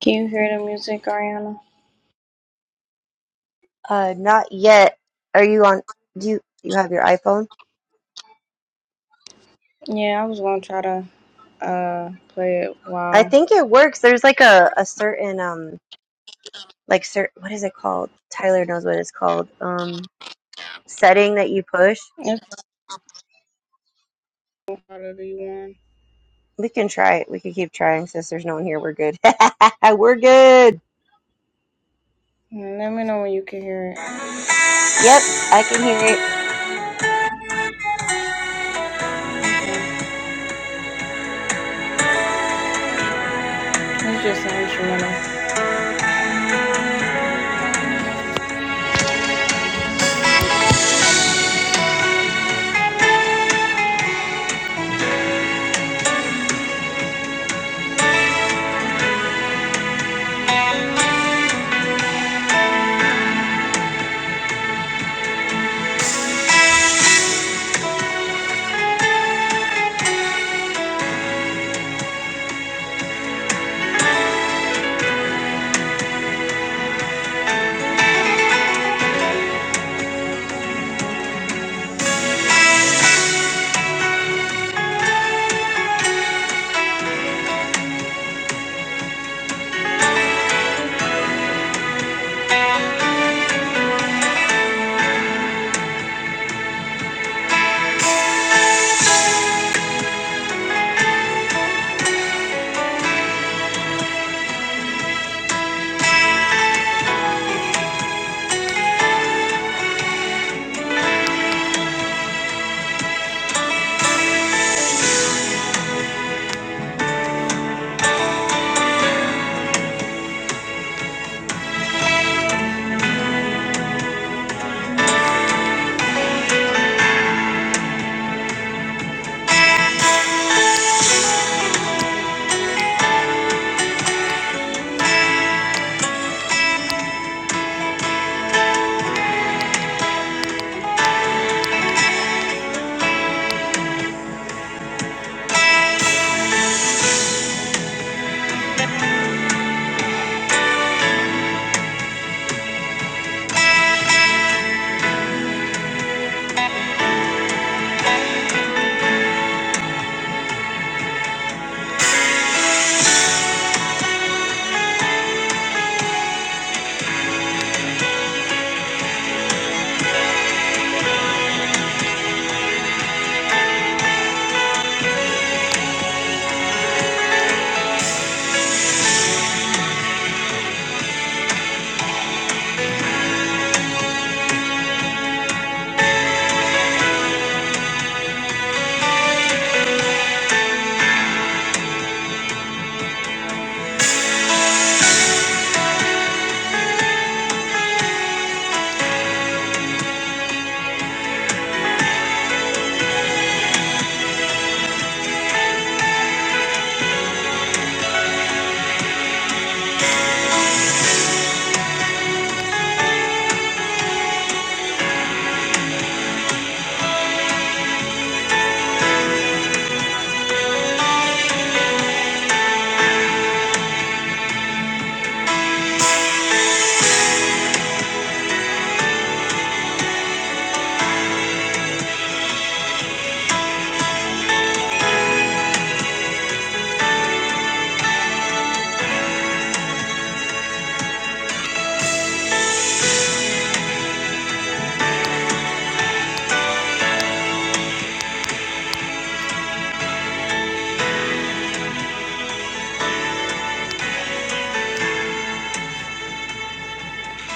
Can you hear the music, Ariana? Uh, not yet. Are you on? Do you you have your iPhone? Yeah, I was gonna try to uh play it I while think it works. There's like a a certain um like certain what is it called? Tyler knows what it's called. Um, setting that you push. it's part of the one. We can try it. We can keep trying since there's no one here. We're good. We're good. Let me know when you can hear it. Yep, I can hear it. It's just an instrumental.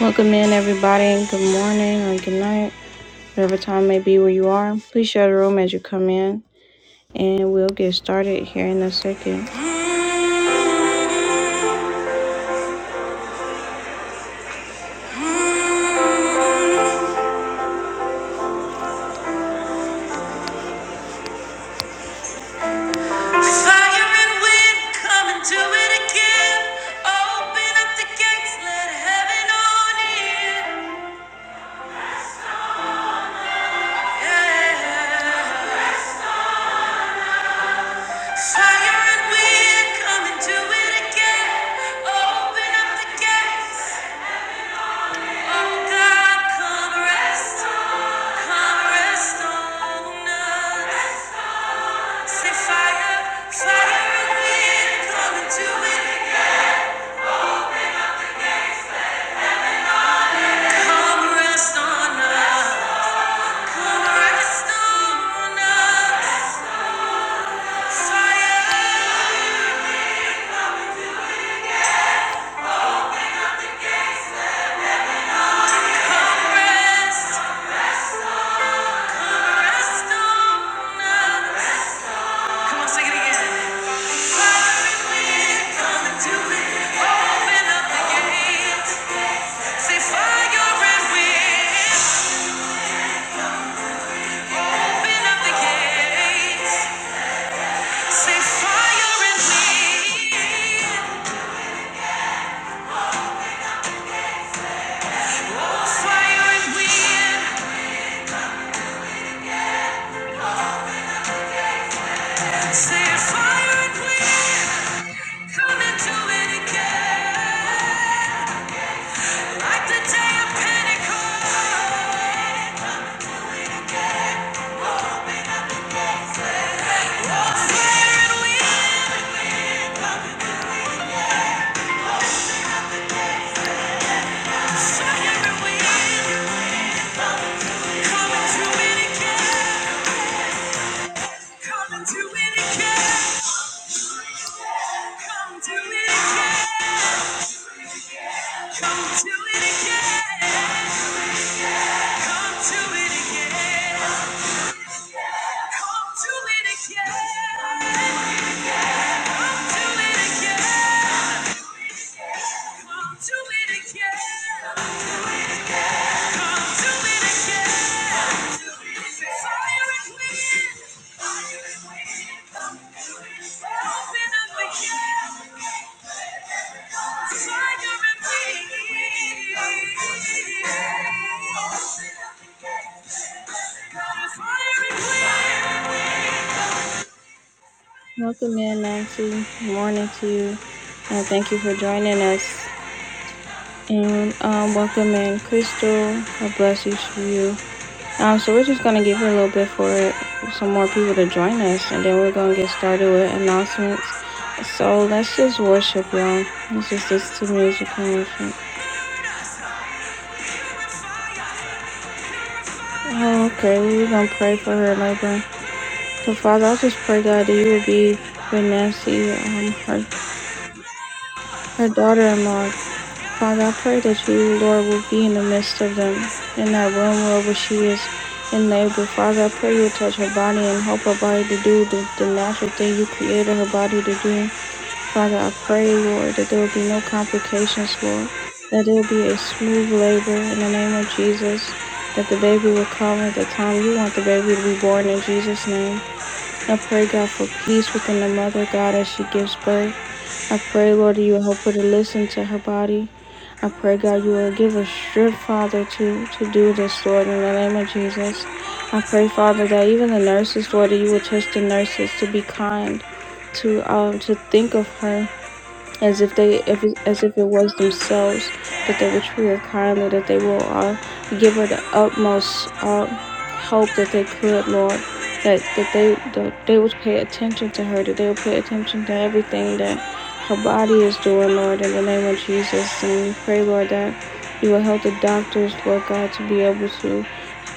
Welcome in, everybody, good morning or good night, whatever time may be where you are. Please share the room as you come in, and we'll get started here in a second. Fire and wind, come and do it again. Open up the gates, let heaven on in. Yeah. Fire and wind, come and do it again. Open up the gates. Oh God, come rest, come rest on us. Say fire, fire and wind, come and do it. Come rest on us. Come rest on us. Say fire and wind, come into it again. Like the day of Pentecost. Come to it again. Welcome in, Nancy. Good morning to you. Uh, thank you for joining us. And um, welcome in, Crystal. God bless each of you. Um, so we're just gonna give it a little bit for some more people to join us, and then we're gonna get started with announcements. So let's just worship, y'all. Let's just listen to music and worship. Oh, okay, we're gonna pray for her labor. So Father, I just pray God that you would be with Nancy, um, her her daughter-in-law. Father, I pray that you, Lord, will be in the midst of them in that room Lord, where she is in labor. Father, I pray you would touch her body and help her body to do the, the natural thing you created her body to do. Father, I pray, Lord, that there will be no complications, Lord, that it will be a smooth labor in the name of Jesus, that the baby will come at the time you want the baby to be born in Jesus' name. I pray, God, for peace within the mother, God, as she gives birth. I pray, Lord, that you will help her to listen to her body. I pray, God, you will give her strength, Father, to, to do this, Lord, in the name of Jesus. I pray, Father, that even the nurses, Lord, that you will touch the nurses to be kind, to um, to think of her as if they if, as if it was themselves that they would treat her kindly that they will uh, give her the utmost uh, hope that they could lord that, that they that they would pay attention to her that they would pay attention to everything that her body is doing lord in the name of jesus and we pray lord that you will help the doctors lord god to be able to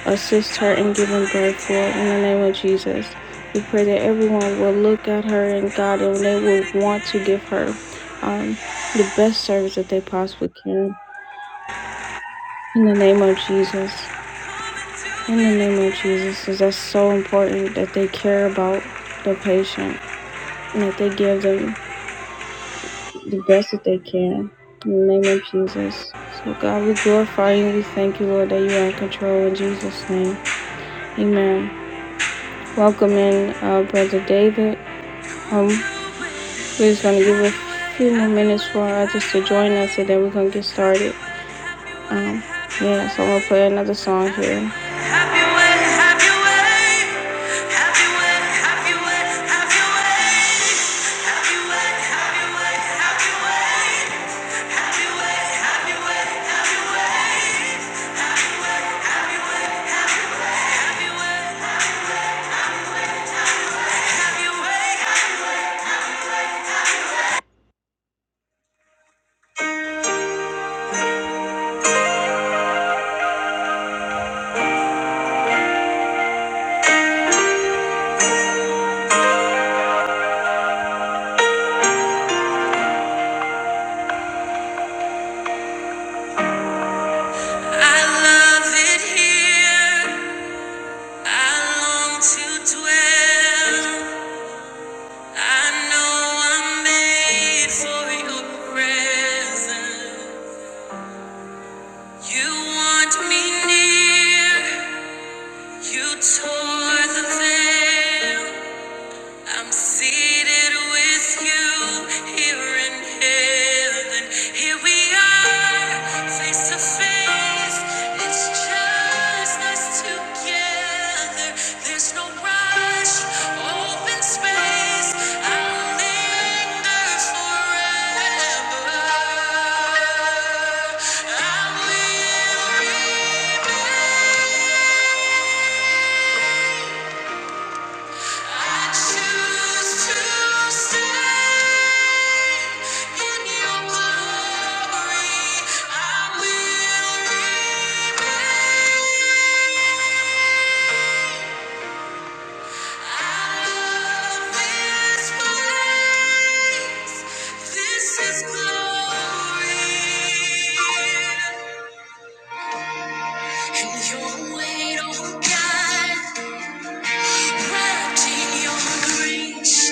assist her in giving birth, Lord, in the name of Jesus. We pray that everyone will look at her and God, and they will want to give her um, the best service that they possibly can. In the name of Jesus. In the name of Jesus, because that's so important that they care about the patient and that they give them the best that they can. In the name of Jesus. So, God, we glorify you. We thank you, Lord, that you are in control. In Jesus' name, amen. welcome in uh, Brother David. Um, we're just going to give a few more minutes for others to join us and then we're going to get started. Um, yeah, so I'm going to play another song here. I love it here. I long to dwell. I know I'm made for your presence. You want me near. You tore the veil. I'm seated with you here in heaven. Here we are, face to face. It's just us together. There's no rush, open space. I'll linger forever. I will remain. I choose to stay in your glory. I will remain. I love this place. This is glory. And your weight, oh God, wrapped in your grace.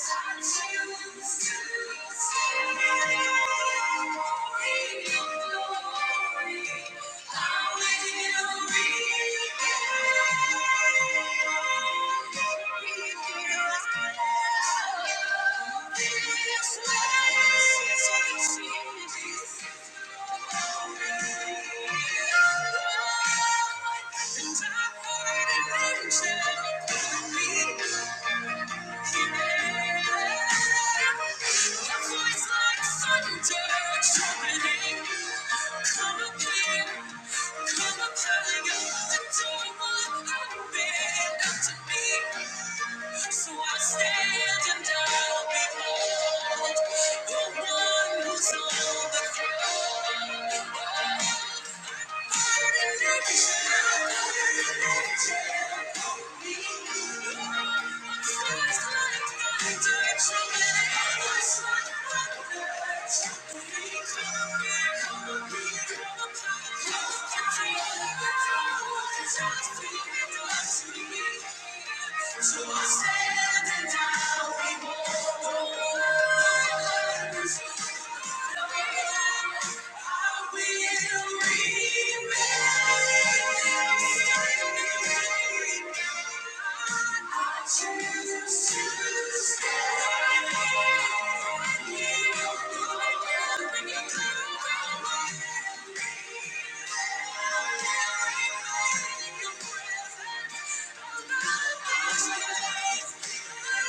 Thank you. Thank you. So I stand and I'll behold the one who's on the throne. So I stand and I behold the wonders Thank you.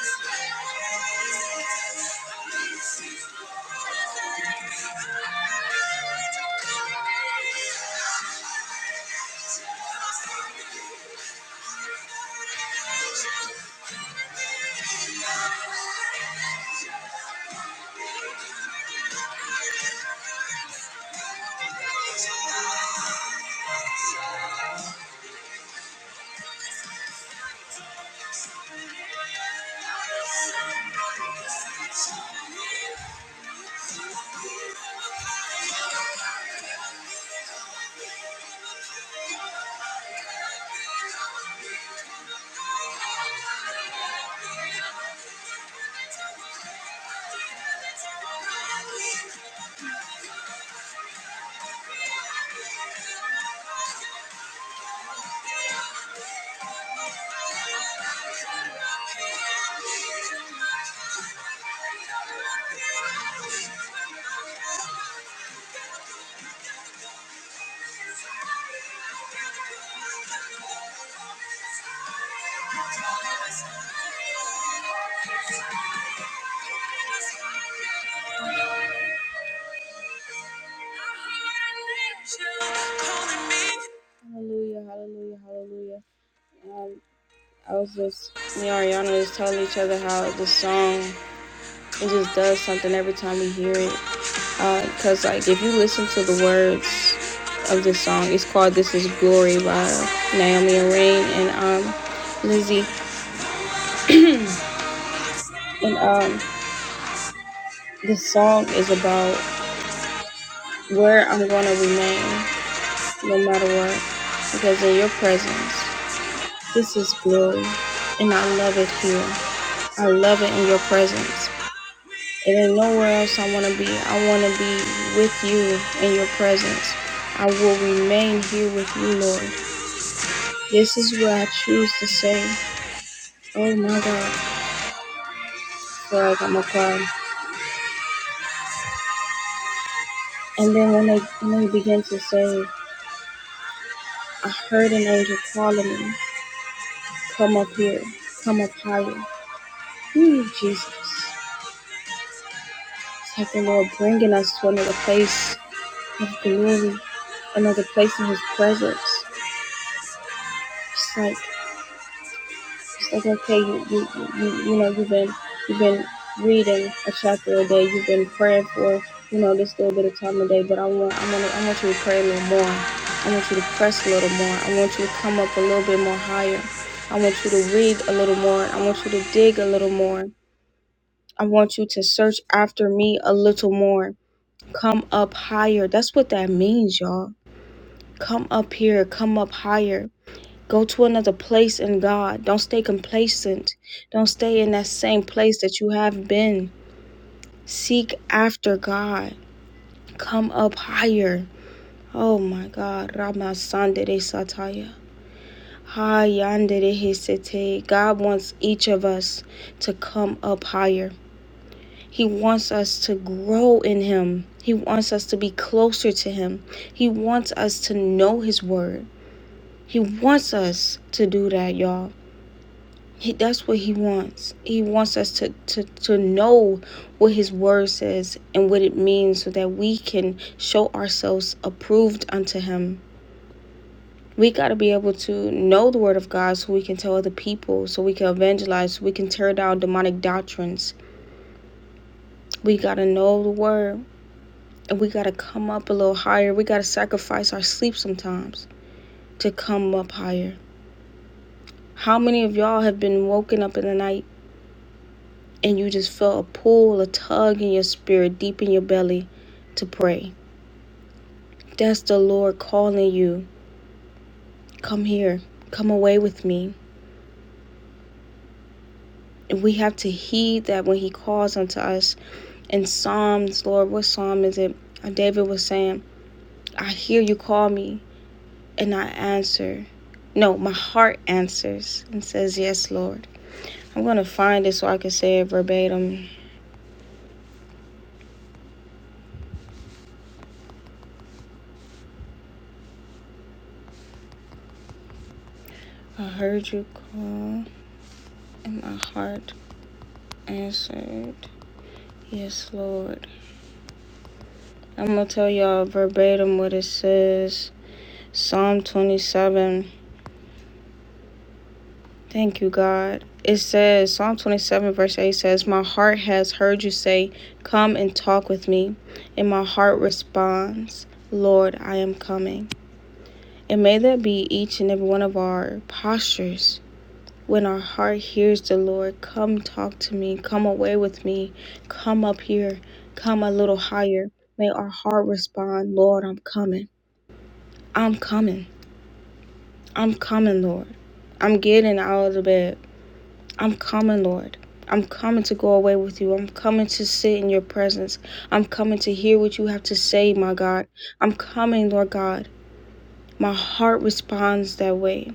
Thank you. Thank you. Thank you. Hallelujah, hallelujah, hallelujah. Um, I was just, me and Ariana was telling each other how the song, it just does something every time we hear it. Because, like, if you listen to the words of this song, it's called This Is Glory by Naomi Rain and um, Lizzie. And um, this song is about where I'm going to remain no matter what because in your presence, this is glory. And I love it here. I love it in your presence. It ain't nowhere else I want to be. I want to be with you in your presence. I will remain here with you, Lord. This is where I choose to say, Oh my God, for I got my cry. And then when they, when they begin to say, I heard an angel calling me, Come up here, come up higher. Ooh, Jesus. Thank you, Lord, bringing us to another place of glory, another place in His presence. It's like it's like okay, you you you, you know you've been you've been reading a chapter a day, you've been praying for you know this little bit of time a day, but I want I want I want you to pray a little more. I want you to press a little more. I want you to come up a little bit more higher. I want you to read a little more. I want you to dig a little more. I want you to search after me a little more. Come up higher. That's what that means, y'all. Come up here. Come up higher. Go to another place in God. Don't stay complacent. Don't stay in that same place that you have been. Seek after God. Come up higher. Oh my God. Rama Sandere Sataya. Ha Yandere Hisete. God wants each of us to come up higher. He wants us to grow in Him. He wants us to be closer to Him. He wants us to know His Word. He wants us to do that, y'all. He, that's what He wants. He wants us to, to, to know what His Word says and what it means so that we can show ourselves approved unto Him. We got to be able to know the Word of God so we can tell other people, so we can evangelize, so we can tear down demonic doctrines. We got to know the Word. And we got to come up a little higher. We got to sacrifice our sleep sometimes to come up higher. How many of y'all have been woken up in the night and you just felt a pull, a tug in your spirit, deep in your belly to pray? That's the Lord calling you. Come here. Come away with me. And we have to heed that when he calls unto us. In Psalms, Lord, what psalm is it? Uh, David was saying, I hear you call me and I answer. No, my heart answers and says, Yes, Lord. I'm gonna find it so I can say it verbatim. I heard you call, and my heart answered, Yes, Lord. I'm gonna tell y'all verbatim what it says. Psalm 27. Thank you, God. It says, Psalm 27, verse 8 says, My heart has heard you say, Come and talk with me. And my heart responds, Lord, I am coming. And may that be each and every one of our postures When our heart hears the Lord, come talk to me, come away with me, come up here, come a little higher. May our heart respond, Lord, I'm coming. I'm coming. I'm coming, Lord. I'm getting out of the bed. I'm coming, Lord. I'm coming to go away with you. I'm coming to sit in your presence. I'm coming to hear what you have to say, my God. I'm coming, Lord God. My heart responds that way.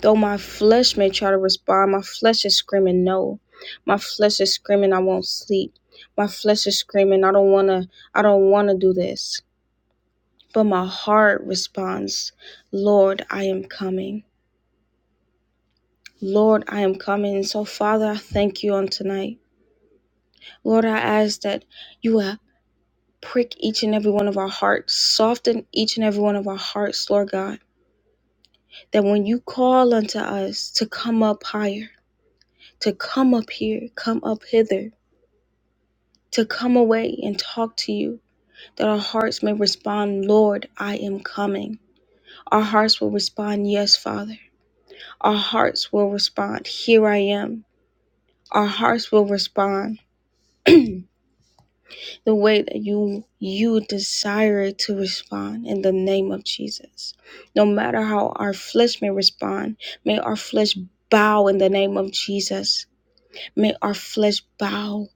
Though my flesh may try to respond, my flesh is screaming no. My flesh is screaming I won't sleep. My flesh is screaming I don't want to I don't want to do this. But my heart responds, Lord, I am coming. Lord, I am coming. And so Father, I thank you on tonight. Lord, I ask that you will prick each and every one of our hearts, soften each and every one of our hearts, Lord God, that when you call unto us to come up higher, to come up here, come up hither, to come away and talk to you, that our hearts may respond, Lord, I am coming. Our hearts will respond, Yes, Father. Our hearts will respond, Here I am. Our hearts will respond the way that you you desire it to respond in the name of Jesus. No matter how our flesh may respond, may our flesh bow in the name of Jesus. May our flesh bow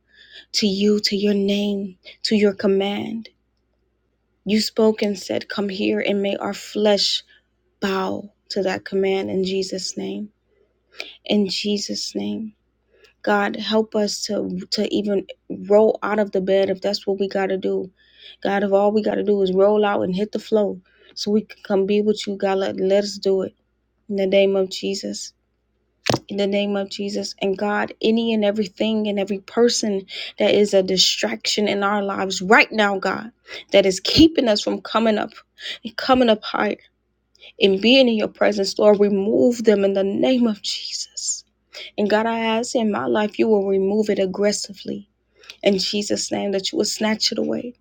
to you, to your name, to your command. You spoke and said, Come here, and may our flesh bow to that command in Jesus' name. In Jesus' name. God, help us to, to even roll out of the bed if that's what we got to do. God, if all we got to do is roll out and hit the flow so we can come be with you, God, let, let us do it. In the name of Jesus in the name of Jesus. And God, any and everything and every person that is a distraction in our lives right now, God, that is keeping us from coming up and coming up higher and being in your presence, Lord, remove them in the name of Jesus. And God, I ask in my life, you will remove it aggressively in Jesus' name, that you will snatch it away.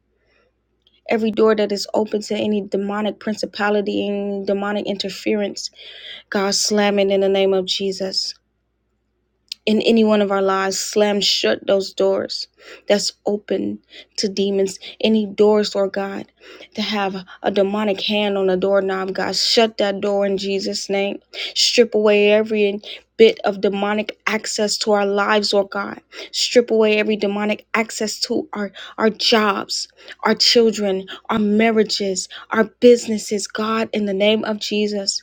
Every door that is open to any demonic principality and demonic interference, God, slam it in the name of Jesus. in any one of our lives, slam shut those doors that's open to demons. Any doors, Lord God, to have a demonic hand on the doorknob, God, shut that door in Jesus' name. Strip away every bit of demonic access to our lives, Lord God. Strip away every demonic access to our, our jobs, our children, our marriages, our businesses, God, in the name of Jesus.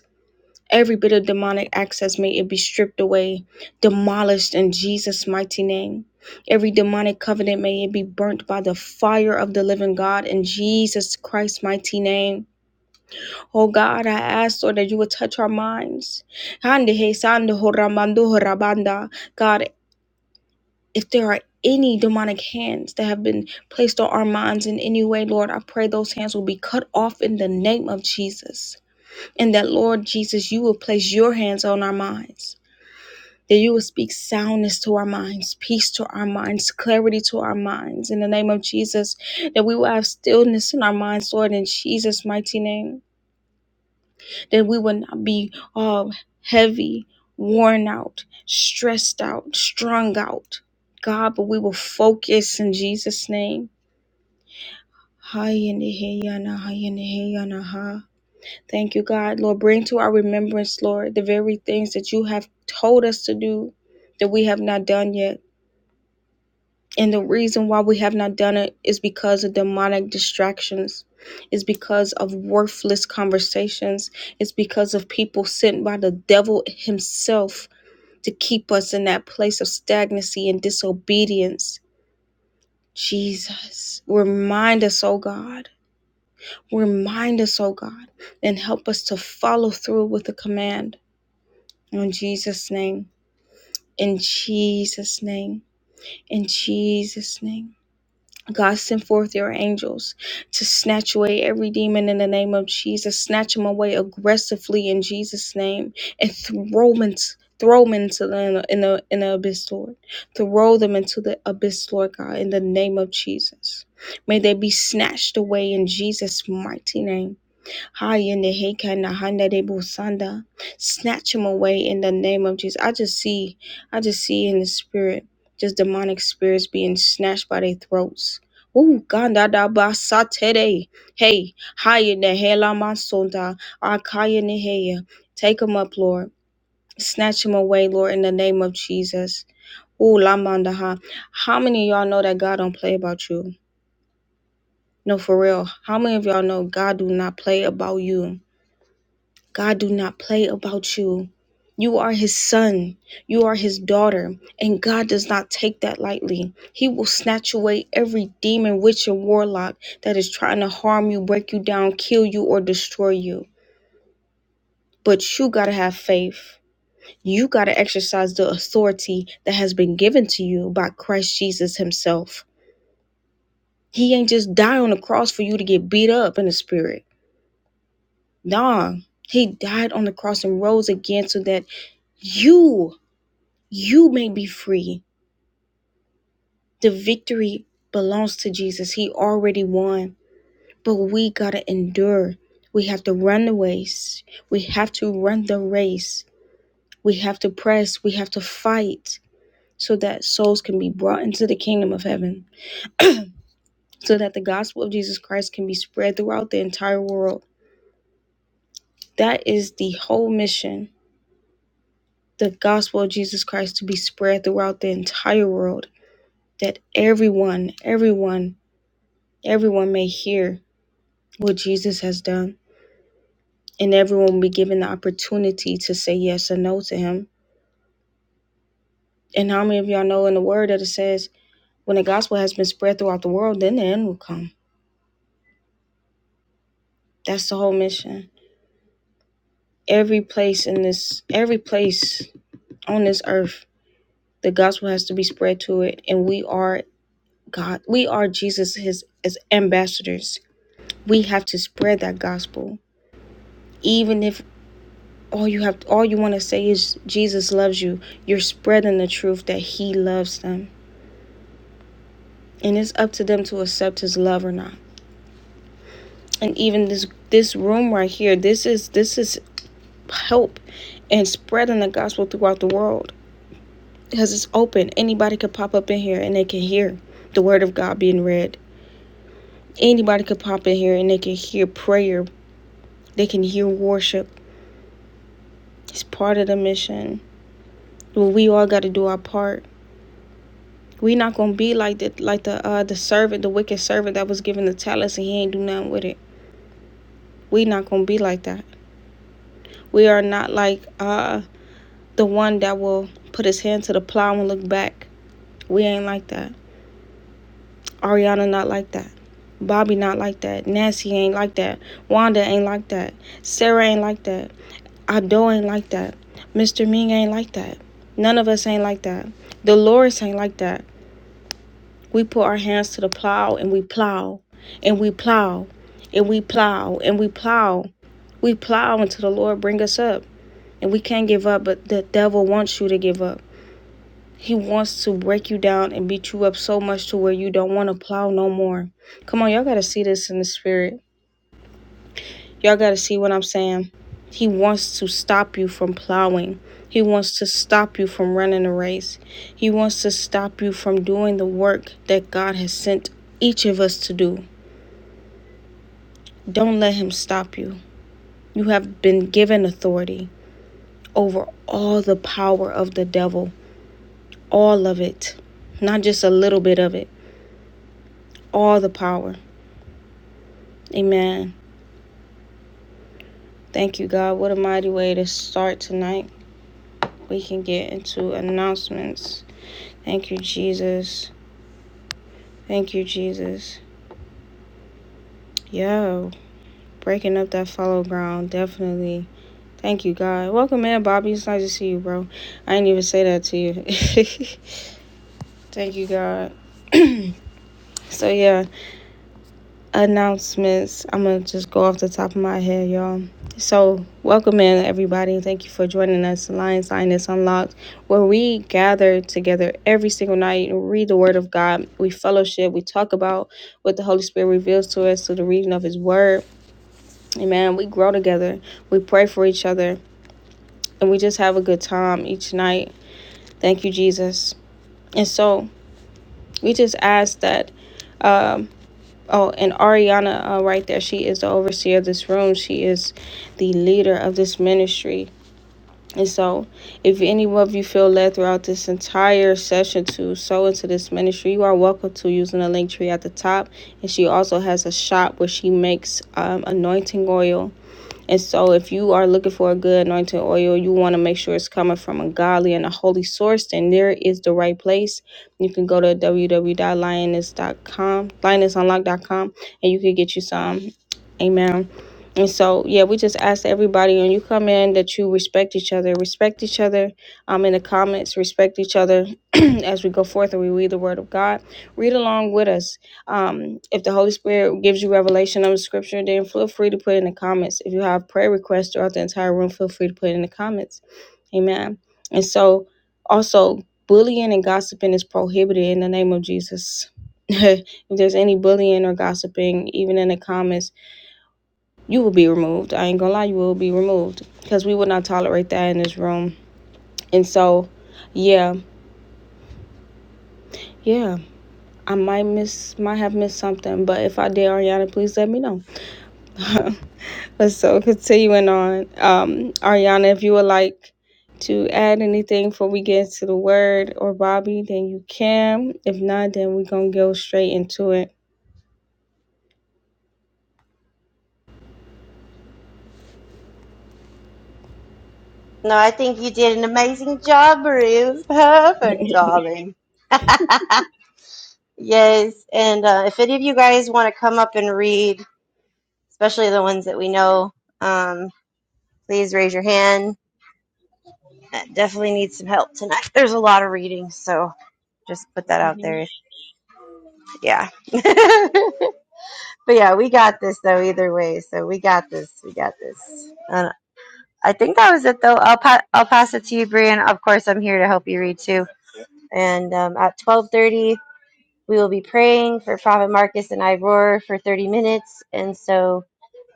Every bit of demonic access may it be stripped away, demolished in Jesus' mighty name. Every demonic covenant may it be burnt by the fire of the living God in Jesus Christ's mighty name. Oh God, I ask, Lord, that you would touch our minds. Hande he sande ho ramando God, if there are any demonic hands that have been placed on our minds in any way, Lord, I pray those hands will be cut off in the name of Jesus. And that, Lord Jesus, you will place your hands on our minds that you will speak soundness to our minds, peace to our minds, clarity to our minds. In the name of Jesus, that we will have stillness in our minds, Lord, in Jesus' mighty name, that we will not be all heavy, worn out, stressed out, strung out, God, but we will focus in Jesus' name. Hi, and the hey, and the hey, ha. Thank you, God. Lord, bring to our remembrance, Lord, the very things that you have told us to do that we have not done yet. And the reason why we have not done it is because of demonic distractions, is because of worthless conversations, it's because of people sent by the devil himself to keep us in that place of stagnancy and disobedience. Jesus, remind us, oh God, remind us, oh God, and help us to follow through with the command. In Jesus' name, in Jesus' name, in Jesus' name. God, send forth your angels to snatch away every demon in the name of Jesus. Snatch them away aggressively in Jesus' name and throw them into, throw them into the, in the, in the abyss, Lord. Throw them into the abyss, Lord God, in the name of Jesus. May they be snatched away in Jesus' mighty name. High in the Heka na Handa de Busanda. Snatch him away in the name of Jesus. I just see, I just see in the spirit, just demonic spirits being snatched by their throats. Ooh, Ganda da Basatede. Hey, high in the Hela Masunda. Akaya Neheya. Take him up, Lord. Snatch him away, Lord, in the name of Jesus. Ooh, Lamandaha. How many of y'all know that God don't play about you? No, for real. How many of y'all know God do not play about you? God do not play about you. You are his son. You are his daughter. And God does not take that lightly. He will snatch away every demon, witch, and warlock that is trying to harm you, break you down, kill you, or destroy you. But you got to have faith. You got to exercise the authority that has been given to you by Christ Jesus himself. He ain't just die on the cross for you to get beat up in the spirit. Nah, he died on the cross and rose again so that you You may be free. The victory belongs to Jesus. He already won, but we got to endure. We have to run the race. We have to run the race. We have to press. We have to fight so that souls can be brought into the kingdom of heaven, so that the gospel of Jesus Christ can be spread throughout the entire world. That is the whole mission the gospel of Jesus Christ to be spread throughout the entire world, that everyone, everyone, everyone may hear what Jesus has done, and everyone will be given the opportunity to say yes or no to him. And how many of y'all know in the word that it says, when the gospel has been spread throughout the world, then the end will come. That's the whole mission. Every place in this, every place on this earth, the gospel has to be spread to it, and we are God. We are Jesus, His as ambassadors. We have to spread that gospel, even if all you have, all you want to say is Jesus loves you. You're spreading the truth that He loves them and it's up to them to accept his love or not and even this this room right here this is this is help and spreading the gospel throughout the world because it's open anybody could pop up in here and they can hear the word of god being read anybody could pop in here and they can hear prayer they can hear worship it's part of the mission well, we all got to do our part we not gonna be like the like the uh the servant the wicked servant that was given the talents and he ain't do nothing with it we not gonna be like that we are not like uh the one that will put his hand to the plow and look back. We ain't like that. Ariana not like that. Bobby not like that. Nancy ain't like that. Wanda ain't like that. Sarah ain't like that. Ado ain't like that. Mr. Ming ain't like that. None of us ain't like that. Dolores ain't like that. We put our hands to the plow and we plow and we plow and we plow and we plow. We plow until the Lord bring us up. And we can't give up, but the devil wants you to give up. He wants to break you down and beat you up so much to where you don't want to plow no more. Come on, y'all got to see this in the spirit. Y'all got to see what I'm saying. He wants to stop you from plowing. He wants to stop you from running the race. He wants to stop you from doing the work that God has sent each of us to do. Don't let him stop you. You have been given authority over all the power of the devil, all of it, not just a little bit of it, all the power. Amen. Thank you, God. What a mighty way to start tonight. We can get into announcements. Thank you, Jesus. Thank you, Jesus. Yo, breaking up that follow ground, definitely. Thank you, God. Welcome in, Bobby. It's nice to see you, bro. I didn't even say that to you. Thank you, God. so, yeah, announcements. I'm gonna just go off the top of my head, y'all. So, welcome in, everybody. Thank you for joining us, Lions Lioness Unlocked, where we gather together every single night and read the Word of God. We fellowship, we talk about what the Holy Spirit reveals to us through the reading of His Word. Amen. We grow together, we pray for each other, and we just have a good time each night. Thank you, Jesus. And so, we just ask that. Um, Oh, and Ariana, uh, right there, she is the overseer of this room. She is the leader of this ministry. And so, if any of you feel led throughout this entire session to sow into this ministry, you are welcome to using the link tree at the top. And she also has a shop where she makes um, anointing oil and so, if you are looking for a good anointing oil, you want to make sure it's coming from a godly and a holy source, then there is the right place. You can go to www.lioness.com, lionessunlock.com, and you can get you some. Amen. And so, yeah, we just ask everybody when you come in that you respect each other, respect each other um, in the comments, respect each other as we go forth and we read the Word of God. Read along with us um, if the Holy Spirit gives you revelation on the scripture, then feel free to put it in the comments. If you have prayer requests throughout the entire room, feel free to put it in the comments. Amen. And so, also, bullying and gossiping is prohibited in the name of Jesus. if there's any bullying or gossiping, even in the comments, you will be removed. I ain't gonna lie, you will be removed because we will not tolerate that in this room. And so, yeah, yeah, I might miss, might have missed something, but if I did, Ariana, please let me know. But so continuing on, um, Ariana, if you would like to add anything before we get to the word or Bobby, then you can. If not, then we're gonna go straight into it. No, I think you did an amazing job, Marie. It was perfect, darling. yes, and uh, if any of you guys want to come up and read, especially the ones that we know, um. please raise your hand. I definitely need some help tonight. There's a lot of reading, so just put that out Mhm. there. If, yeah. but yeah, we got this though. Either way, so we got this. We got this. And I think that was it though. I'll pa- I'll pass it to you, Brian. Of course, I'm here to help you read too. And um, at 12:30, we will be praying for Prophet Marcus and I roar for 30 minutes, and so.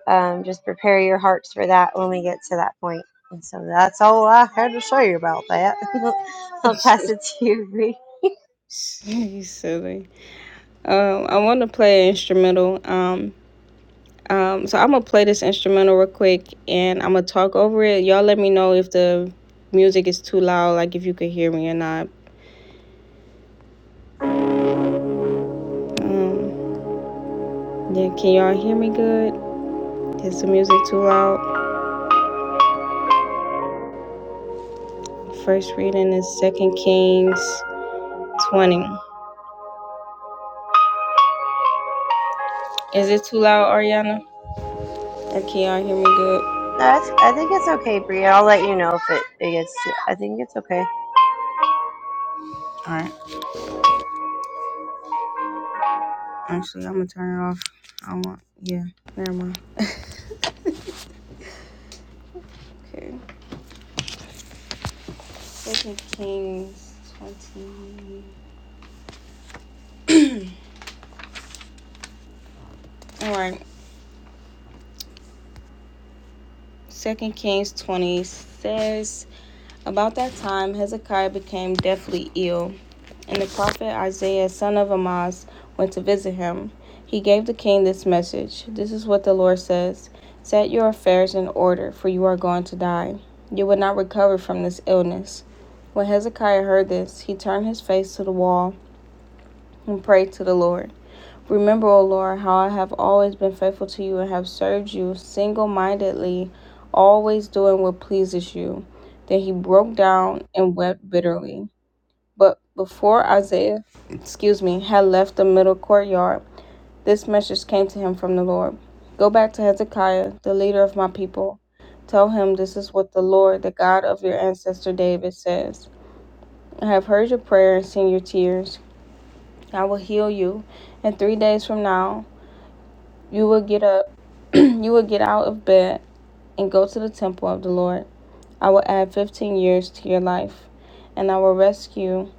Um, just prepare your hearts for that when we get to that point. And so that's all I had to show you about that. I'll pass it to you, Bree. you silly. Um, I want to play an instrumental. Um, um, so I'm gonna play this instrumental real quick, and I'm gonna talk over it. Y'all, let me know if the music is too loud, like if you could hear me or not. Um, yeah, can y'all hear me good? Is the music too loud? First reading is Second Kings 20. Is it too loud, Ariana? Or can y'all hear me good? That's. I think it's okay, Bree. I'll let you know if it, it gets. I think it's okay. Alright. Actually, I'm gonna turn it off. I don't want yeah, never mind. Okay. Second Kings 20. Alright. Second Kings 20 says about that time Hezekiah became deathly ill And the prophet Isaiah, son of Amoz, went to visit him. He gave the king this message This is what the Lord says Set your affairs in order, for you are going to die. You will not recover from this illness. When Hezekiah heard this, he turned his face to the wall and prayed to the Lord. Remember, O Lord, how I have always been faithful to you and have served you single mindedly, always doing what pleases you. Then he broke down and wept bitterly. But before Isaiah, excuse me, had left the middle courtyard, this message came to him from the Lord Go back to Hezekiah, the leader of my people. Tell him this is what the Lord, the God of your ancestor David, says I have heard your prayer and seen your tears. I will heal you. And three days from now, you will get up, you will get out of bed and go to the temple of the Lord. I will add 15 years to your life, and I will rescue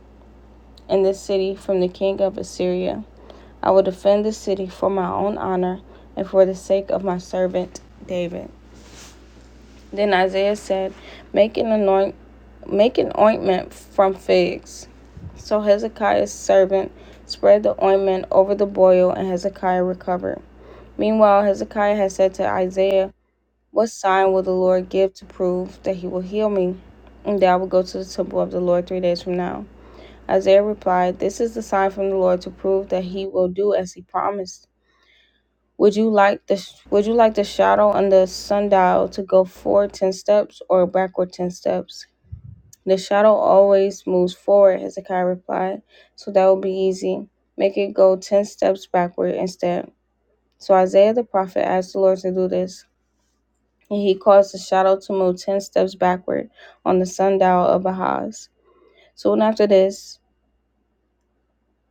in this city from the king of Assyria. I will defend the city for my own honor and for the sake of my servant David. Then Isaiah said, Make an anoint make an ointment from figs. So Hezekiah's servant spread the ointment over the boil and Hezekiah recovered. Meanwhile Hezekiah had said to Isaiah, What sign will the Lord give to prove that he will heal me? And that I will go to the temple of the Lord three days from now. Isaiah replied, This is the sign from the Lord to prove that he will do as he promised. Would you like the Would you like the shadow on the sundial to go forward ten steps or backward ten steps? The shadow always moves forward, Hezekiah replied, so that would be easy. Make it go ten steps backward instead. So Isaiah the prophet asked the Lord to do this, and he caused the shadow to move ten steps backward on the sundial of Ahaz. Soon after this,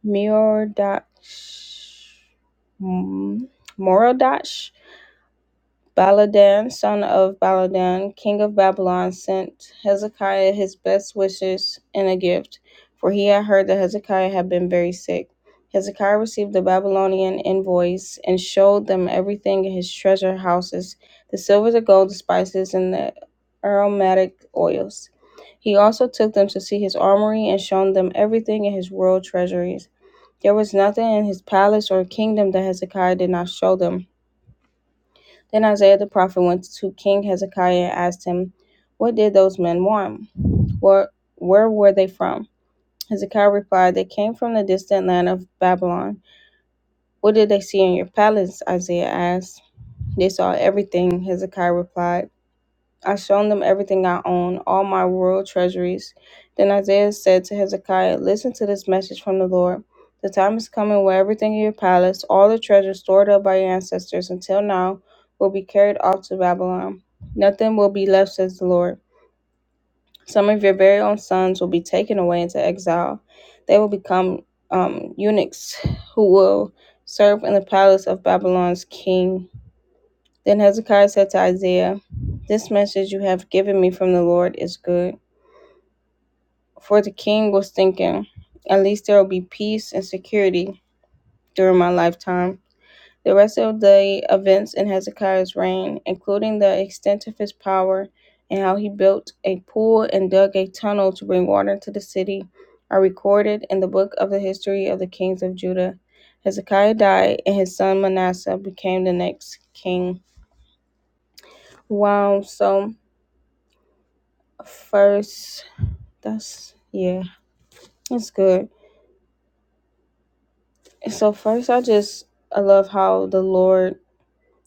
Merodach. Morodash Baladan, son of Baladan, king of Babylon, sent Hezekiah his best wishes and a gift, for he had heard that Hezekiah had been very sick. Hezekiah received the Babylonian envoys and showed them everything in his treasure houses the silver, the gold, the spices, and the aromatic oils. He also took them to see his armory and showed them everything in his royal treasuries. There was nothing in his palace or kingdom that Hezekiah did not show them then Isaiah the prophet went to King Hezekiah and asked him, What did those men want? Where, where were they from? Hezekiah replied, They came from the distant land of Babylon. What did they see in your palace? Isaiah asked. They saw everything, Hezekiah replied. I shown them everything I own, all my royal treasuries. Then Isaiah said to Hezekiah, Listen to this message from the Lord. The time is coming where everything in your palace, all the treasure stored up by your ancestors until now, will be carried off to Babylon. Nothing will be left, says the Lord. Some of your very own sons will be taken away into exile. They will become um, eunuchs who will serve in the palace of Babylon's king. Then Hezekiah said to Isaiah, This message you have given me from the Lord is good. For the king was thinking, At least there will be peace and security during my lifetime. The rest of the events in Hezekiah's reign, including the extent of his power and how he built a pool and dug a tunnel to bring water to the city, are recorded in the book of the history of the kings of Judah. Hezekiah died, and his son Manasseh became the next king. Wow, so First, that's yeah, that's good. So first, I just I love how the Lord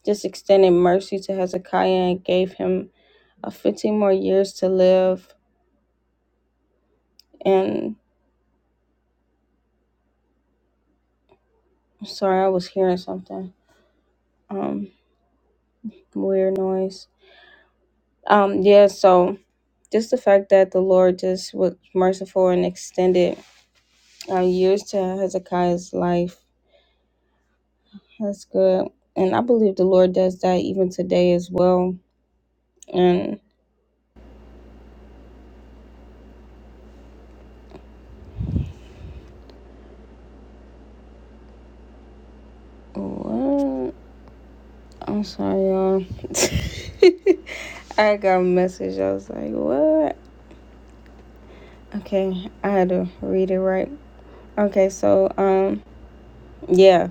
just extended mercy to Hezekiah and gave him uh, 15 more years to live. And I'm sorry, I was hearing something. Um, weird noise. Um, yeah. So just the fact that the Lord just was merciful and extended uh, years to Hezekiah's life. That's good. And I believe the Lord does that even today as well. And what? I'm sorry, y'all. I got a message. I was like, what? Okay, I had to read it right. Okay, so, um, yeah.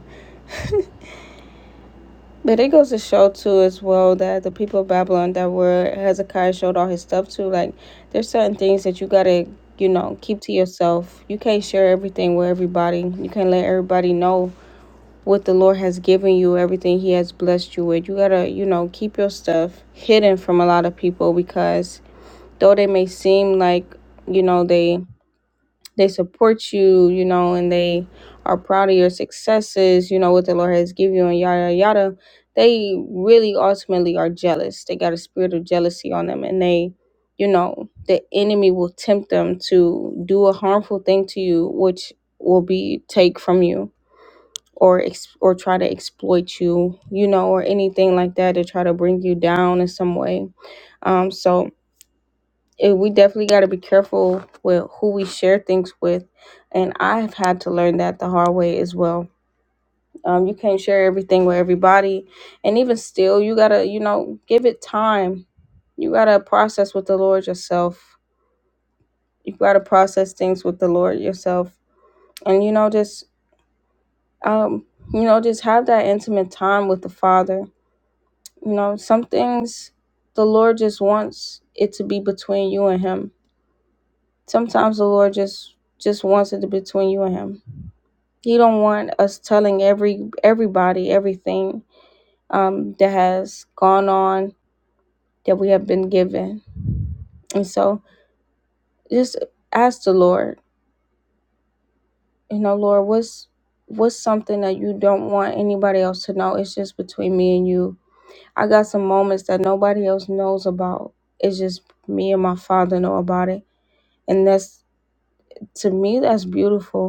But it goes to show, too, as well, that the people of Babylon that were Hezekiah showed all his stuff to, like, there's certain things that you gotta, you know, keep to yourself. You can't share everything with everybody. You can't let everybody know what the Lord has given you, everything He has blessed you with. You gotta, you know, keep your stuff hidden from a lot of people because though they may seem like you know they they support you you know and they are proud of your successes you know what the lord has given you and yada yada they really ultimately are jealous they got a spirit of jealousy on them and they you know the enemy will tempt them to do a harmful thing to you which will be take from you or ex- or try to exploit you you know or anything like that to try to bring you down in some way um so it, we definitely got to be careful with who we share things with. And I've had to learn that the hard way as well. Um, you can't share everything with everybody. And even still, you got to, you know, give it time. You got to process with the Lord yourself. You got to process things with the Lord yourself. And, you know, just, um, you know, just have that intimate time with the Father. You know, some things the Lord just wants it to be between you and Him Sometimes the Lord just just wants it to be between you and Him. He don't want us telling every everybody everything um, that has gone on that we have been given. And so just ask the Lord, you know, Lord, what's what's something that you don't want anybody else to know? It's just between me and you. I got some moments that nobody else knows about. It's just me and my father know about it. And that's to me that's beautiful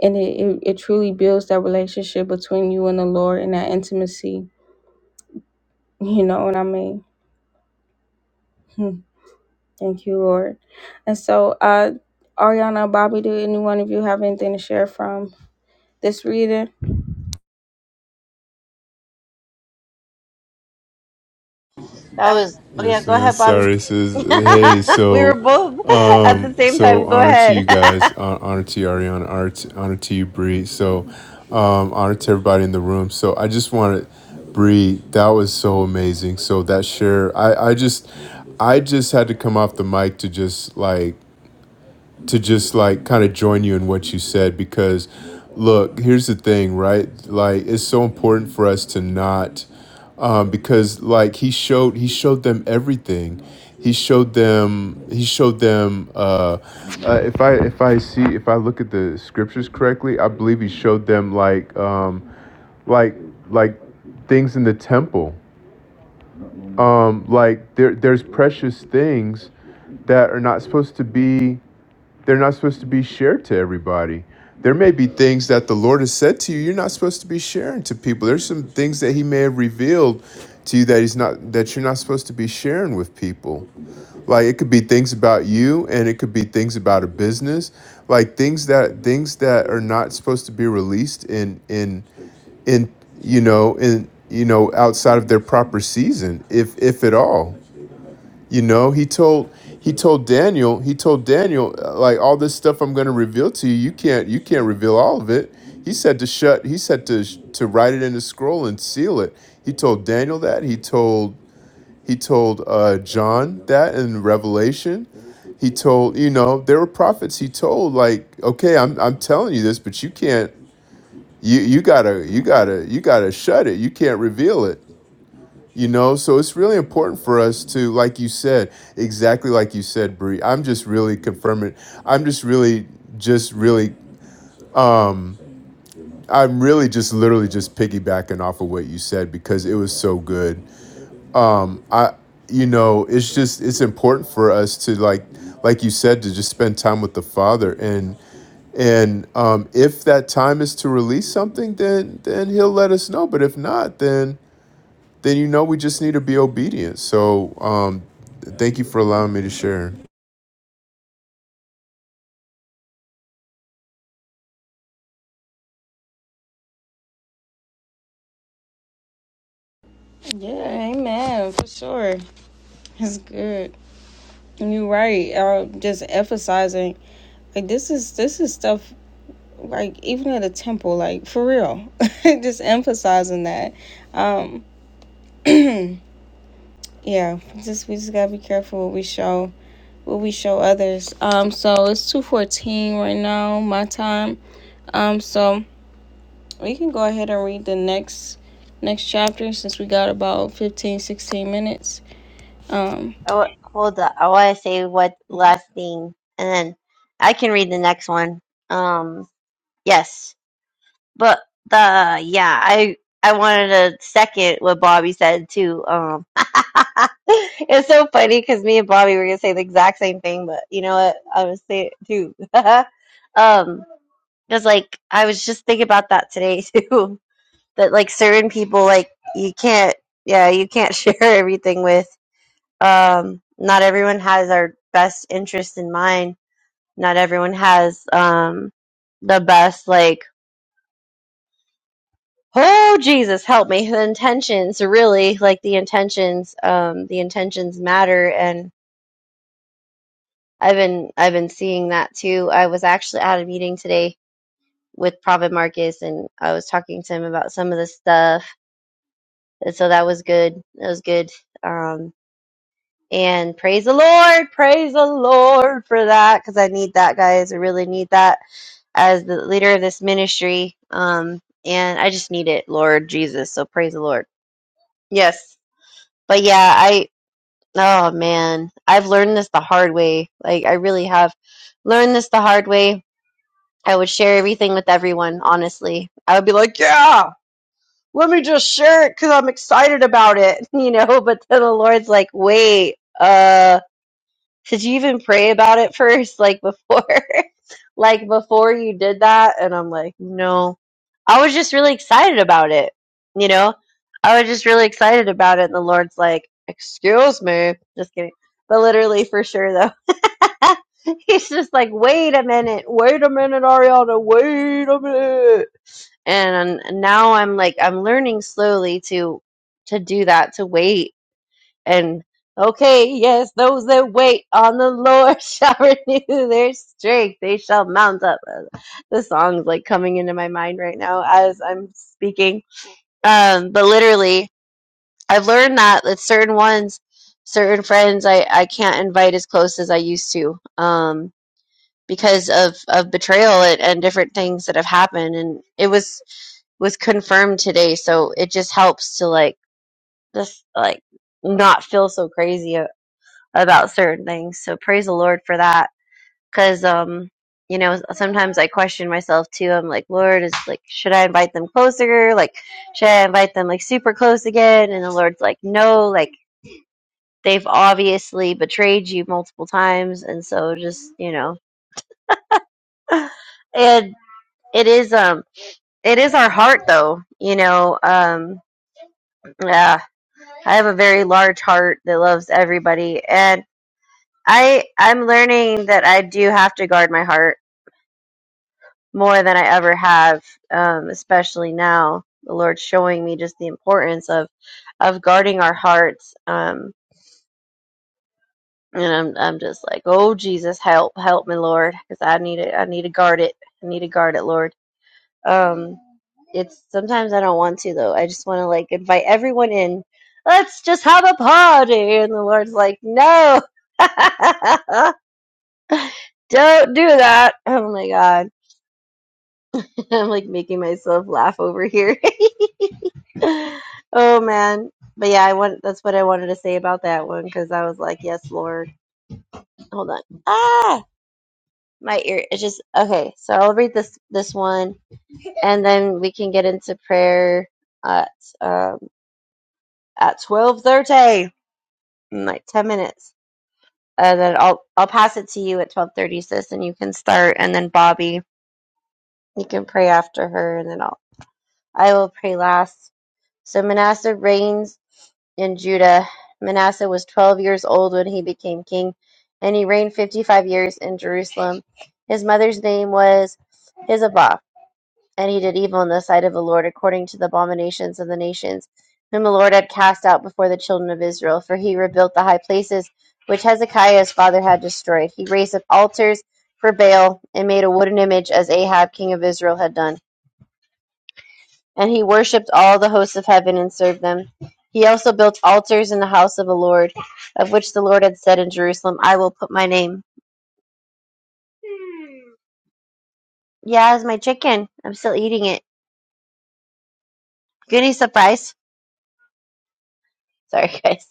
and it, it, it truly builds that relationship between you and the Lord and that intimacy. You know what I mean? Hmm. Thank you, Lord. And so, uh, Ariana, Bobby, do any one of you have anything to share from this reading? That That was was. Oh yeah, Yes, go man. ahead, Bobby. Sorry, says hey. we So, were both at um, the same so time. Go honor to ahead. you guys. I hon- Honor to you, Ariana. Honor to, honor to you, Bree. So, um, honor to everybody in the room. So, I just want to, Bree. That was so amazing. So that share, I, I just, I just had to come off the mic to just like to just like kind of join you in what you said because look here's the thing right like it's so important for us to not um, because like he showed he showed them everything he showed them he showed them uh, uh, if i if i see if i look at the scriptures correctly i believe he showed them like um, like like things in the temple um, like there there's precious things that are not supposed to be they're not supposed to be shared to everybody. There may be things that the Lord has said to you you're not supposed to be sharing to people. There's some things that He may have revealed to you that He's not that you're not supposed to be sharing with people. Like it could be things about you, and it could be things about a business, like things that things that are not supposed to be released in in in you know in you know outside of their proper season, if if at all. You know, he told he told Daniel, he told Daniel uh, like all this stuff I'm going to reveal to you, you can't you can't reveal all of it. He said to shut, he said to sh- to write it in a scroll and seal it. He told Daniel that, he told he told uh, John that in Revelation. He told, you know, there were prophets he told like, okay, I'm I'm telling you this, but you can't you you got to you got to you got to shut it. You can't reveal it you know, so it's really important for us to, like you said, exactly like you said, Bree. I'm just really confirming. I'm just really, just really, I'm really just literally just piggybacking off of what you said because it was so good. I, you know, it's just it's important for us to like, like you said, to just spend time with the Father and and um, if that time is to release something, then then He'll let us know. But if not, then then you know we just need to be obedient. So um, thank you for allowing me to share. Yeah, amen, for sure. It's good. And You're right. Uh, just emphasizing, like this is this is stuff like even at a temple, like for real. just emphasizing that. Um, yeah, just we just gotta be careful what we show will we show others? Um, so it's two fourteen right now, my time. Um, so we can go ahead and read the next next chapter since we got about 15, 16 minutes. Um, wa- hold up. I want to say what last thing, and then I can read the next one. Um. Yes. But the yeah, I I wanted to second what Bobby said too. Um, it's so funny because me and Bobby were gonna say the exact same thing, but you know what? I was say it too. um, it's like I was just thinking about that today too. That like certain people, like you can't, yeah, you can't share everything with. Um, not everyone has our best interest in mind. Not everyone has um the best like Oh Jesus, help me. The intentions really like the intentions um the intentions matter and I've been I've been seeing that too. I was actually at a meeting today with Prophet Marcus and I was talking to him about some of the stuff. And so that was good. That was good. Um and praise the Lord, praise the Lord for that cuz I need that guys. I really need that as the leader of this ministry. Um and I just need it, Lord Jesus. So praise the Lord. Yes. But yeah, I. Oh man, I've learned this the hard way. Like I really have learned this the hard way. I would share everything with everyone, honestly. I would be like, "Yeah, let me just share it cuz I'm excited about it." You know, but then the Lord's like, "Wait, uh did you even pray about it first, like before, like before you did that? And I'm like, no, I was just really excited about it. You know, I was just really excited about it. And the Lord's like, excuse me, just kidding. But literally for sure though, he's just like, wait a minute, wait a minute, Ariana, wait a minute. And now I'm like, I'm learning slowly to, to do that, to wait and okay, yes, those that wait on the Lord shall renew their strength. They shall mount up. Uh, The song's like coming into my mind right now as I'm speaking. Um, but literally, I've learned that that certain ones, certain friends, I I can't invite as close as I used to. Um, because of of betrayal and, and different things that have happened, and it was was confirmed today, so it just helps to like just like not feel so crazy about certain things. So praise the Lord for that. Cause um, you know, sometimes I question myself too. I'm like, Lord, is like, should I invite them closer? Like, should I invite them like super close again? And the Lord's like, no, like they've obviously betrayed you multiple times, and so just you know, and it is um, it is our heart though. You know, um, yeah, I have a very large heart that loves everybody, and I I'm learning that I do have to guard my heart more than I ever have, um, especially now. The Lord's showing me just the importance of of guarding our hearts. Um, and I'm I'm just like, oh Jesus, help, help me, Lord, because I need it. I need to guard it. I need to guard it, Lord. Um, it's sometimes I don't want to though. I just want to like invite everyone in. Let's just have a party, and the Lord's like, no. don't do that. Oh my god. I'm like making myself laugh over here. Oh man. But yeah, I want that's what I wanted to say about that one because I was like, yes, Lord. Hold on. Ah, my ear. It's just okay. So I'll read this this one, and then we can get into prayer at um at twelve thirty in like ten minutes, and then I'll I'll pass it to you at twelve thirty, sis, and you can start, and then Bobby, you can pray after her, and then I'll I will pray last. So Manasseh reigns. in Judah. Manasseh was 12 years old when he became king, and he reigned 55 years in Jerusalem. His mother's name was Hizabah, and he did evil in the sight of the Lord according to the abominations of the nations, whom the Lord had cast out before the children of Israel, for he rebuilt the high places which Hezekiah his father had destroyed. He raised up altars for Baal and made a wooden image as Ahab king of Israel had done and he worshipped all the hosts of heaven and served them. He also built altars in the house of the Lord, of which the Lord had said in Jerusalem, I will put my name. Yeah, it's my chicken. I'm still eating it. Goody surprise. Sorry, guys.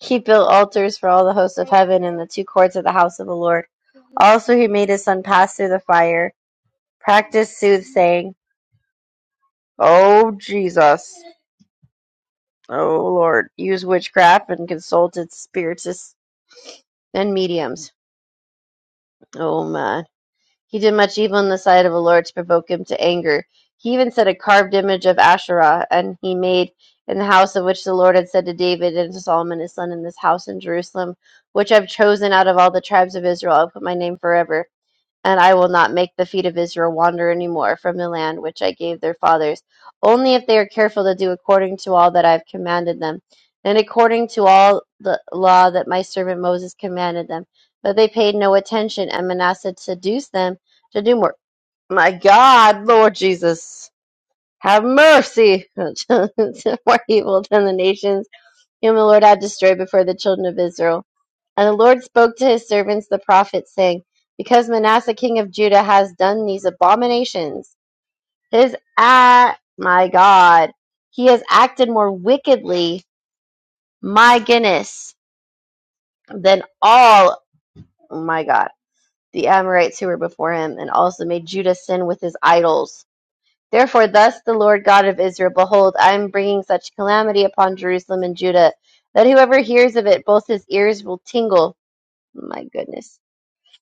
He built altars for all the hosts of heaven in the two courts of the house of the Lord. Also, he made his son pass through the fire, practiced soothsaying. Oh, Jesus. Oh, Lord. Used witchcraft and consulted spiritists and mediums. Oh, my. He did much evil in the sight of the Lord to provoke him to anger. He even set a carved image of Asherah, and he made in the house of which the Lord had said to David and to Solomon his son, In this house in Jerusalem, which I've chosen out of all the tribes of Israel, I'll put my name forever and I will not make the feet of Israel wander any more from the land which I gave their fathers, only if they are careful to do according to all that I have commanded them, and according to all the law that my servant Moses commanded them. But they paid no attention, and Manasseh seduced them to do more. My God, Lord Jesus, have mercy more evil than the nations whom the Lord had destroyed before the children of Israel. And the Lord spoke to his servants the prophets, saying, Because Manasseh king of Judah has done these abominations, his ah, my God, he has acted more wickedly, my goodness, than all, oh my God, the Amorites who were before him, and also made Judah sin with his idols. Therefore, thus the Lord God of Israel, behold, I am bringing such calamity upon Jerusalem and Judah that whoever hears of it, both his ears will tingle. My goodness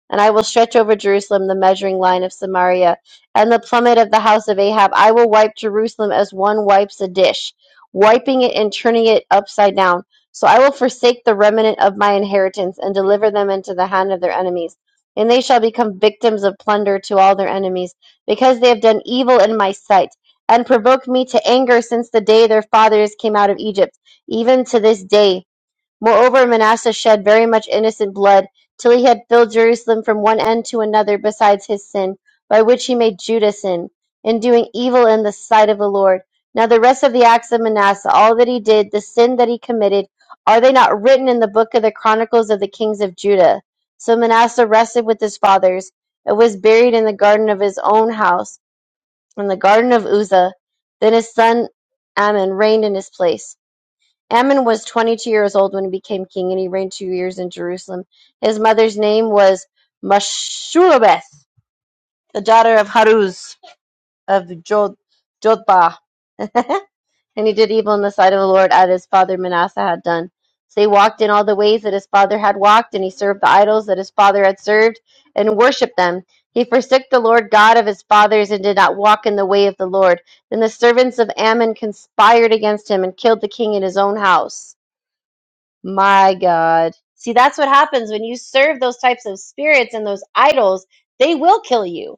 And I will stretch over Jerusalem the measuring line of Samaria, and the plummet of the house of Ahab. I will wipe Jerusalem as one wipes a dish, wiping it and turning it upside down. So I will forsake the remnant of my inheritance, and deliver them into the hand of their enemies. And they shall become victims of plunder to all their enemies, because they have done evil in my sight, and provoked me to anger since the day their fathers came out of Egypt, even to this day. Moreover, Manasseh shed very much innocent blood, till he had filled Jerusalem from one end to another, besides his sin, by which he made Judah sin, in doing evil in the sight of the Lord. Now the rest of the acts of Manasseh, all that he did, the sin that he committed, are they not written in the book of the chronicles of the kings of Judah? So Manasseh rested with his fathers, and was buried in the garden of his own house, in the garden of Uzzah. Then his son Ammon reigned in his place. Ammon was 22 years old when he became king, and he reigned two years in Jerusalem. His mother's name was Mashulabeth, the daughter of Haruz of Jod- Jodbah. and he did evil in the sight of the Lord, as his father Manasseh had done. So he walked in all the ways that his father had walked, and he served the idols that his father had served, and worshipped them. He forsook the Lord God of his fathers, and did not walk in the way of the Lord. Then the servants of Ammon conspired against him, and killed the king in his own house. My God. See, that's what happens when you serve those types of spirits and those idols, they will kill you.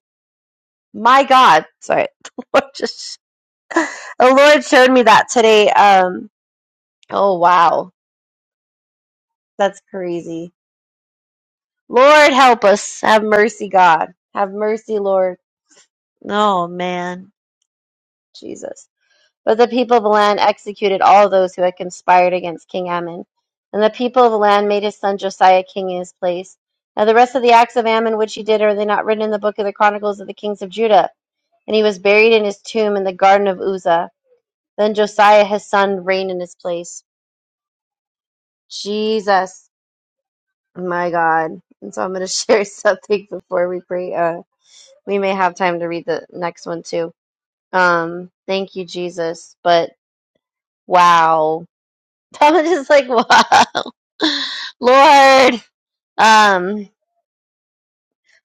My God. Sorry. The Lord just the Lord showed me that today. Um oh wow. That's crazy. Lord help us. Have mercy, God. Have mercy, Lord. Oh man. Jesus. But the people of the land executed all those who had conspired against King Ammon. And the people of the land made his son Josiah king in his place. Now the rest of the acts of Ammon which he did, are they not written in the book of the Chronicles of the kings of Judah? And he was buried in his tomb in the garden of Uzzah. Then Josiah his son reigned in his place. Jesus, my God. And so I'm going to share something before we pray. Uh, we may have time to read the next one too. Um, thank you, Jesus. But wow That was just like, wow, Lord. Um,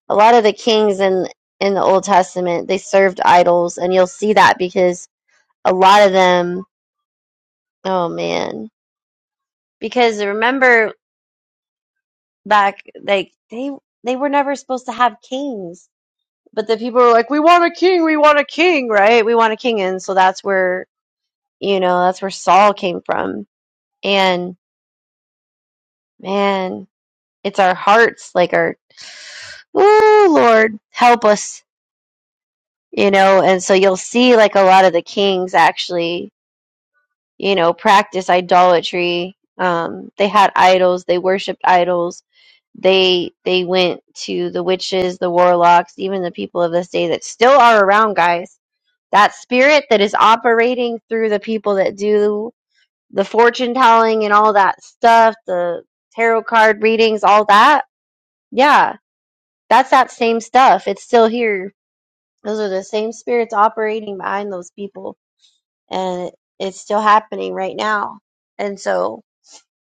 a lot of the kings in in the Old Testament they served idols, and you'll see that because a lot of them. Oh man, because remember back, like they they were never supposed to have kings, but the people were like, we want a king, we want a king, right? We want a king, and so that's where you know that's where Saul came from, and man, it's our hearts, like our, oh Lord, help us you know and so you'll see like a lot of the kings actually you know practice idolatry um they had idols they worshiped idols they they went to the witches the warlocks even the people of this day that still are around guys that spirit that is operating through the people that do the fortune telling and all that stuff the tarot card readings all that yeah that's that same stuff it's still here those are the same spirits operating behind those people and it's still happening right now. And so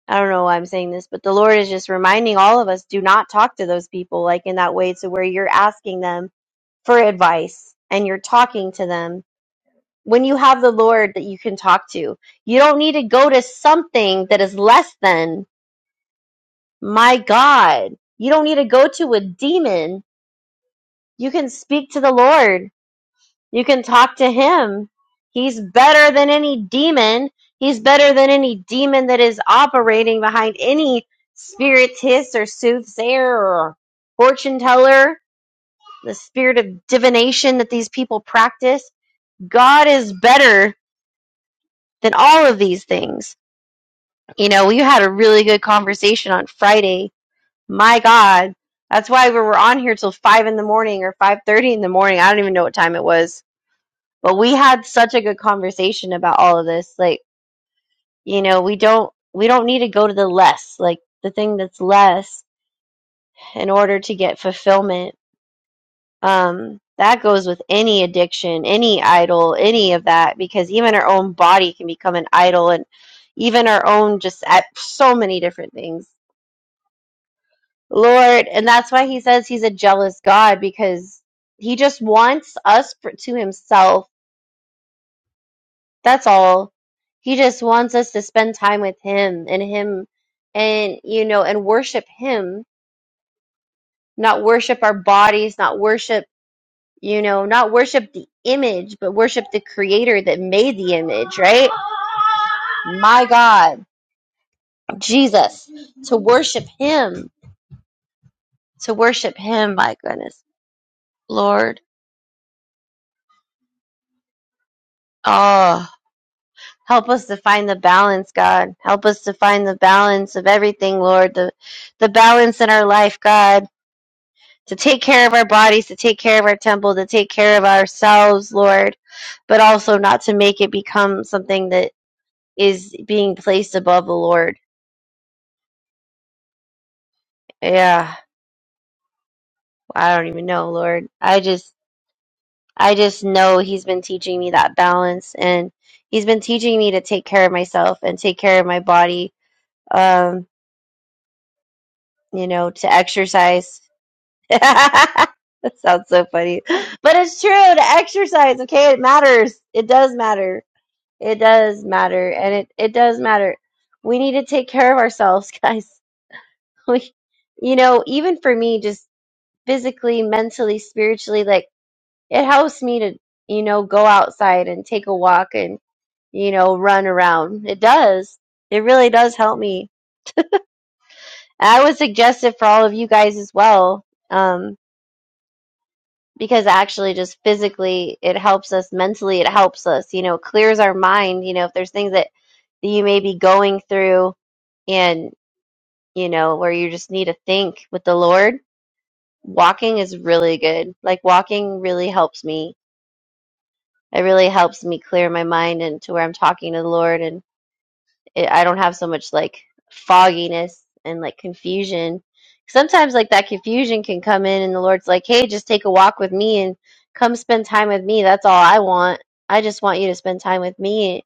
I don't know why I'm saying this, but the Lord is just reminding all of us do not talk to those people like in that way to where you're asking them for advice and you're talking to them. When you have the Lord that you can talk to, you don't need to go to something that is less than my God. You don't need to go to a demon. You can speak to the Lord You can talk to him. He's better than any demon. He's better than any demon that is operating behind any spiritist or soothsayer or fortune teller, the spirit of divination that these people practice. God is better than all of these things. You know, we had a really good conversation on Friday. My God. That's why we were on here till five in the morning or five thirty in the morning. I don't even know what time it was but we had such a good conversation about all of this like you know we don't we don't need to go to the less like the thing that's less in order to get fulfillment um that goes with any addiction any idol any of that because even our own body can become an idol and even our own just at so many different things lord and that's why he says he's a jealous god because he just wants us for, to himself That's all. He just wants us to spend time with him and him and you know and worship him, not worship our bodies, not worship, you know, not worship the image, but worship the creator that made the image, right? My God, Jesus, to worship him, to worship him, my goodness. Lord, oh, help us to find the balance, God. Help us to find the balance of everything, Lord. The the balance in our life, God to take care of our bodies, to take care of our temple, to take care of ourselves, Lord, but also not to make it become something that is being placed above the Lord. Yeah, I don't even know, Lord. I just I just know he's been teaching me that balance and he's been teaching me to take care of myself and take care of my body, um, you know, to exercise. that sounds so funny. But it's true to exercise, okay? It matters. It does matter It does matter, and it it does matter. We need to take care of ourselves, guys. We, you know, even for me, just physically, mentally, spiritually, like it helps me to, you know, go outside and take a walk and, you know, run around. It does. It really does help me. And I would suggest it for all of you guys as well, um, because actually, just physically, it helps us. Mentally, it helps us. You know, clears our mind. You know, if there's things that that you may be going through and you know, where you just need to think with the Lord, walking is really good. Like walking really helps me. It really helps me clear my mind and to where I'm talking to the Lord and it, I don't have so much like fogginess and like confusion. Sometimes like that confusion can come in and the Lord's like, "Hey, just take a walk with me and come spend time with me. That's all I want. I just want you to spend time with me,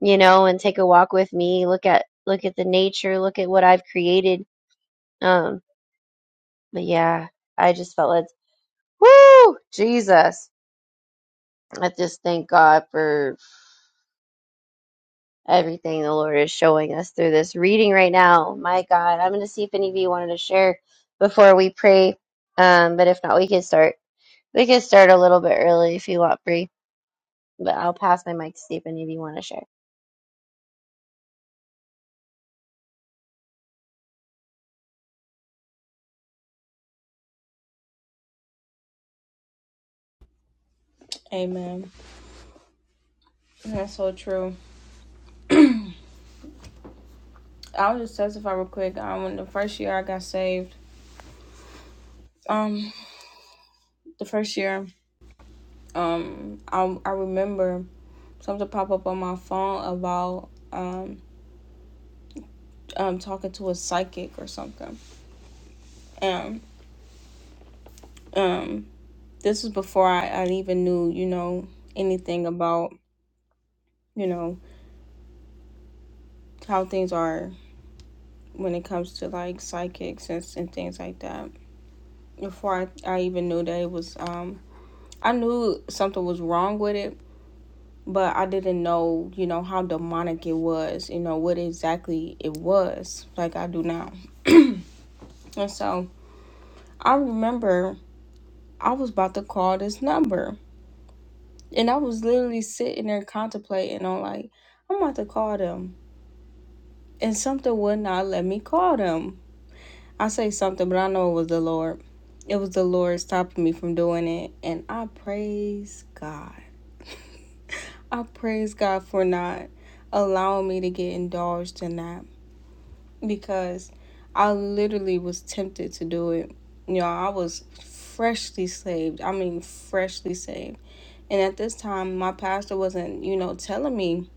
you know, and take a walk with me. Look at look at the nature, look at what I've created." Um. But yeah, I just felt like, woo, Jesus. I just thank God for everything the Lord is showing us through this reading right now. My God, I'm going to see if any of you wanted to share before we pray. Um, but if not, we can start. We can start a little bit early if you want, Bree. But I'll pass my mic to see if any of you want to share. amen. That's so true. I'll just testify real quick. Um, when the first year I got saved, um, the first year, um, I I remember something pop up on my phone about um um talking to a psychic or something. Um, um this was before I, I even knew, you know, anything about, you know, how things are when it comes to like psychics and, and things like that. Before I, I even knew that it was, um, I knew something was wrong with it, but I didn't know, you know, how demonic it was, you know, what exactly it was, like I do now. And so I remember I was about to call this number. And I was literally sitting there contemplating on like, I'm about to call them and something would not let me call them. I say something, but I know it was the Lord. It was the Lord stopping me from doing it. And I praise God. I praise God for not allowing me to get indulged in that because I literally was tempted to do it. You know, I was freshly saved. I mean, freshly saved. And at this time, my pastor wasn't, you know, telling me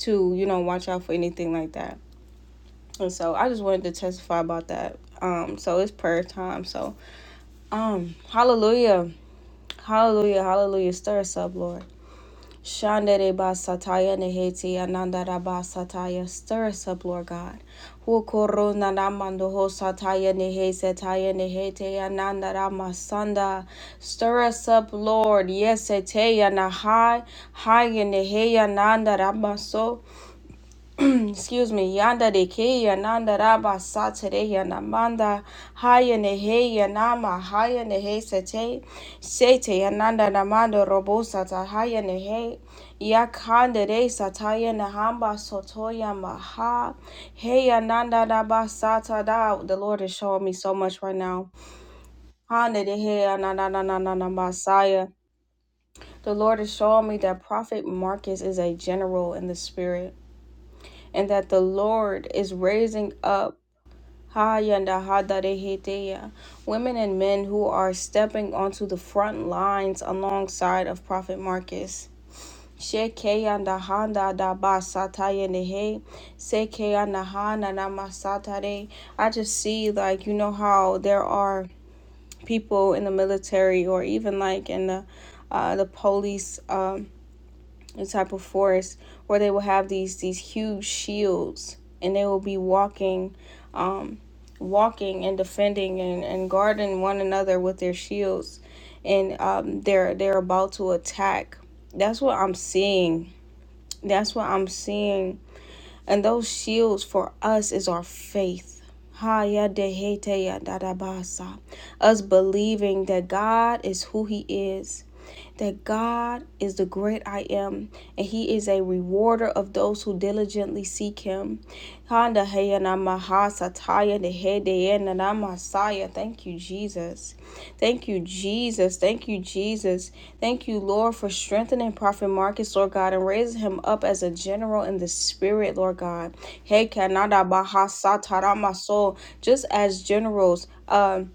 to, you know, watch out for anything like that And so I just wanted to testify about that. Um, so it's prayer time. So um hallelujah. Hallelujah, hallelujah. Stir us up, Lord. Shandere basataya neheti anandara basataya. Stir us up, Lord God. Hukuru nanamando ho sataya nehe setaya nehete anandara masanda. Stir us up, Lord. Yes, eteya na high, high in hey anandara maso excuse me, yanda de ke yananda raba satere tere yanamanda haya nehe yanama haya nehe sete sete yananda namando robo sata haya nehe yakanda de sataya nahamba sotoya maha hey yananda raba sata da the Lord is showing me so much right now. Handa de he yananda na na na na masaya. The Lord is showing me that Prophet Marcus is a general in the spirit and that the Lord is raising up women and men who are stepping onto the front lines alongside of Prophet Marcus. I just see like you know how there are people in the military or even like in the uh, the police um, the type of forest where they will have these these huge shields and they will be walking um walking and defending and, and guarding one another with their shields and um they're they're about to attack that's what i'm seeing that's what i'm seeing and those shields for us is our faith. Ha ya de te ya da da ba Us believing that God is who He is, that God is the great I am, and He is a rewarder of those who diligently seek Him. Ha he ya na ma ta ya de de ya na na ma Thank you, Jesus. Thank you, Jesus. Thank you, Jesus. Thank you, Lord, for strengthening Prophet Marcus, Lord God, and raising him up as a general in the spirit, Lord God. Hey, Kanada Bahasa Taramaso, just as generals um,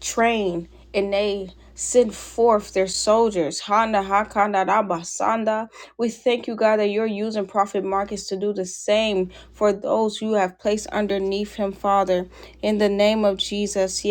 train and they send forth their soldiers. Hana Hakana Rabasanda. We thank you, God, that you're using Prophet Marcus to do the same for those who you have placed underneath him, Father. In the name of Jesus.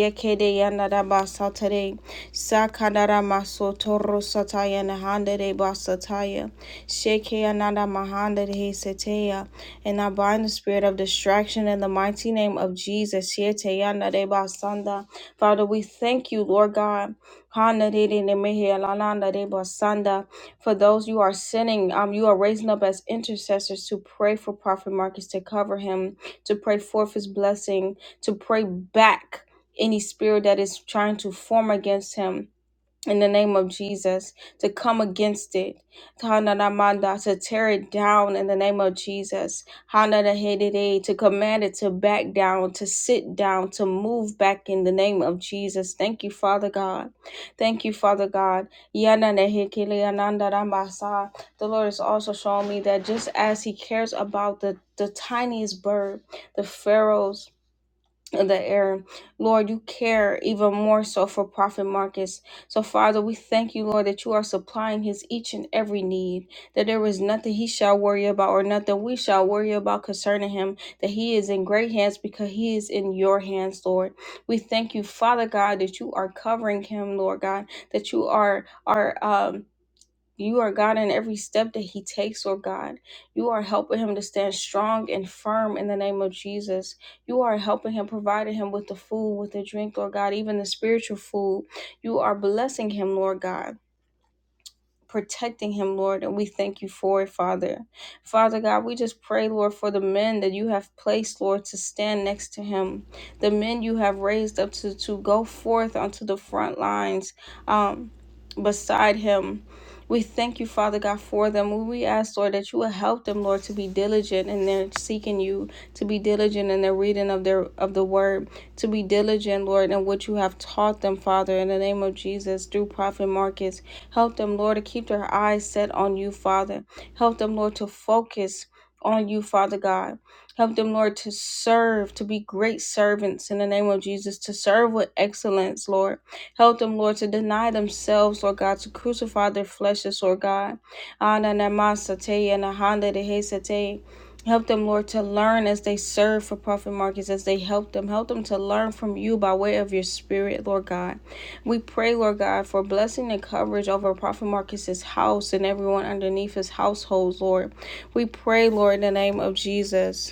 Satare, Sakadara Maso Toro Sataya Nahanda de Basataya, Sheke Ananda Mahanda de Seteya, and I bind the spirit of distraction in the mighty name of Jesus. Siete Yanda de Basanda. Father, we thank you, Lord God. Handa de de Nemehe Alalanda de Basanda. For those you are sending, um, you are raising up as intercessors to pray for Prophet Marcus to cover him, to pray forth his blessing, to pray back any spirit that is trying to form against him in the name of Jesus, to come against it, Tananamanda, to tear it down in the name of Jesus, Hanadahedede, to command it to back down, to sit down, to move back in the name of Jesus. Thank you, Father God. Thank you, Father God. Yananehekeleanandaramasa. The Lord is also showing me that just as He cares about the, the tiniest bird, the pharaohs the air. Lord, you care even more so for Prophet Marcus. So, Father, we thank you, Lord, that you are supplying his each and every need, that there is nothing he shall worry about or nothing we shall worry about concerning him, that he is in great hands because he is in your hands, Lord. We thank you, Father God, that you are covering him, Lord God, that you are, are, um, you are God in every step that he takes, Lord God. You are helping him to stand strong and firm in the name of Jesus. You are helping him, providing him with the food, with the drink, Lord God, even the spiritual food. You are blessing him, Lord God protecting him, Lord, and we thank you for it, Father. Father God, we just pray, Lord, for the men that you have placed, Lord, to stand next to him, the men you have raised up to, to go forth onto the front lines um, beside him. We thank you, Father God, for them. We ask, Lord, that you will help them, Lord, to be diligent in their seeking you, to be diligent in their reading of their of the word, to be diligent, Lord, in what you have taught them, Father, in the name of Jesus, through Prophet Marcus. Help them, Lord, to keep their eyes set on you, Father. Help them, Lord, to focus on you, Father God. Help them, Lord, to serve, to be great servants in the name of Jesus, to serve with excellence, Lord. Help them, Lord, to deny themselves, Lord God, to crucify their fleshes, Lord God. Ananamasate and ahandadehesate. Help them, Lord, to learn as they serve for Prophet Marcus, as they help them. Help them to learn from you by way of your spirit, Lord God. We pray, Lord God, for blessing and coverage over Prophet Marcus's house and everyone underneath his households, Lord. We pray, Lord, in the name of Jesus.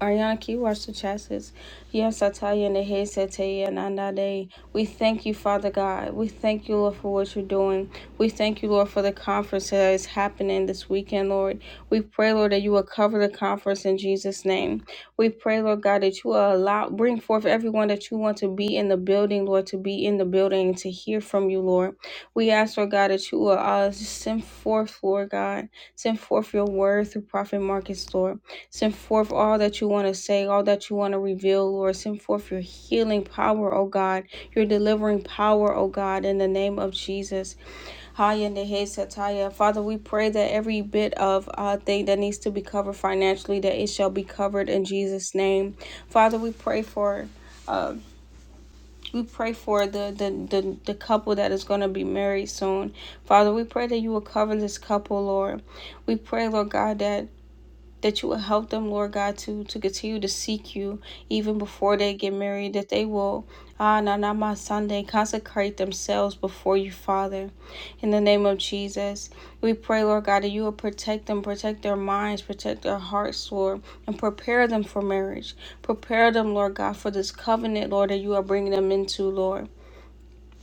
Ariana, can you wash the chassis? Yes, I tell you in the head, said to you, and on that day. We thank you, Father God. We thank you, Lord, for what you're doing. We thank you, Lord, for the conference that is happening this weekend, Lord. We pray, Lord, that you will cover the conference in Jesus' name. We pray, Lord God, that you will allow, bring forth everyone that you want to be in the building, Lord, to be in the building and to hear from you, Lord. We ask, Lord God, that you will uh, send forth, Lord God, send forth your word through Prophet Marcus, Lord. Send forth all that you want to say, all that you want to reveal, Lord. Send forth your healing power, O God, your delivering power, O God, in the name of Jesus. Haya Nehe Sataya. Father, we pray that every bit of uh, thing that needs to be covered financially, that it shall be covered in Jesus' name. Father, we pray for. Uh, we pray for the, the, the, the couple that is going to be married soon. Father, we pray that you will cover this couple, Lord. We pray, Lord God, that that you will help them, Lord God, to to continue to seek you even before they get married, that they will ah na na ma Sunday consecrate themselves before you, Father. In the name of Jesus. We pray, Lord God, that you will protect them, protect their minds, protect their hearts, Lord, and prepare them for marriage. Prepare them, Lord God, for this covenant, Lord, that you are bringing them into, Lord.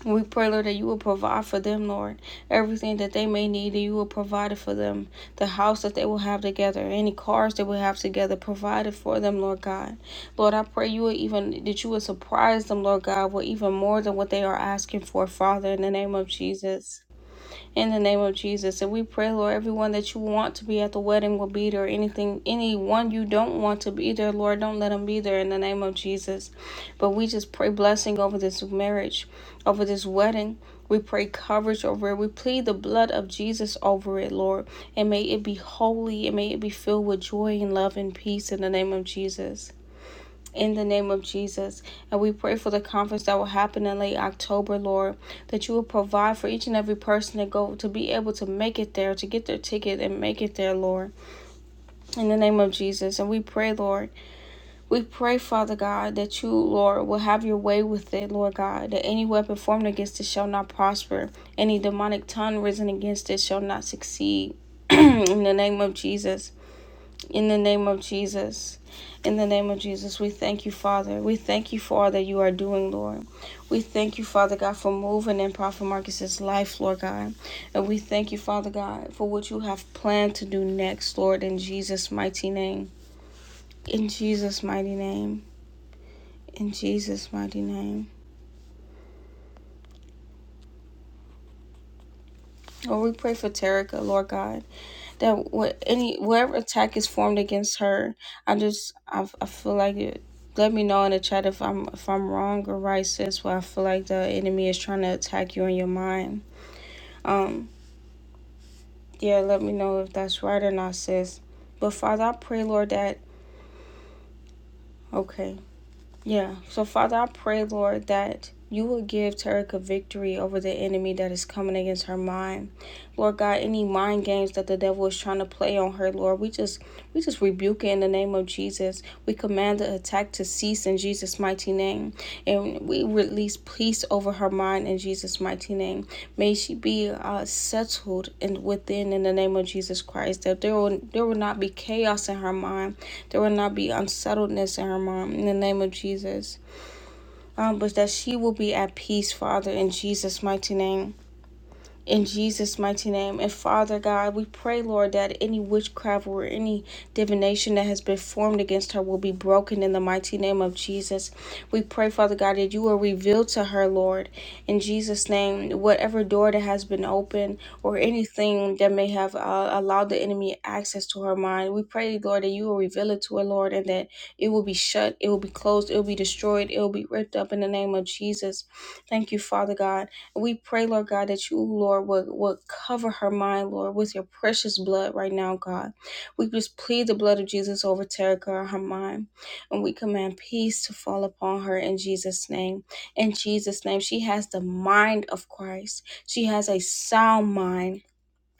We pray, Lord, that you will provide for them, Lord, everything that they may need, that you will provide it for them. The house that they will have together, any cars they will have together, provide it for them, Lord God. Lord, I pray you will even that you will surprise them, Lord God, with even more than what they are asking for, Father, in the name of Jesus in the name of Jesus. And we pray, Lord, everyone that you want to be at the wedding will be there. Anything, anyone you don't want to be there, Lord, don't let them be there in the name of Jesus. But we just pray blessing over this marriage, over this wedding. We pray coverage over it. We plead the blood of Jesus over it, Lord. And may it be holy and may it be filled with joy and love and peace in the name of Jesus in the name of Jesus. And we pray for the conference that will happen in late October, Lord, that you will provide for each and every person to go to be able to make it there, to get their ticket and make it there, Lord, in the name of Jesus. And we pray, Lord, we pray, Father God, that you, Lord, will have your way with it, Lord God, that any weapon formed against it shall not prosper, any demonic tongue risen against it shall not succeed. in the name of Jesus. In the name of Jesus. In the name of Jesus, we thank you, Father. We thank you for all that you are doing, Lord. We thank you, Father God, for moving in Prophet Marcus's life, Lord God. And we thank you, Father God, for what you have planned to do next, Lord, in Jesus' mighty name. In Jesus' mighty name. In Jesus' mighty name. Lord, we pray for Terica, Lord God. that what any whatever attack is formed against her, I just I, I feel like it. Let me know in the chat if I'm if I'm wrong or right, sis. Where I feel like the enemy is trying to attack you in your mind. Um, yeah, let me know if that's right or not, sis. But Father, I pray, Lord, that okay, yeah. So Father, I pray, Lord, that you will give Terica victory over the enemy that is coming against her mind. Lord God, any mind games that the devil is trying to play on her, Lord, we just we just rebuke it in the name of Jesus. We command the attack to cease in Jesus' mighty name. And we release peace over her mind in Jesus' mighty name. May she be uh, settled and within in the name of Jesus Christ. That there will there will not be chaos in her mind. There will not be unsettledness in her mind in the name of Jesus. Um, but that she will be at peace, Father, in Jesus' mighty name in Jesus' mighty name. And Father God, we pray, Lord, that any witchcraft or any divination that has been formed against her will be broken in the mighty name of Jesus. We pray, Father God, that you will reveal to her, Lord, in Jesus' name, whatever door that has been opened or anything that may have uh, allowed the enemy access to her mind. We pray, Lord, that you will reveal it to her, Lord, and that it will be shut, it will be closed, it will be destroyed, it will be ripped up in the name of Jesus. Thank you, Father God. We pray, Lord God, that you, Lord, would, would cover her mind, Lord, with your precious blood right now, God. We just plead the blood of Jesus over Tara, God, her mind. And we command peace to fall upon her in Jesus' name. In Jesus' name, she has the mind of Christ. She has a sound mind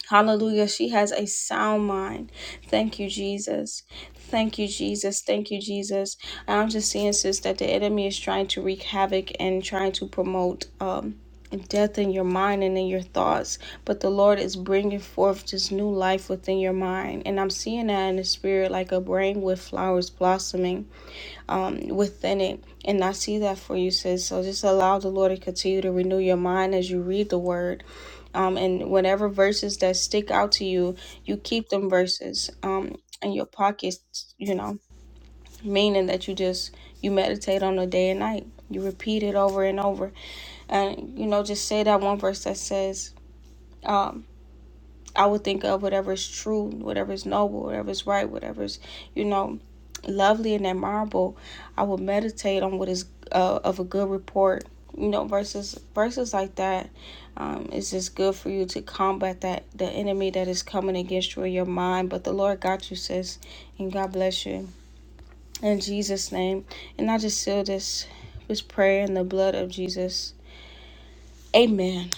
Hallelujah. She has a sound mind. Thank you, Jesus. Thank you, Jesus. Thank you, Jesus. And I'm just seeing, sis, that the enemy is trying to wreak havoc and trying to promote um, death in your mind and in your thoughts. But the Lord is bringing forth this new life within your mind. And I'm seeing that in the spirit, like a brain with flowers blossoming um, within it. And I see that for you, sis. So just allow the Lord to continue to renew your mind as you read the word um, and whatever verses that stick out to you, you keep them verses um, in your pockets, you know, meaning that you just you meditate on the day and night. You repeat it over and over, and you know, just say that one verse that says. um, I would think of whatever is true, whatever is noble, whatever is right, whatever is, you know, lovely and admirable. I would meditate on what is uh, of a good report. You know, verses verses like that, um, it's just good for you to combat that the enemy that is coming against you in your mind. But the Lord got you, sis, and God bless you in Jesus' name. And I just seal this this prayer in the blood of Jesus. Amen.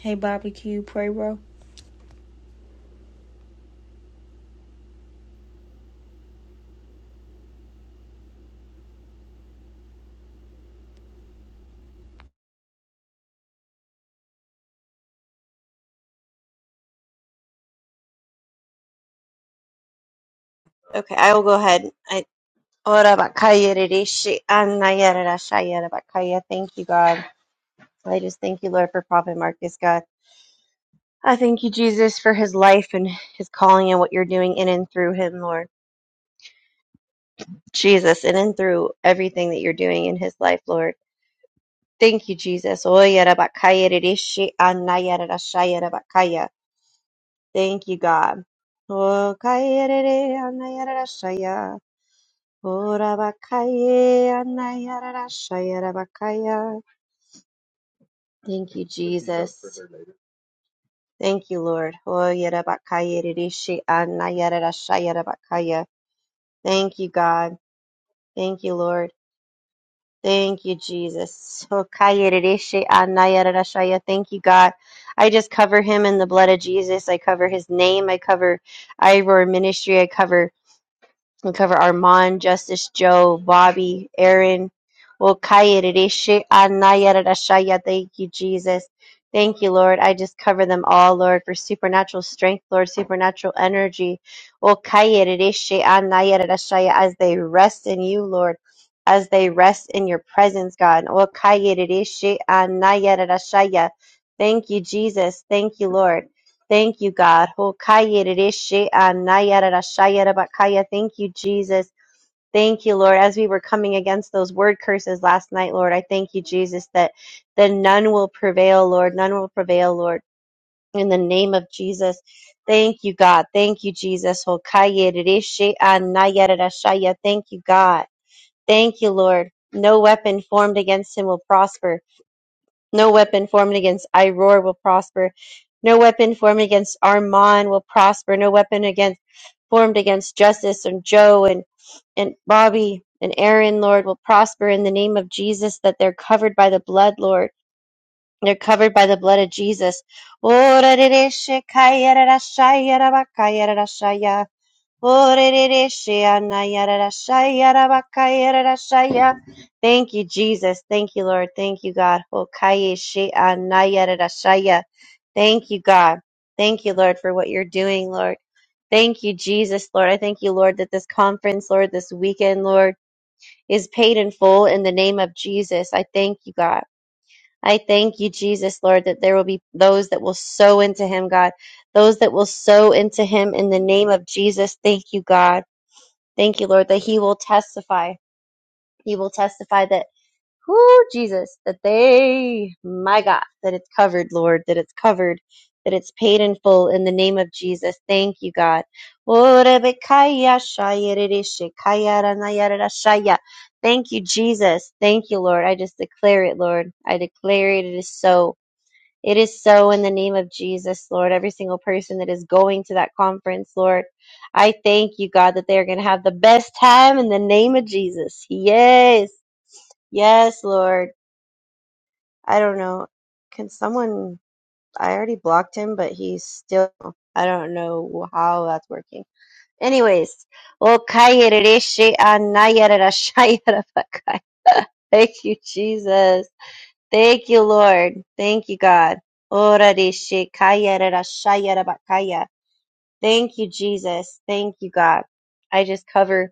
Hey, Bobby, can you pray, bro? Okay, I will go ahead. I Ora bakaya rishi anayara rashaya bakaya. Thank you, God. I just thank you, Lord, for Prophet Marcus, God. I thank you, Jesus, for his life and his calling and what you're doing in and through him, Lord. Jesus, in and through everything that you're doing in his life, Lord. Thank you, Jesus. Oya rabakaya, kaya rishi anaya rara shaya Thank you, God. O kaya rere anaya rara shaya. O raba kaya anaya rara shaya Thank you, Jesus. Thank you, Lord. Oya rabakaya, kaya rishi anaya rara shaya Thank you, God. Thank you, Lord. Thank you, Jesus. So, kaya rereshe anaya rarashaya. Thank you, God. I just cover him in the blood of Jesus. I cover his name. I cover Ivor Ministry. I cover. We cover Armand, Justice Joe, Bobby, Aaron. Thank you, Jesus. Thank you, Lord. I just cover them all, Lord, for supernatural strength, Lord, supernatural energy. As they rest in you, Lord, as they rest in your presence, God. Thank you, Jesus. Thank you, Lord. Thank you, God. Hokayerereshe anayarashayarabakaya. Thank you, Jesus. Thank you, Lord. As we were coming against those word curses last night, Lord, I thank you, Jesus, that that none will prevail, Lord. None will prevail, Lord. In the name of Jesus. Thank you, God. Thank you, Jesus. Hokayerereshe anayarashaya. Thank you, God. Thank you, Lord. No weapon formed against him will prosper. No weapon formed against Iroar will prosper. No weapon formed against Armand will prosper. No weapon against formed against Justice and Joe and, and Bobby and Aaron, Lord, will prosper in the name of Jesus, that they're covered by the blood, Lord. They're covered by the blood of Jesus. Thank you, Jesus. Thank you, Lord. Thank you, God. Thank you, God. Thank you, Lord, for what you're doing, Lord. Thank you, Jesus, Lord. I thank you, Lord, that this conference, Lord, this weekend, Lord, is paid in full in the name of Jesus. I thank you, God. I thank you, Jesus, Lord, that there will be those that will sow into him, God. Those that will sow into him in the name of Jesus. Thank you, God. Thank you, Lord, that he will testify. He will testify that, whoo, Jesus, that they, my God, that it's covered, Lord, that it's covered, that it's paid in full in the name of Jesus. Thank you, God. Thank you, Jesus. Thank you, Lord. I just declare it, Lord. I declare it. It is so. It is so in the name of Jesus, Lord. Every single person that is going to that conference, Lord, I thank you, God, that they are going to have the best time in the name of Jesus. Yes. Yes, Lord. I don't know. Can someone, I already blocked him, but he's still, I don't know how that's working. Anyways, okay. Thank you, Jesus. Thank you, Lord. Thank you, God. Ora de shekaya rara shaya rabakaya. Thank you, Jesus. Thank you, God. I just cover,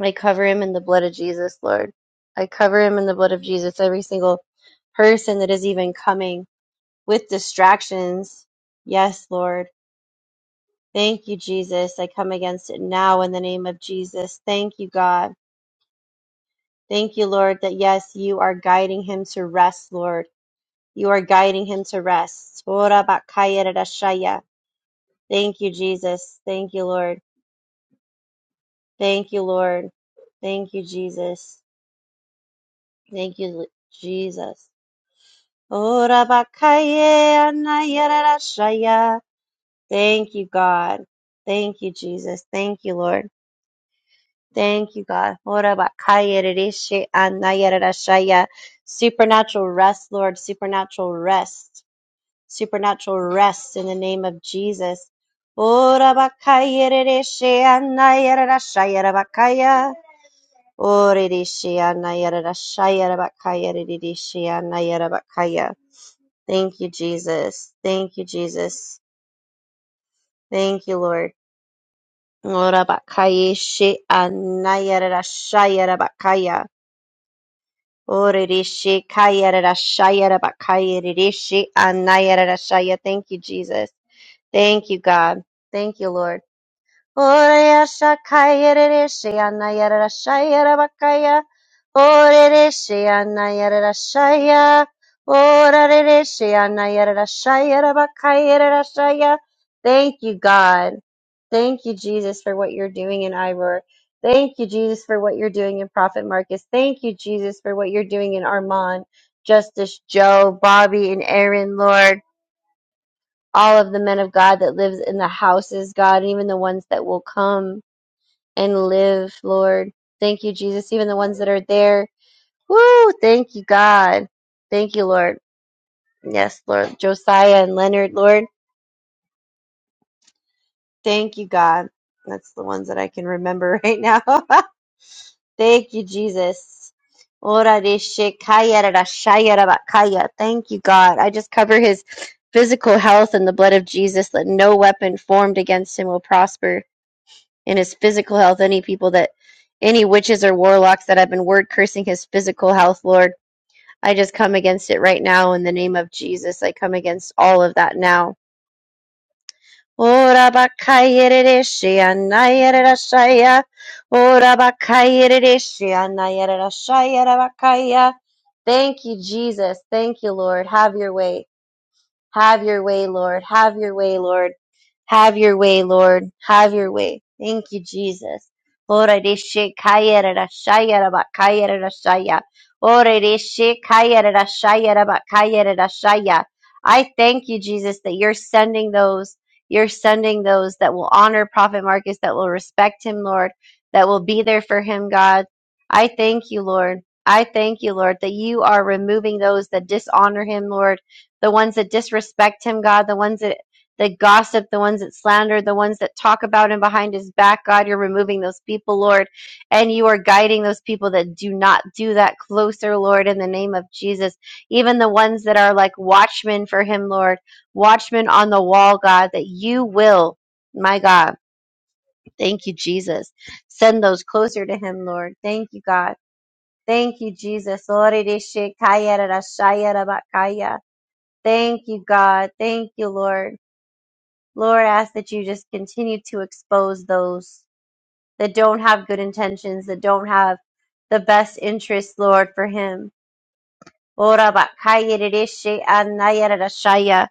I cover him in the blood of Jesus, Lord. I cover him in the blood of Jesus. Every single person that is even coming with distractions. Yes, Lord. Thank you, Jesus. I come against it now in the name of Jesus. Thank you, God. Thank you, Lord, that yes, you are guiding him to rest, Lord. You are guiding him to rest. Ora bakaya rarashaya. Thank you, Jesus. Thank you, Lord. Thank you, Lord. Thank you, Jesus. Thank you, L- Jesus. Ora bakaya anaya rarashaya. Thank you, God. Thank you, Jesus. Thank you, Lord. Thank you, God. Ora bakaya rarishe anaya rarashaya. Supernatural rest, Lord. Supernatural rest. supernatural rest in the name of Jesus. Ora bakaya rereshe anaya rerashaya rabakaya. Ore reshe anaya rerashaya rabakaya rereshe anaya rabakaya. Thank you, Jesus. Thank you, Jesus. Thank you, Lord. Ora bakaya she anaya rerashaya rabakaya. Ore reshe kaya rerashaya rabakaya rereshe anaya rerashaya. Thank you, Jesus. Thank you, God. Thank you, Lord. Ore Oreyasa kayerereshe anayarashaya rabakaya. Orereshe anayarashaya. Orarereshe anayarashaya rabakayererashaya. Thank you, God. Thank you, Jesus, for what you're doing in Ivor. Thank you, Jesus, for what you're doing in Prophet Marcus. Thank you, Jesus, for what you're doing in Armand, Justice Joe, Bobby, and Aaron, Lord all of the men of God that lives in the houses, God, and even the ones that will come and live, Lord. Thank you, Jesus. Even the ones that are there. Woo! Thank you, God. Thank you, Lord. Yes, Lord. Josiah and Leonard, Lord. Thank you, God. That's the ones that I can remember right now. Thank you, Jesus. Ora de shekaya da da shaya da bakaya. Thank you, God. I just cover his physical health in the blood of Jesus that no weapon formed against him will prosper. in his physical health. Any people that, any witches or warlocks that have been word cursing his physical health, Lord, I just come against it right now in the name of Jesus. I come against all of that now. Ora bakayereshia nayerashaya. Ora bakayereshia nayerashaya rabakaya. Thank you, Jesus. Thank you, Lord. Have your way. Have your way, Lord. Have your way, Lord. Have your way, Lord. Have your way. Thank you, Jesus. Ora de she kaya ra ra shaya ra ba kaya ra ra shaya. Ora de she kaya ra ra shaya ra ba kaya ra ra shaya. I thank you, Jesus, that you're sending those. You're sending those that will honor Prophet Marcus, that will respect him, Lord, that will be there for him, God. I thank you, Lord. I thank you, Lord, that you are removing those that dishonor him, Lord, the ones that disrespect him, God, the ones that that gossip, the ones that slander, the ones that talk about him behind his back. God, you're removing those people, Lord, and you are guiding those people that do not do that closer, Lord, in the name of Jesus. Even the ones that are like watchmen for him, Lord, watchmen on the wall, God, that you will, my God, thank you, Jesus, send those closer to him, Lord. Thank you, God. Thank you, Jesus. Thank you, God. Thank you, Lord. Lord, I ask that you just continue to expose those that don't have good intentions, that don't have the best interest, Lord, for him. Ora bakaya dereshe anaya rarashaya.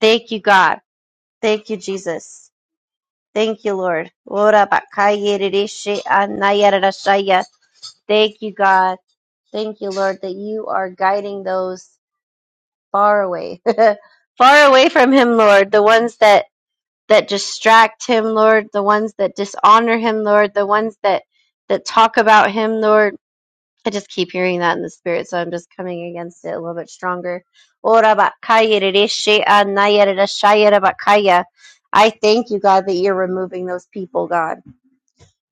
Thank you, God. Thank you, Jesus. Thank you, Lord. Ora bakaya dereshe anaya rarashaya. Thank you, God. Thank you, Lord, that you are guiding those far away. far away from him, Lord. The ones that that distract him, Lord, the ones that dishonor him, Lord, the ones that that talk about him, Lord. I just keep hearing that in the spirit, so I'm just coming against it a little bit stronger. I thank you, God, that you're removing those people, God.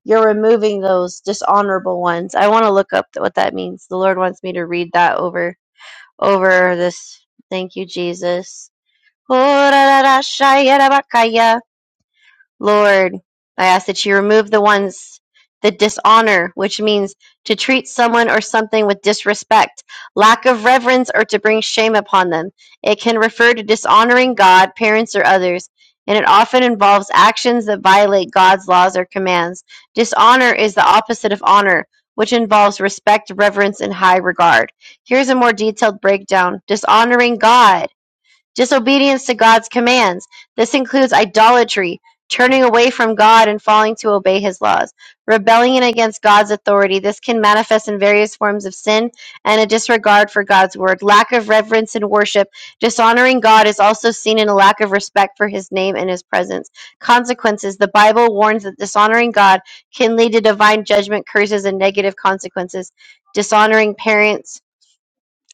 You're removing those dishonorable ones. I want to look up what that means. The Lord wants me to read that over over this. Thank you, Jesus. Lord, I ask that you remove the ones that dishonor, which means to treat someone or something with disrespect, lack of reverence, or to bring shame upon them. It can refer to dishonoring God, parents, or others, and it often involves actions that violate God's laws or commands. Dishonor is the opposite of honor, which involves respect, reverence, and high regard. Here's a more detailed breakdown Dishonoring God disobedience to God's commands. This includes idolatry, turning away from God and falling to obey his laws, rebellion against God's authority. This can manifest in various forms of sin and a disregard for God's word, lack of reverence and worship. Dishonoring God is also seen in a lack of respect for his name and his presence. Consequences The Bible warns that dishonoring God can lead to divine judgment, curses, and negative consequences. Dishonoring parents,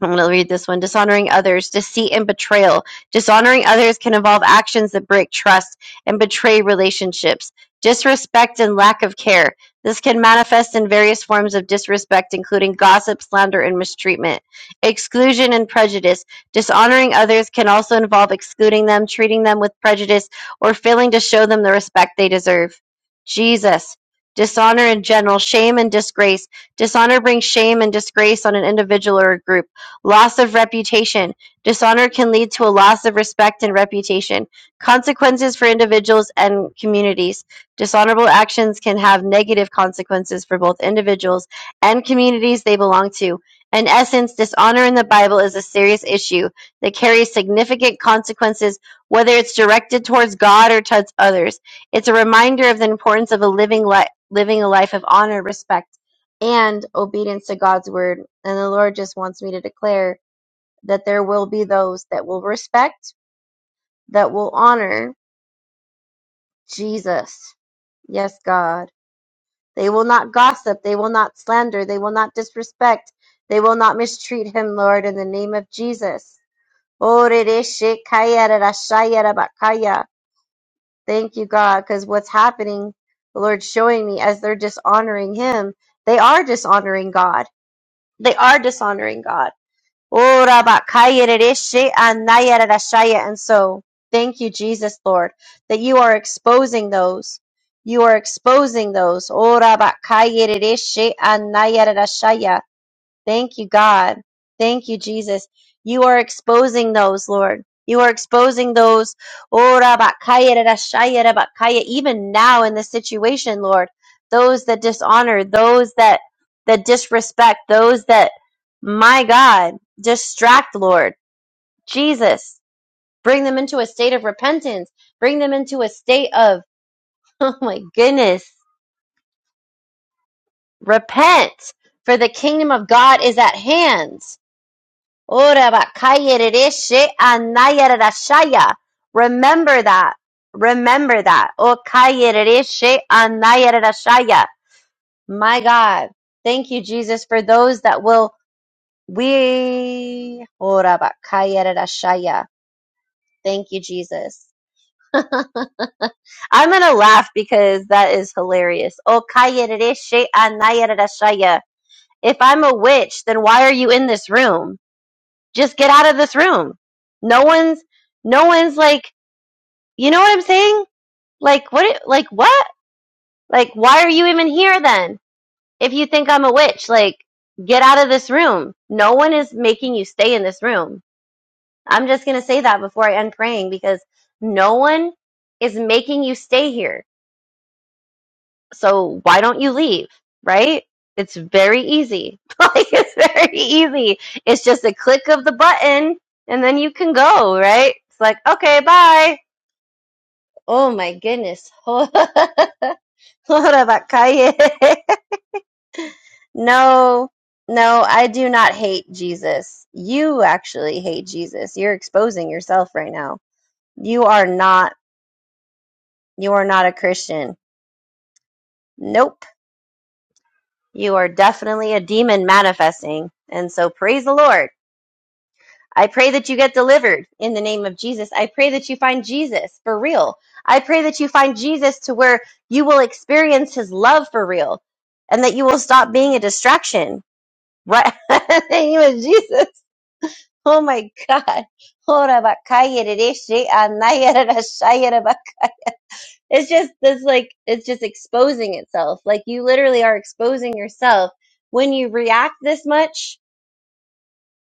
I'm going to read this one. Dishonoring others, deceit and betrayal. Dishonoring others can involve actions that break trust and betray relationships. Disrespect and lack of care. This can manifest in various forms of disrespect, including gossip, slander, and mistreatment. Exclusion and prejudice. Dishonoring others can also involve excluding them, treating them with prejudice, or failing to show them the respect they deserve. Jesus. Dishonor in general, shame and disgrace. Dishonor brings shame and disgrace on an individual or a group. Loss of reputation. Dishonor can lead to a loss of respect and reputation. Consequences for individuals and communities. Dishonorable actions can have negative consequences for both individuals and communities they belong to. In essence, dishonor in the Bible is a serious issue that carries significant consequences, whether it's directed towards God or towards others. It's a reminder of the importance of a living, li- living a life of honor, respect, and obedience to God's word. And the Lord just wants me to declare that there will be those that will respect, that will honor Jesus. Yes, God. They will not gossip. They will not slander. They will not disrespect. They will not mistreat him, Lord, in the name of Jesus. Thank you, God, because what's happening, the Lord's showing me as they're dishonoring him, they are dishonoring God. They are dishonoring God Oh, Rabakayerereshe anayarashaya. And so, thank you, Jesus, Lord, that you are exposing those. You are exposing those. Oh, Rabakayerereshe anayarashaya. Thank you, God. Thank you, Jesus. You are exposing those, Lord. You are exposing those, oh, rabakaya, rarashaya, rabakaya, even now in this situation, Lord. Those that dishonor, those that that disrespect, those that, my God, distract, Lord. Jesus, bring them into a state of repentance. Bring them into a state of, oh my goodness, repent, for the kingdom of God is at hand. Ora bakaya rereshe anaya rarashaya. Remember that. Remember that. O kaya rereshe anaya rarashaya. My God. Thank you, Jesus, for those that will we ora bakaya rarashaya. Thank you, Jesus. I'm gonna laugh because that is hilarious. O kaya rereshe anaya rarashaya. If I'm a witch, then why are you in this room? just get out of this room. No one's, no one's like, you know what I'm saying? Like, what, like, what? Like, why are you even here then? If you think I'm a witch, like, get out of this room. No one is making you stay in this room. I'm just going to say that before I end praying because no one is making you stay here. So why don't you leave? Right? It's very easy. like it's very easy. It's just a click of the button and then you can go, right? It's like, okay, bye. Oh my goodness. What about No, no, I do not hate Jesus. You actually hate Jesus. You're exposing yourself right now. You are not, you are not a Christian. Nope. You are definitely a demon manifesting. And so praise the Lord I pray that you get delivered in the name of Jesus. I pray that you find Jesus for real. I pray that you find Jesus to where you will experience his love for real and that you will stop being a distraction. Right? in the name of Jesus. Oh my God. It's just this like it's just exposing itself. Like you literally are exposing yourself when you react this much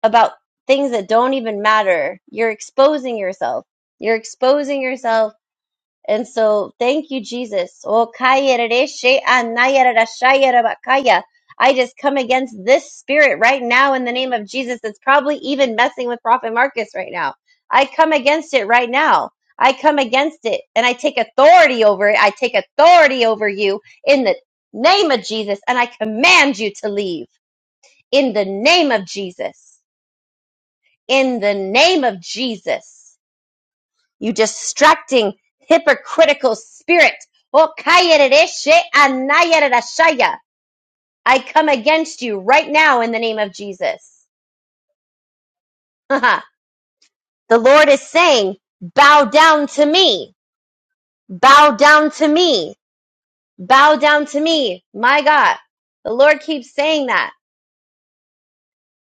about things that don't even matter. You're exposing yourself. You're exposing yourself. And so thank you, Jesus. Oh, kaya rere she anaya rara shaya raba kaya. I just come against this spirit right now in the name of Jesus that's probably even messing with Prophet Marcus right now. I come against it right now. I come against it and I take authority over it. I take authority over you in the name of Jesus and I command you to leave in the name of Jesus in the name of Jesus. You distracting hypocritical spirit. I come against you right now in the name of Jesus. the Lord is saying, bow down to me. Bow down to me. Bow down to me. My God. The Lord keeps saying that.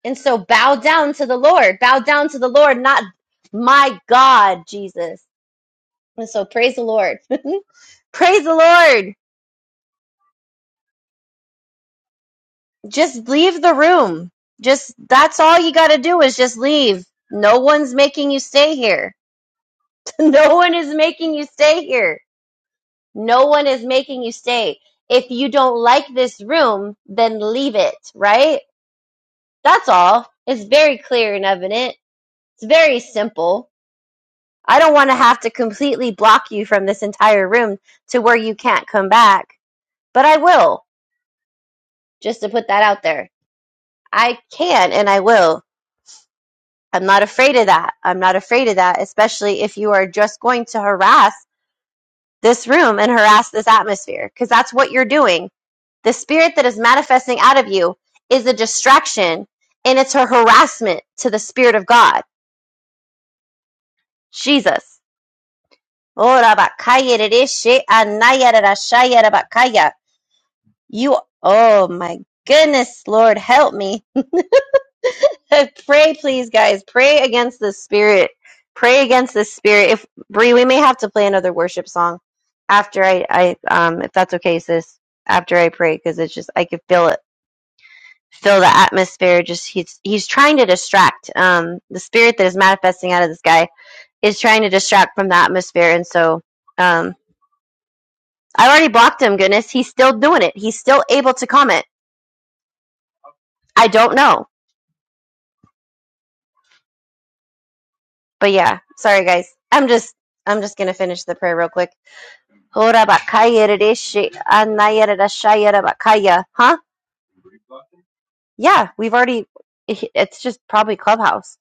And so bow down to the Lord. Bow down to the Lord, not my God, Jesus. And so praise the Lord. praise the Lord. Just leave the room. Just that's all you got to do is just leave. No one's making you stay here. no one is making you stay here. No one is making you stay. If you don't like this room, then leave it, right? That's all. It's very clear and evident. It's very simple. I don't want to have to completely block you from this entire room to where you can't come back, but I will, just to put that out there. I can and I will. I'm not afraid of that. I'm not afraid of that, especially if you are just going to harass this room and harass this atmosphere, because that's what you're doing. The spirit that is manifesting out of you is a distraction and it's a harassment to the spirit of God, Jesus. Ora bakaya dereshe anaya rerashaya rabakaya. You, oh my goodness, Lord, help me. pray, please, guys. Pray against the spirit. Pray against the spirit. If Bree, we may have to play another worship song after I, I um, if that's okay, sis. After I pray, because it's just I could feel it, feel the atmosphere. Just he's he's trying to distract. Um, the spirit that is manifesting out of this guy is trying to distract from the atmosphere, and so um, I already blocked him. Goodness, he's still doing it. He's still able to comment. I don't know, but yeah, sorry guys. I'm just I'm just gonna finish the prayer real quick. Hora bakaya redeshi anaya redashaya rabakaya. Huh? Yeah, we've already. eh, It's just probably Clubhouse.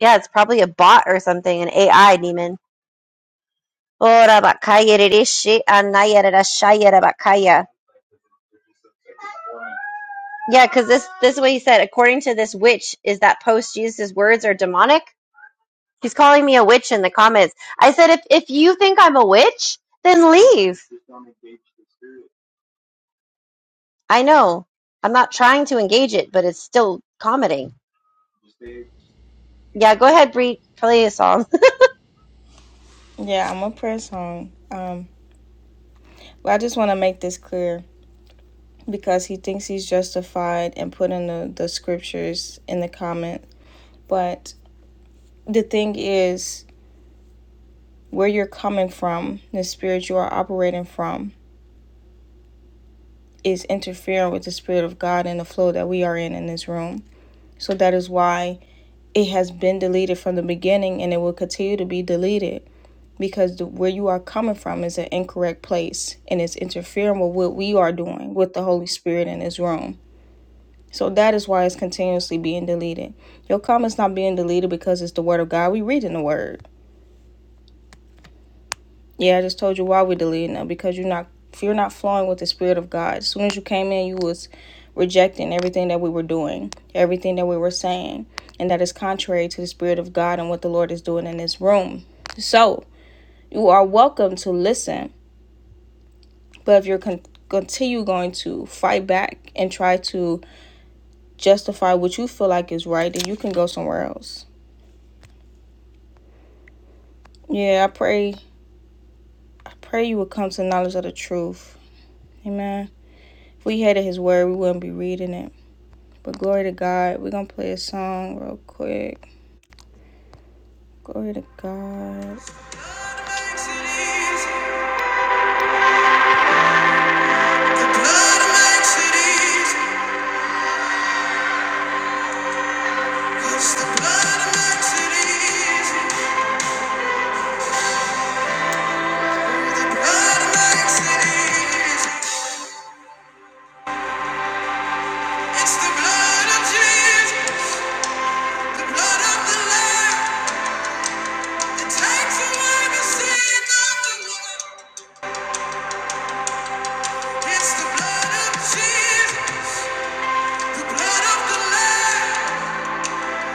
Yeah, it's probably a bot or something, an AI demon. Hora bakaya redeshi anaya redashaya rabakaya. Yeah, because this this is what he said. According to this witch, is that post Jesus' words are demonic? He's calling me a witch in the comments. I said, if if you think I'm a witch, then leave. I know. I'm not trying to engage it, but it's still commenting. Yeah, go ahead, Bree. Play a song. Yeah, I'm gonna pray a song. I just want to make this clear because he thinks he's justified in putting the, the scriptures in the comment. But the thing is, where you're coming from, the spirit you are operating from, is interfering with the spirit of God and the flow that we are in in this room. So that is why it has been deleted from the beginning and it will continue to be deleted because the, where you are coming from is an incorrect place and it's interfering with what we are doing with the Holy Spirit in this room. So that is why it's continuously being deleted. Your comment's not being deleted because it's the word of God. We reading the word. Yeah, I just told you why we're deleting them because you're not if you're not flowing with the spirit of God. As soon as you came in, you was rejecting everything that we were doing, everything that we were saying, and that is contrary to the spirit of God and what the Lord is doing in this room. So you are welcome to listen, but if you're con- continue going to fight back and try to justify what you feel like is right, then you can go somewhere else. Yeah, I pray I pray you would come to knowledge of the truth. Amen. If we hated his word, we wouldn't be reading it. But glory to God. We're gonna play a song real quick. Glory to God. It's the blood of Jesus, the blood of the Lamb,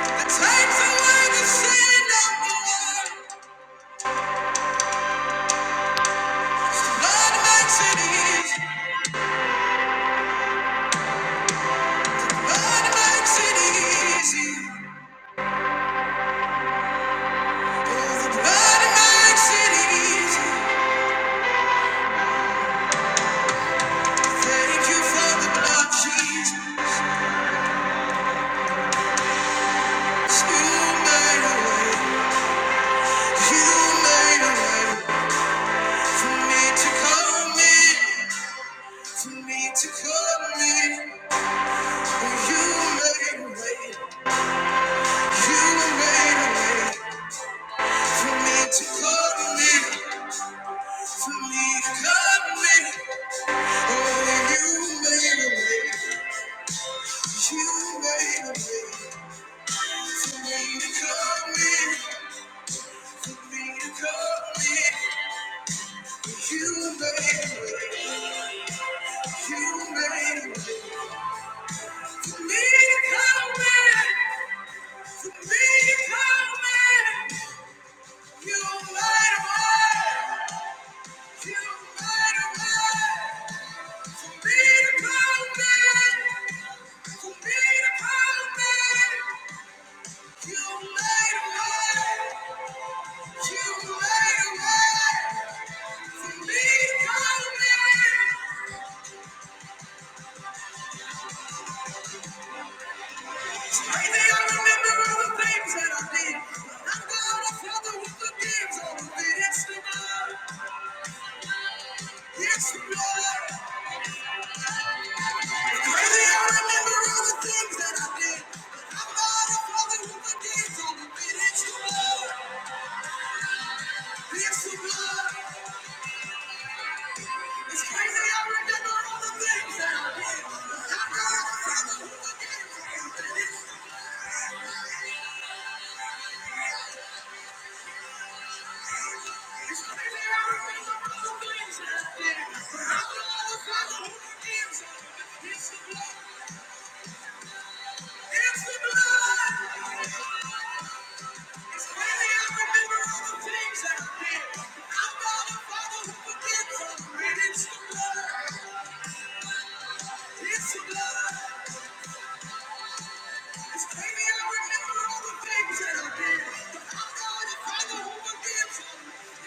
that takes away the sin of the world. Blood makes it easy. Blood makes it easy. blood makes it easy. Thank you for the blood, Jesus. You made a way. You made a way for me to come in. For me to come in. You made a way. You made a way. For me to cut me, for me to cut me. Only you made a way, you made a way. For me to cut me, for me to cut me. You made a way, you made a way. For me to cut me, for me to cut me. You made a way, you made a way. For me to cut me. Yes, Lord. Crazy, I remember all the things that I did. But I'm not a father with the days on the Yes, Lord. Yes, Lord. It's crazy I remember all the things I did. I know not the things that I did. But It's the blood. It's the blood. It's crazy I remember all the things I did. I know the Father who forgives us, and it's the blood. It's blood. It's crazy. I remember all the things that I did. But I'm going to find out who forgives me.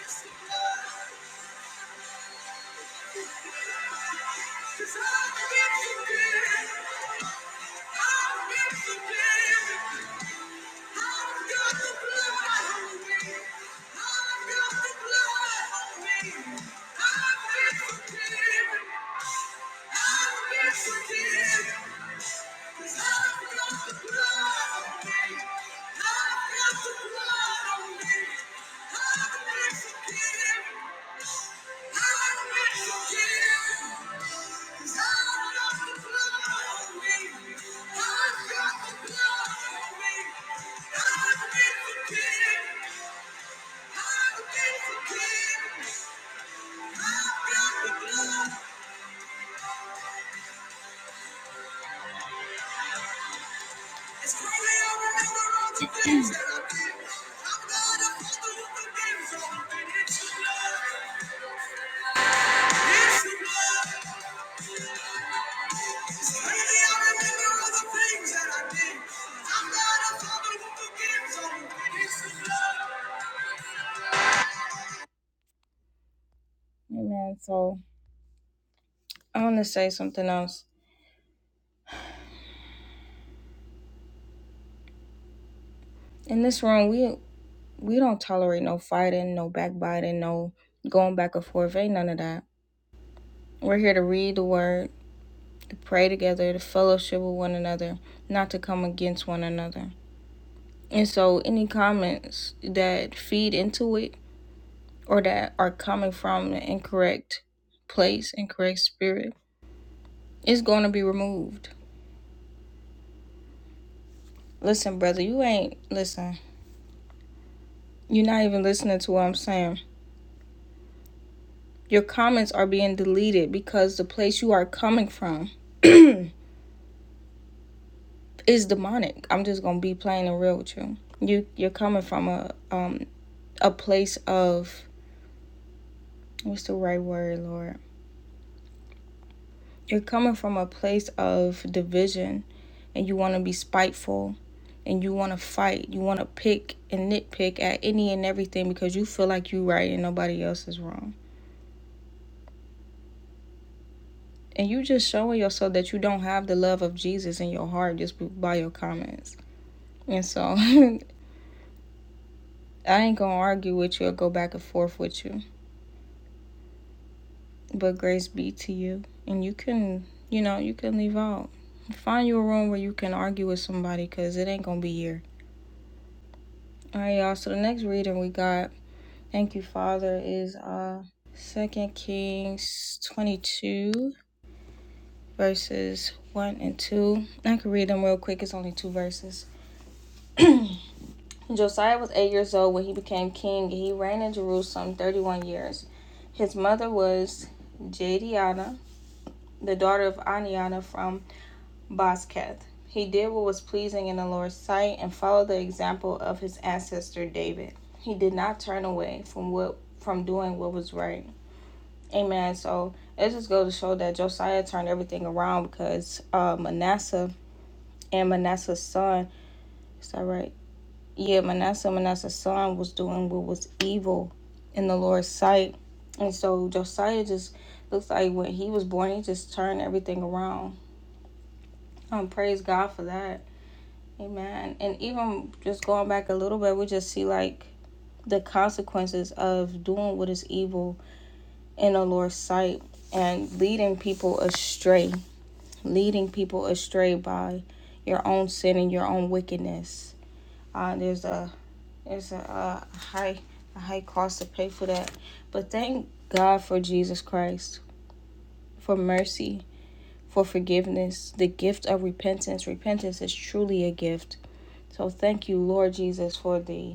It's the blood. Cause I've been forgiven. I've been forgiven. I've got the blood on me. I've got the blood on me. I've been forgiven. I've been forgiven. 'Cause I've got the blood. Amen. So I want to say something else. In this room, we we don't tolerate no fighting, no backbiting, no going back and forth. Ain't none of that. We're here to read the word. pray together, to fellowship with one another, not to come against one another. And so, any comments that feed into it or that are coming from the incorrect place, incorrect spirit, it's going to be removed. Listen, brother, you ain't, listen, you're not even listening to what I'm saying. Your comments are being deleted because the place you are coming from is demonic. I'm just gonna be plain and real with you. You you're coming from a um a place of what's the right word, Lord? You're coming from a place of division and you want to be spiteful and you want to fight. You want to pick and nitpick at any and everything because you feel like you're right and nobody else is wrong. And you just showing yourself that you don't have the love of Jesus in your heart just by your comments. And so I ain't going to argue with you or go back and forth with you. But grace be to you. And you can, you know, you can leave out. Find you a room where you can argue with somebody because it ain't going to be here. All right, y'all. So the next reading we got, thank you, Father, is uh Second Kings twenty-two verses one and two. I can read them real quick. It's only two verses. Josiah was eight years old when he became king, and he reigned in Jerusalem thirty-one years. His mother was Jediana, the daughter of Aniana from Bosketh. He did what was pleasing in the Lord's sight and followed the example of his ancestor David. He did not turn away from what from doing what was right. Amen. So it just goes to show that Josiah turned everything around because uh, Manasseh and Manasseh's son, is that right? Yeah, Manasseh and Manasseh's son was doing what was evil in the Lord's sight. And so Josiah just looks like when he was born, he just turned everything around. Um, praise God for that. Amen. And even just going back a little bit, we just see like the consequences of doing what is evil in the Lord's sight and leading people astray, leading people astray by your own sin and your own wickedness. Uh, there's a there's a, uh, a high a high cost to pay for that. But thank God for Jesus Christ, for mercy, for forgiveness, the gift of repentance. Repentance is truly a gift. So thank you, Lord Jesus, for the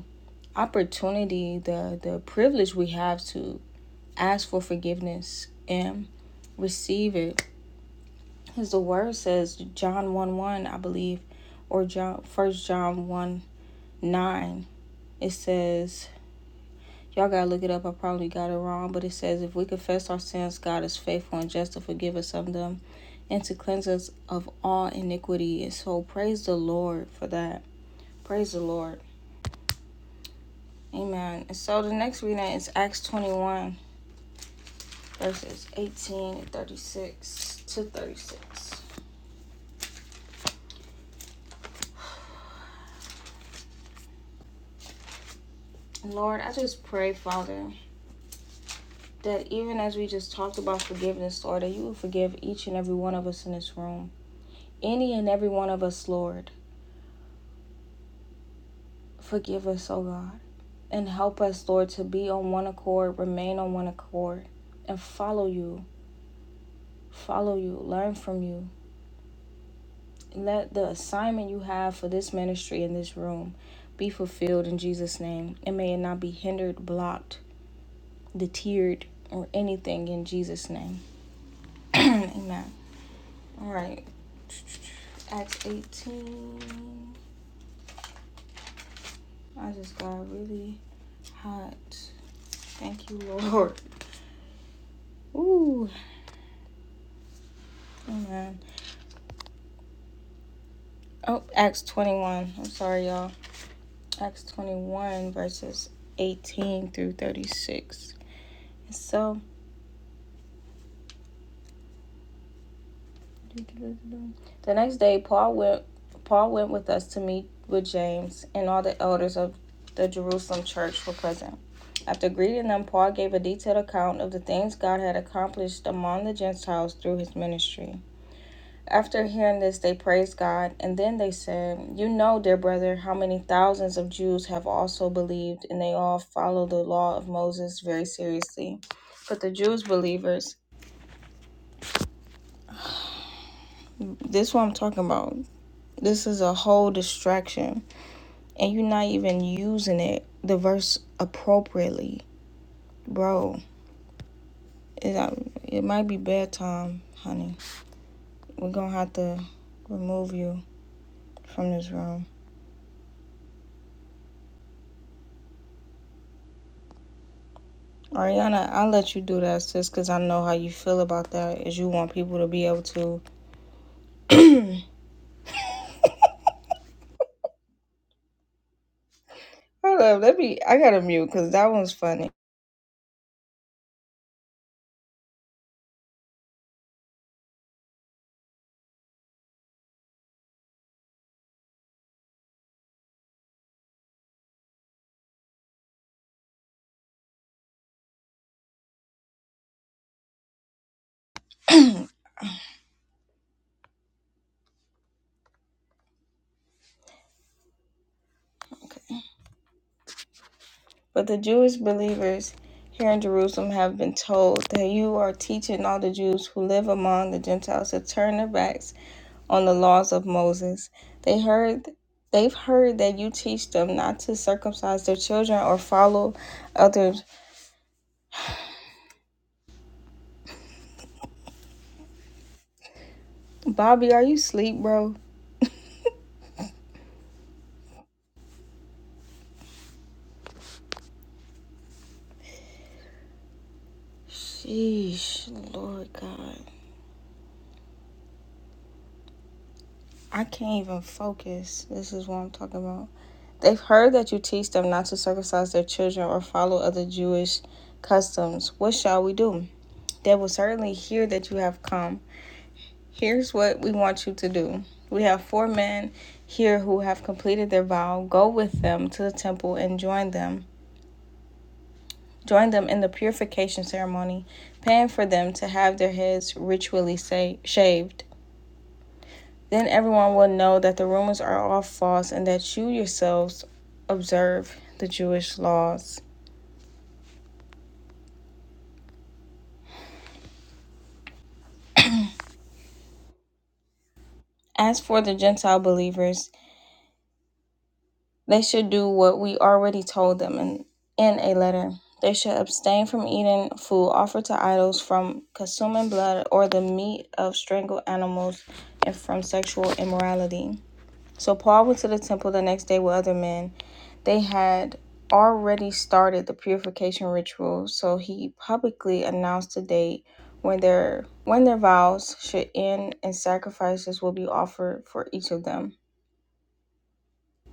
opportunity, the the privilege we have to ask for forgiveness and receive it. As the word says, John 1 1, I believe, or John first John 1 9, it says Y'all gotta look it up. I probably got it wrong, but it says if we confess our sins, God is faithful and just to forgive us of them and to cleanse us of all iniquity. And so praise the Lord for that. Praise the Lord. Amen. And so the next reading is Acts 21. verses 18 and 36 to 36. Lord, I just pray, Father, that even as we just talked about forgiveness, Lord, that you will forgive each and every one of us in this room. Any and every one of us, Lord, forgive us, oh God. And help us, Lord, to be on one accord, remain on one accord, and follow you. Follow you, learn from you. Let the assignment you have for this ministry in this room be fulfilled in Jesus' name, and may it not be hindered, blocked, deterred or anything in Jesus' name. Amen. All right. Acts 18. I just got really hot. Thank you, Lord. Ooh, amen. Oh, Acts 21. I'm sorry, y'all. Acts 21, verses 18 through 36. So The next day, Paul went. Paul went with us to meet with James, and all the elders of the Jerusalem church were present. After greeting them, Paul gave a detailed account of the things God had accomplished among the Gentiles through his ministry. After hearing this, they praised God, and then they said, You know, dear brother, how many thousands of Jews have also believed, and they all follow the law of Moses very seriously. But the Jews believers, this is what I'm talking about. This is a whole distraction, and you're not even using it the verse appropriately, bro. It uh, it might be bedtime, honey. We're gonna have to remove you from this room. Ariana, I'll let you do that, sis, because I know how you feel about that. Is you want people to be able to. Hold up, let me. I gotta mute because that one's funny. Okay. But the Jewish believers here in Jerusalem have been told that you are teaching all the Jews who live among the Gentiles to turn their backs on the laws of Moses. They heard they've heard that you teach them not to circumcise their children or follow others. Bobby, are you asleep, bro? Sheesh, Lord God. I can't even focus. This is what I'm talking about. They've heard that you teach them not to circumcise their children or follow other Jewish customs. What shall we do? They will certainly hear that you have come. Here's what we want you to do. We have four men here who have completed their vow. Go with them to the temple and join them. Join them in the purification ceremony, paying for them to have their heads ritually sa- shaved. Then everyone will know that the rumors are all false and that you yourselves observe the Jewish laws. As for the Gentile believers, they should do what we already told them in, in a letter. They should abstain from eating food offered to idols, from consuming blood or the meat of strangled animals, and from sexual immorality. So Paul went to the temple the next day with other men. They had already started the purification ritual, so he publicly announced the date when their when their vows should end and sacrifices will be offered for each of them.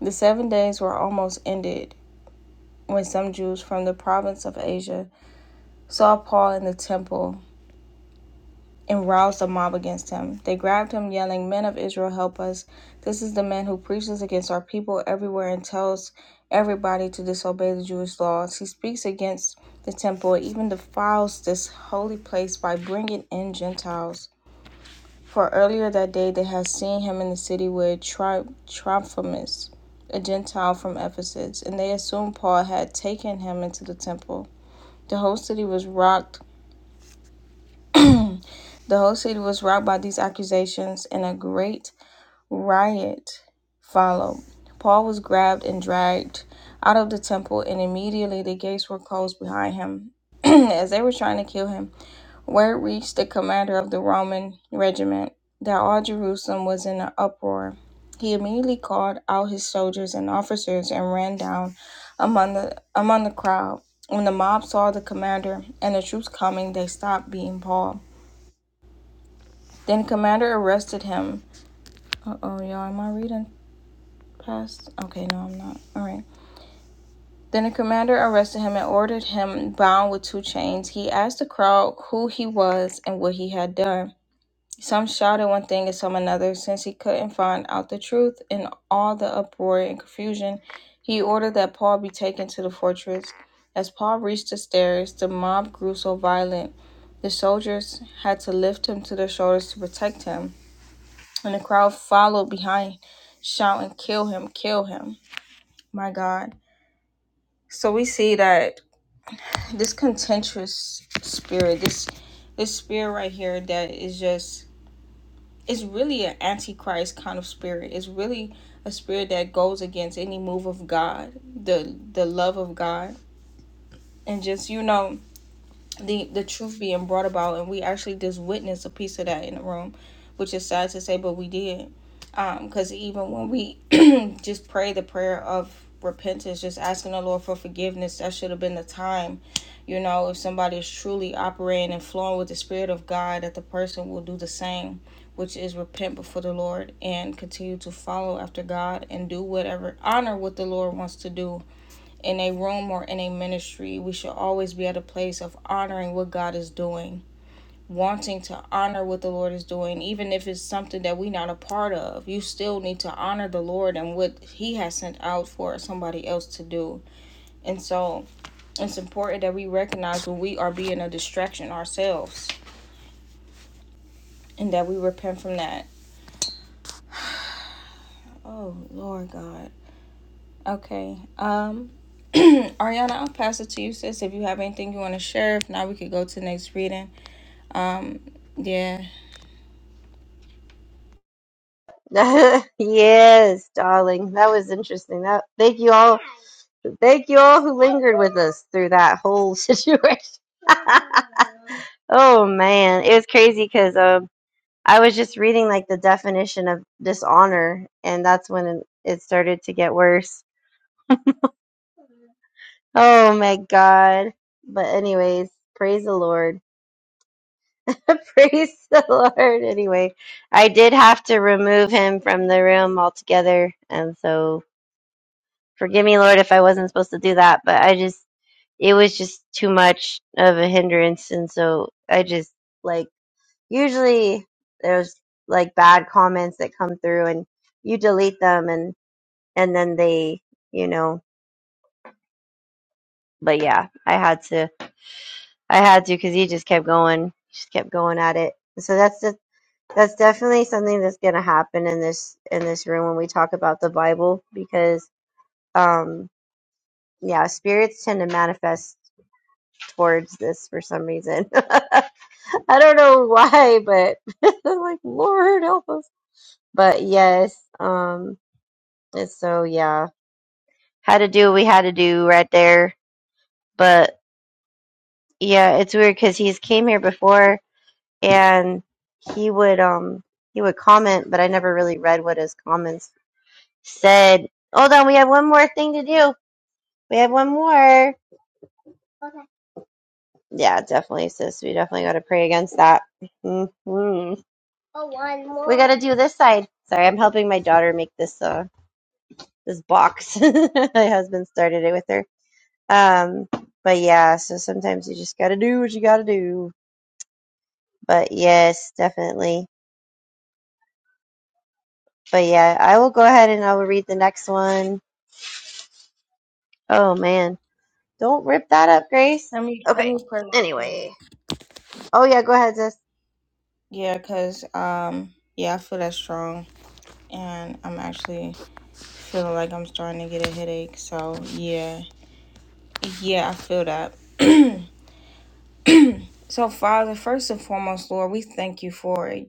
The seven days were almost ended when some Jews from the province of Asia saw Paul in the temple and roused a mob against him. They grabbed him, yelling, Men of Israel, help us. This is the man who preaches against our people everywhere and tells everybody to disobey the Jewish laws. He speaks against the temple, even defiles this holy place by bringing in Gentiles. For earlier that day they had seen him in the city with Tri- Trophimus, a Gentile from Ephesus, and they assumed Paul had taken him into the temple. The whole city was rocked. The whole city was rocked by these accusations, and a great riot followed. Paul was grabbed and dragged out of the temple, and immediately the gates were closed behind him, as they were trying to kill him. Word reached the commander of the Roman regiment that all Jerusalem was in an uproar. He immediately called out his soldiers and officers and ran down among the among the crowd. When the mob saw the commander and the troops coming, they stopped beating Paul. Then the commander arrested him. Uh oh, y'all, am I reading past? Okay, no, I'm not. All right. Then the commander arrested him and ordered him bound with two chains. He asked the crowd who he was and what he had done. Some shouted one thing and some another, since he couldn't find out the truth in all the uproar and confusion. He ordered that Paul be taken to the fortress. As Paul reached the stairs, the mob grew so violent, the soldiers had to lift him to their shoulders to protect him, and the crowd followed behind, shouting, Kill him, kill him, my God. So we see that this contentious spirit, this this spirit right here that is just it's really an antichrist kind of spirit. It's really a spirit that goes against any move of God, the the love of God, and just you know the the truth being brought about and we actually just witnessed a piece of that in the room which is sad to say but we did um because even when we just pray the prayer of repentance just asking the lord for forgiveness that should have been the time you know if somebody is truly operating and flowing with the spirit of god that the person will do the same which is repent before the lord and continue to follow after god and do whatever honor what the lord wants to do in a room or in a ministry, we should always be at a place of honoring what God is doing, wanting to honor what the Lord is doing, even if it's something that we're not a part of. You still need to honor the Lord and what He has sent out for somebody else to do. And so it's important that we recognize when we are being a distraction ourselves and that we repent from that. Oh, Lord God. Okay. Um, Ariana, I'll pass it to you, sis. If you have anything you want to share, if not, we could go to the next reading. Um, yeah. yes, darling. That was interesting. That thank you all. Thank you all who lingered with us through that whole situation. oh man, it was crazy because um, I was just reading like the definition of dishonor, and that's when it started to get worse. Oh my god! But anyways, praise the Lord. Praise the Lord. Anyway, I did have to remove him from the room altogether. And so forgive me, Lord, if I wasn't supposed to do that, but I just, it was just too much of a hindrance. And so I just like, usually there's like bad comments that come through and you delete them and, and then they, you know, but yeah, I had to, I had to because he just kept going, just kept going at it. So that's That's definitely something that's going to happen in this in this room when we talk about the Bible because um yeah, spirits tend to manifest towards this for some reason. I don't know why, but I'm like Lord help us. But yes, um and so yeah, had to do what we had to do right there. But yeah, it's weird cuz he's came here before and he would um he would comment, but I never really read what his comments said, "Hold on, we have one more thing to do. We have one more." Yeah, definitely, sis. We definitely got to pray against that. hmm more. We got to do this side. Sorry, I'm helping my daughter make this uh this box. my husband started it with her. Um, but yeah, so sometimes you just got to do what you got to do. But yes, definitely. But yeah, I will go ahead and I will read the next one. Oh man, don't rip that up, Grace. Let me let Okay. me pray real quick. Anyway. Oh yeah, go ahead, sis. Yeah, cause um, yeah, I feel that strong, and I'm actually feeling like I'm starting to get a headache. So yeah, yeah, I feel that. So Father, first and foremost, Lord, we thank you for it.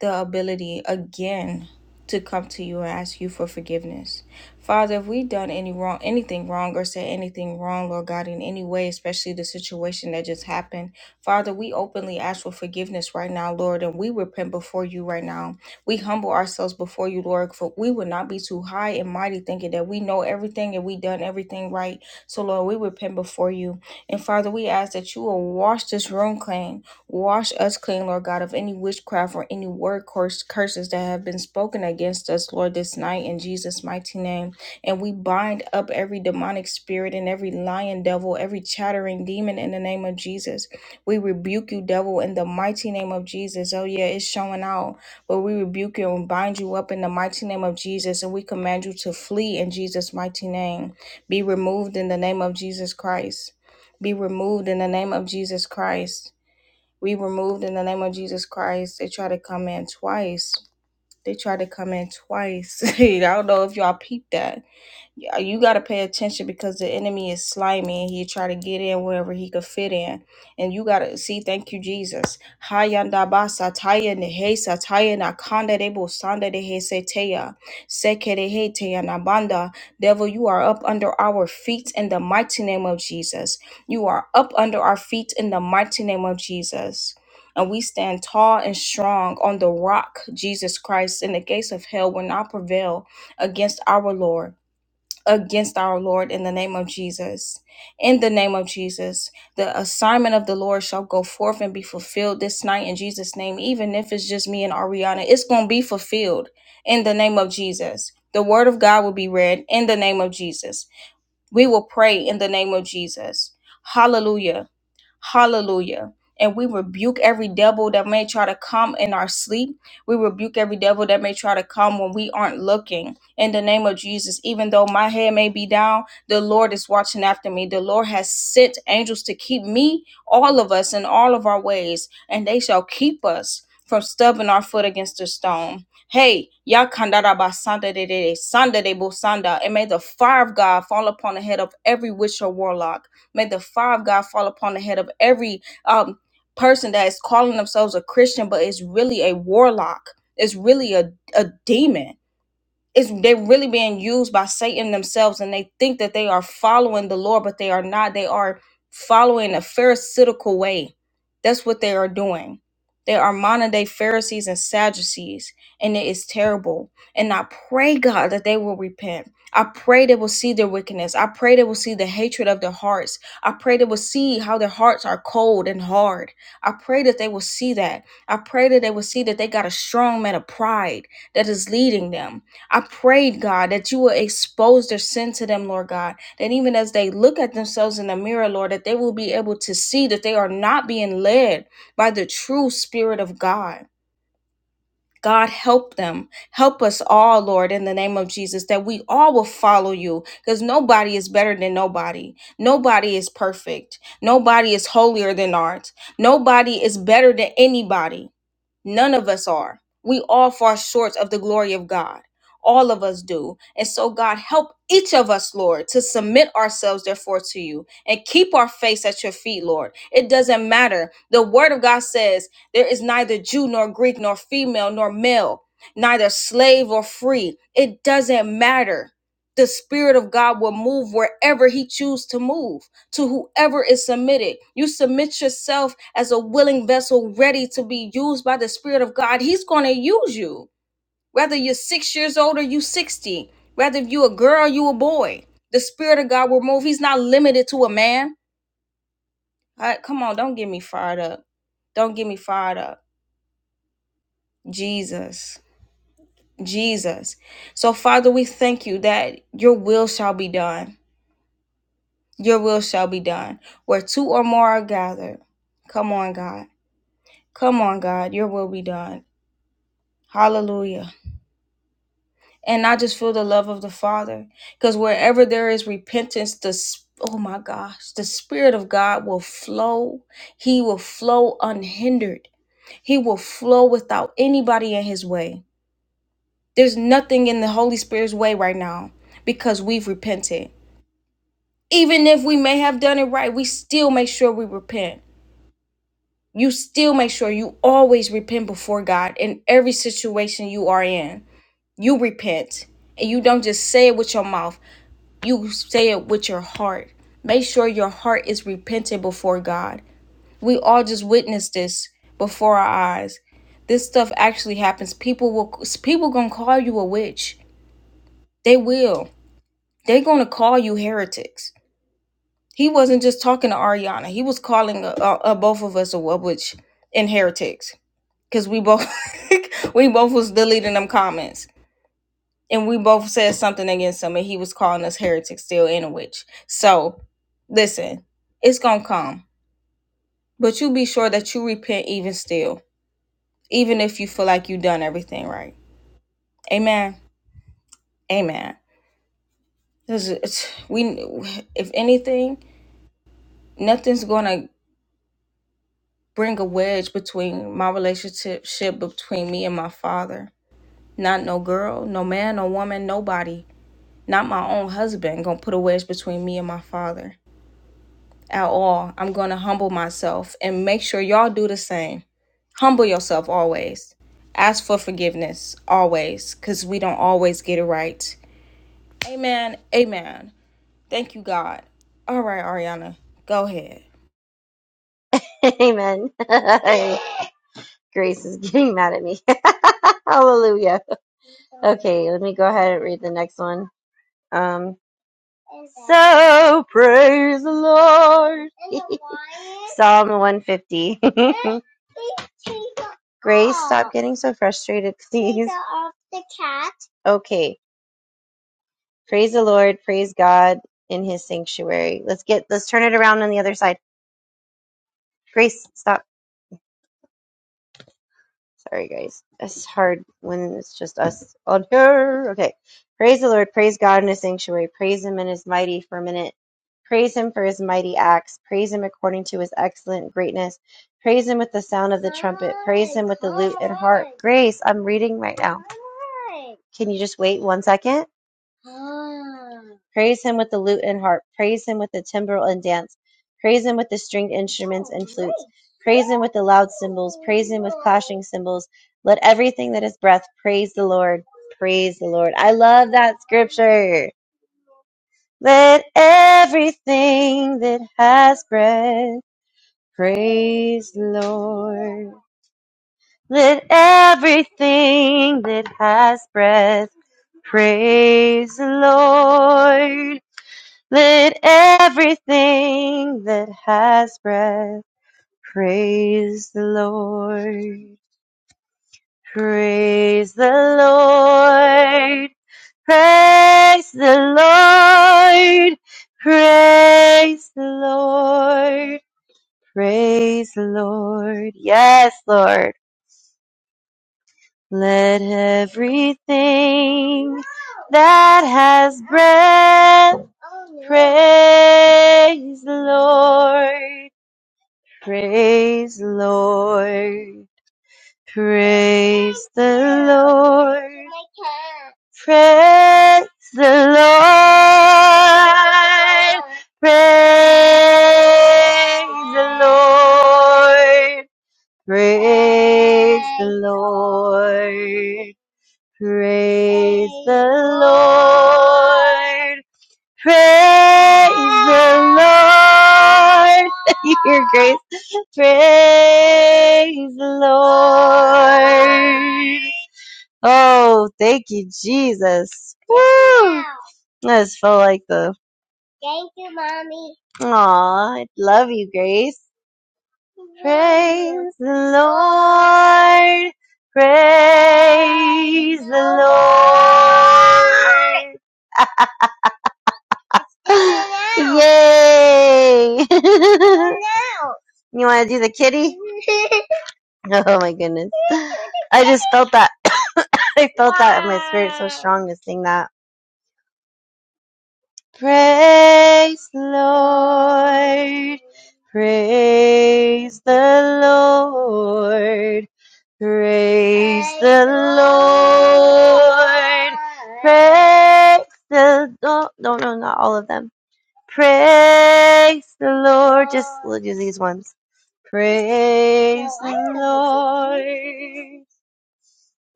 the ability again to come to you and ask you for forgiveness. Father, if we've done any wrong, anything wrong or said anything wrong, Lord God, in any way, especially the situation that just happened, Father, we openly ask for forgiveness right now, Lord, and we repent before you right now. We humble ourselves before you, Lord, for we would not be too high and mighty thinking that we know everything and we done everything right. So, Lord, we repent before you. And Father, we ask that you will wash this room clean. Wash us clean, Lord God, of any witchcraft or any word curse, curses that have been spoken against us, Lord, this night in Jesus' mighty name. And we bind up every demonic spirit and every lion devil, every chattering demon in the name of Jesus. We rebuke you, devil, in the mighty name of Jesus. Oh, yeah, it's showing out. But we rebuke you and bind you up in the mighty name of Jesus. And we command you to flee in Jesus' mighty name. Be removed in the name of Jesus Christ. Be removed in the name of Jesus Christ we removed in the name of Jesus Christ. They tried to come in twice. They tried to come in twice. I don't know if y'all peeped that y- you got to pay attention because the enemy is slimy and he try to get in wherever he could fit in and you got to see thank you jesus hayandaba sataya nehe sataya nakanda debo sanda dehe seteya sekerehe teya nabanda devil you are up under our feet in the mighty name of jesus you are up under our feet in the mighty name of jesus and we stand tall and strong on the rock, Jesus Christ, and the gates of hell will not prevail against our Lord against our Lord in the name of Jesus. In the name of Jesus, the assignment of the Lord shall go forth and be fulfilled this night in Jesus' name, even if it's just me and Ariana. It's going to be fulfilled in the name of Jesus. The word of God will be read in the name of Jesus. We will pray in the name of Jesus. Hallelujah. Hallelujah. And we rebuke every devil that may try to come in our sleep. We rebuke every devil that may try to come when we aren't looking. In the name of Jesus, even though my head may be down, the Lord is watching after me. The Lord has sent angels to keep me, all of us, in all of our ways, and they shall keep us from stubbing our foot against a stone. Hey, Yakandarabasanda de de de, Sanda de Bosanda, and may the fire of God fall upon the head of every witch or warlock May the fire of God fall upon the head of every um, person that is calling themselves a Christian, but is really a warlock. It's really a, a demon it's they're really being used by Satan themselves, and they think that they are following the Lord, but they are not. They are following a Pharisaical way. That's what they are doing. They are modern day Pharisees and Sadducees, and it is terrible. And I pray, God, that they will repent. I pray they will see their wickedness. I pray they will see the hatred of their hearts. I pray they will see how their hearts are cold and hard. I pray that they will see that. I pray that they will see that they got a strong man of pride that is leading them I prayed, God, that you will expose their sin to them, Lord God. That even as they look at themselves in the mirror, Lord, that they will be able to see that they are not being led by the true Spirit of God. God, help them. Help us all, Lord, in the name of Jesus, that we all will follow you because nobody is better than nobody. Nobody is perfect. Nobody is holier than art. Nobody is better than anybody. None of us are. We all fall short of the glory of God. All of us do. And so, God, help each of us, Lord, to submit ourselves, therefore, to you and keep our face at your feet, Lord. It doesn't matter. The word of God says, there is neither Jew nor Greek, nor female nor male, neither slave or free. It doesn't matter. The Spirit of God will move wherever He chooses to move, to whoever is submitted. You submit yourself as a willing vessel ready to be used by the Spirit of God. He's going to use you, whether you're six years old or you 60, whether you a girl, you a boy. The Spirit of God will move. He's not limited to a man. All right, come on, don't get me fired up. Don't get me fired up Jesus, Jesus. So, Father, we thank you that your will shall be done. Your will shall be done. Where two or more are gathered. Come on, God. Come on, God. Your will be done. Hallelujah. And I just feel the love of the Father because wherever there is repentance, the s- Oh my gosh, the Spirit of God will flow. He will flow unhindered. He will flow without anybody in his way. There's nothing in the Holy Spirit's way right now because we've repented. Even if we may have done it right, we still make sure we repent. You still make sure you always repent before God in every situation you are in. You repent and you don't just say it with your mouth, you say it with your heart. Make sure your heart is repentant before God. We all just witnessed this before our eyes. This stuff actually happens. People will people gonna call you a witch. They will They're going to call you heretics. He wasn't just talking to Ariana. He was calling uh, uh, uh, both of us a witch and heretics because we both we both was deleting them comments and we both said something against him and he was calling us heretics still and a witch. So listen, it's gonna come, but you be sure that you repent even still, even if you feel like you done everything right. Amen. Amen. This it's, we if anything, nothing's gonna bring a wedge between my relationship ship between me and my father. Not no girl, no man, no woman, nobody. Not my own husband gonna put a wedge between me and my father at all. I'm gonna humble myself and make sure y'all do the same. Humble yourself always. Ask for forgiveness always, cause we don't always get it right. Amen. Amen. Thank you, God. All right, Ariana, go ahead. Amen. Grace is getting mad at me. Hallelujah. Okay, let me go ahead and read the next one. Um, so praise the Lord. Psalm 150. Grace, stop getting so frustrated, please. Okay, praise the Lord. Praise God in His sanctuary. Let's get. Let's turn it around on the other side. Grace, stop. Sorry, guys. It's hard when it's just us on here. Okay. Praise the Lord. Praise God in his sanctuary. Praise him in his mighty for a minute. Praise him for his mighty acts. Praise him according to his excellent greatness. Praise him with the sound of the trumpet. Praise him with the lute and harp. Grace, I'm reading right now. Can you just wait one second? Praise him with the lute and harp. Praise him with the timbrel and dance. Praise him with the stringed instruments and flutes. Praise him with the loud cymbals. Praise him with clashing cymbals. Let everything that is breath praise the Lord. Praise the Lord. I love that scripture. Let everything that has breath praise the Lord. Let everything that has breath praise the Lord. Let everything that has breath praise the Lord. Praise the Lord. Praise the Lord. Praise the Lord. Praise the Lord. Yes, Lord. Let everything that has breath praise the Lord. Praise the Lord. Praise the Lord. Praise the Lord. Praise the Lord. Praise the Lord. Praise the Lord. Praise the Lord. Your grace. Praise the Lord. Oh, thank you, Jesus. Woo! I just felt like the, aw, I love you, Grace. Praise the Lord. Praise the Lord. Yay! you want to do the kitty? Oh my goodness. I just felt that. I felt that in my spirit so strong to sing that. Praise the Lord. Praise the Lord. Praise the Lord. Praise the no no no not all of them. Praise the Lord. Just we'll do these ones. Praise the Lord.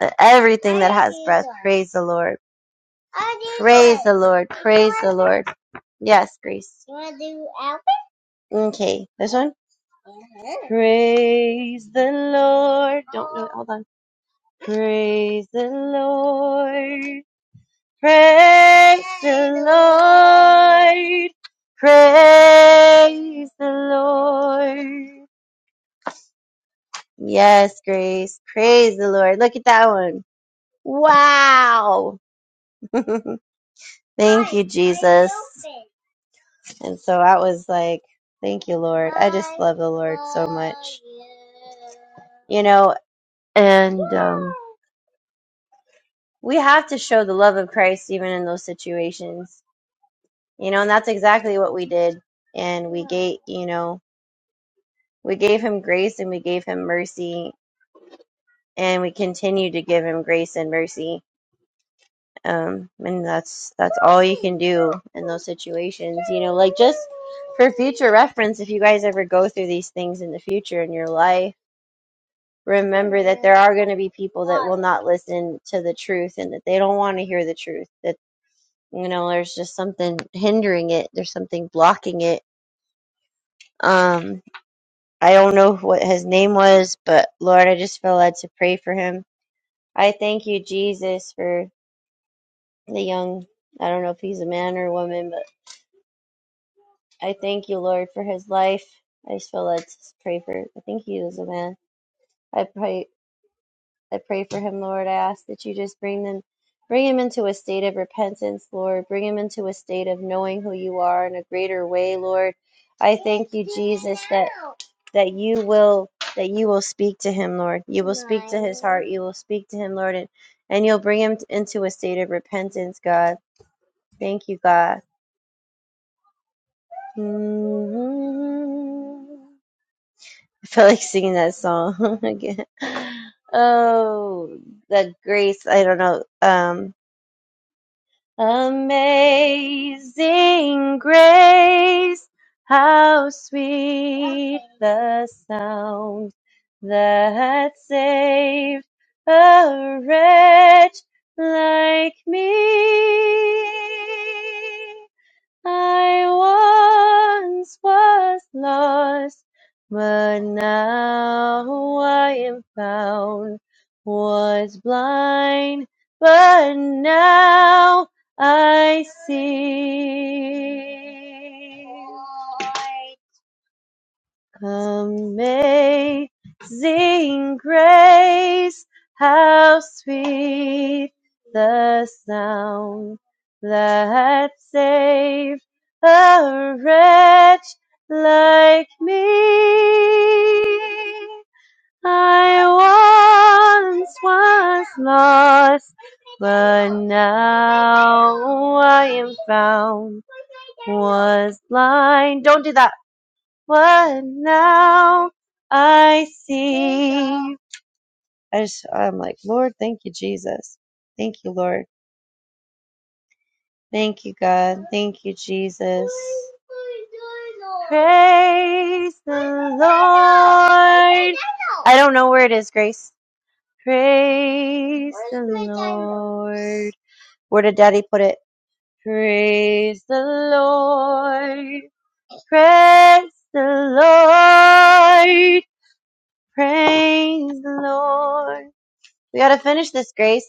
Let Everything that has breath, praise the Lord. Praise the Lord. Praise the Lord. Yes, Grace. Okay, this one. Praise the Lord. Don't know. Hold on. Praise the Lord. Praise the Lord. Praise the Lord. Yes, Grace. Praise the Lord. Look at that one. Wow. thank you, Jesus. And so I was like, thank you, Lord. I just love the Lord so much. You know, and um, we have to show the love of Christ even in those situations. You know, and that's exactly what we did. And we gave, you know, we gave him grace and we gave him mercy and we continue to give him grace and mercy um and that's that's all you can do in those situations you know like just for future reference if you guys ever go through these things in the future in your life remember that there are going to be people that will not listen to the truth and that they don't want to hear the truth that you know there's just something hindering it there's something blocking it um i don't know what his name was but lord i just feel led to pray for him i thank you jesus for the young i don't know if he's a man or a woman but I thank you, Lord, for his life. I just feel led to just pray for. I think he is a man. I pray. I pray for him, Lord. I ask that you just bring them, bring him into a state of repentance, Lord. Bring him into a state of knowing who you are in a greater way, Lord. I thank you, Jesus, that that you will that you will speak to him, Lord. You will speak to his heart. You will speak to him, Lord, and and you'll bring him into a state of repentance, God. Thank you, God. hmm I felt like singing that song again. Oh, the grace. I don't know. Um, amazing grace. How sweet the sound that saved a wretch like me. I once was lost, but now I am found. Was blind, but now I see. Amazing grace, how sweet the sound that saved a wretch like me. I once was lost, but now I am found. Was blind. Don't do that what now I see. I just, I'm like, Lord, thank you, Jesus. Thank you, Lord. Thank you, God. Thank you, Jesus. Praise the Lord. I don't know where it is, Grace. Praise the Lord. Where did Daddy put it? Praise the Lord. Praise the Lord. Praise the Lord. We gotta finish this, Grace.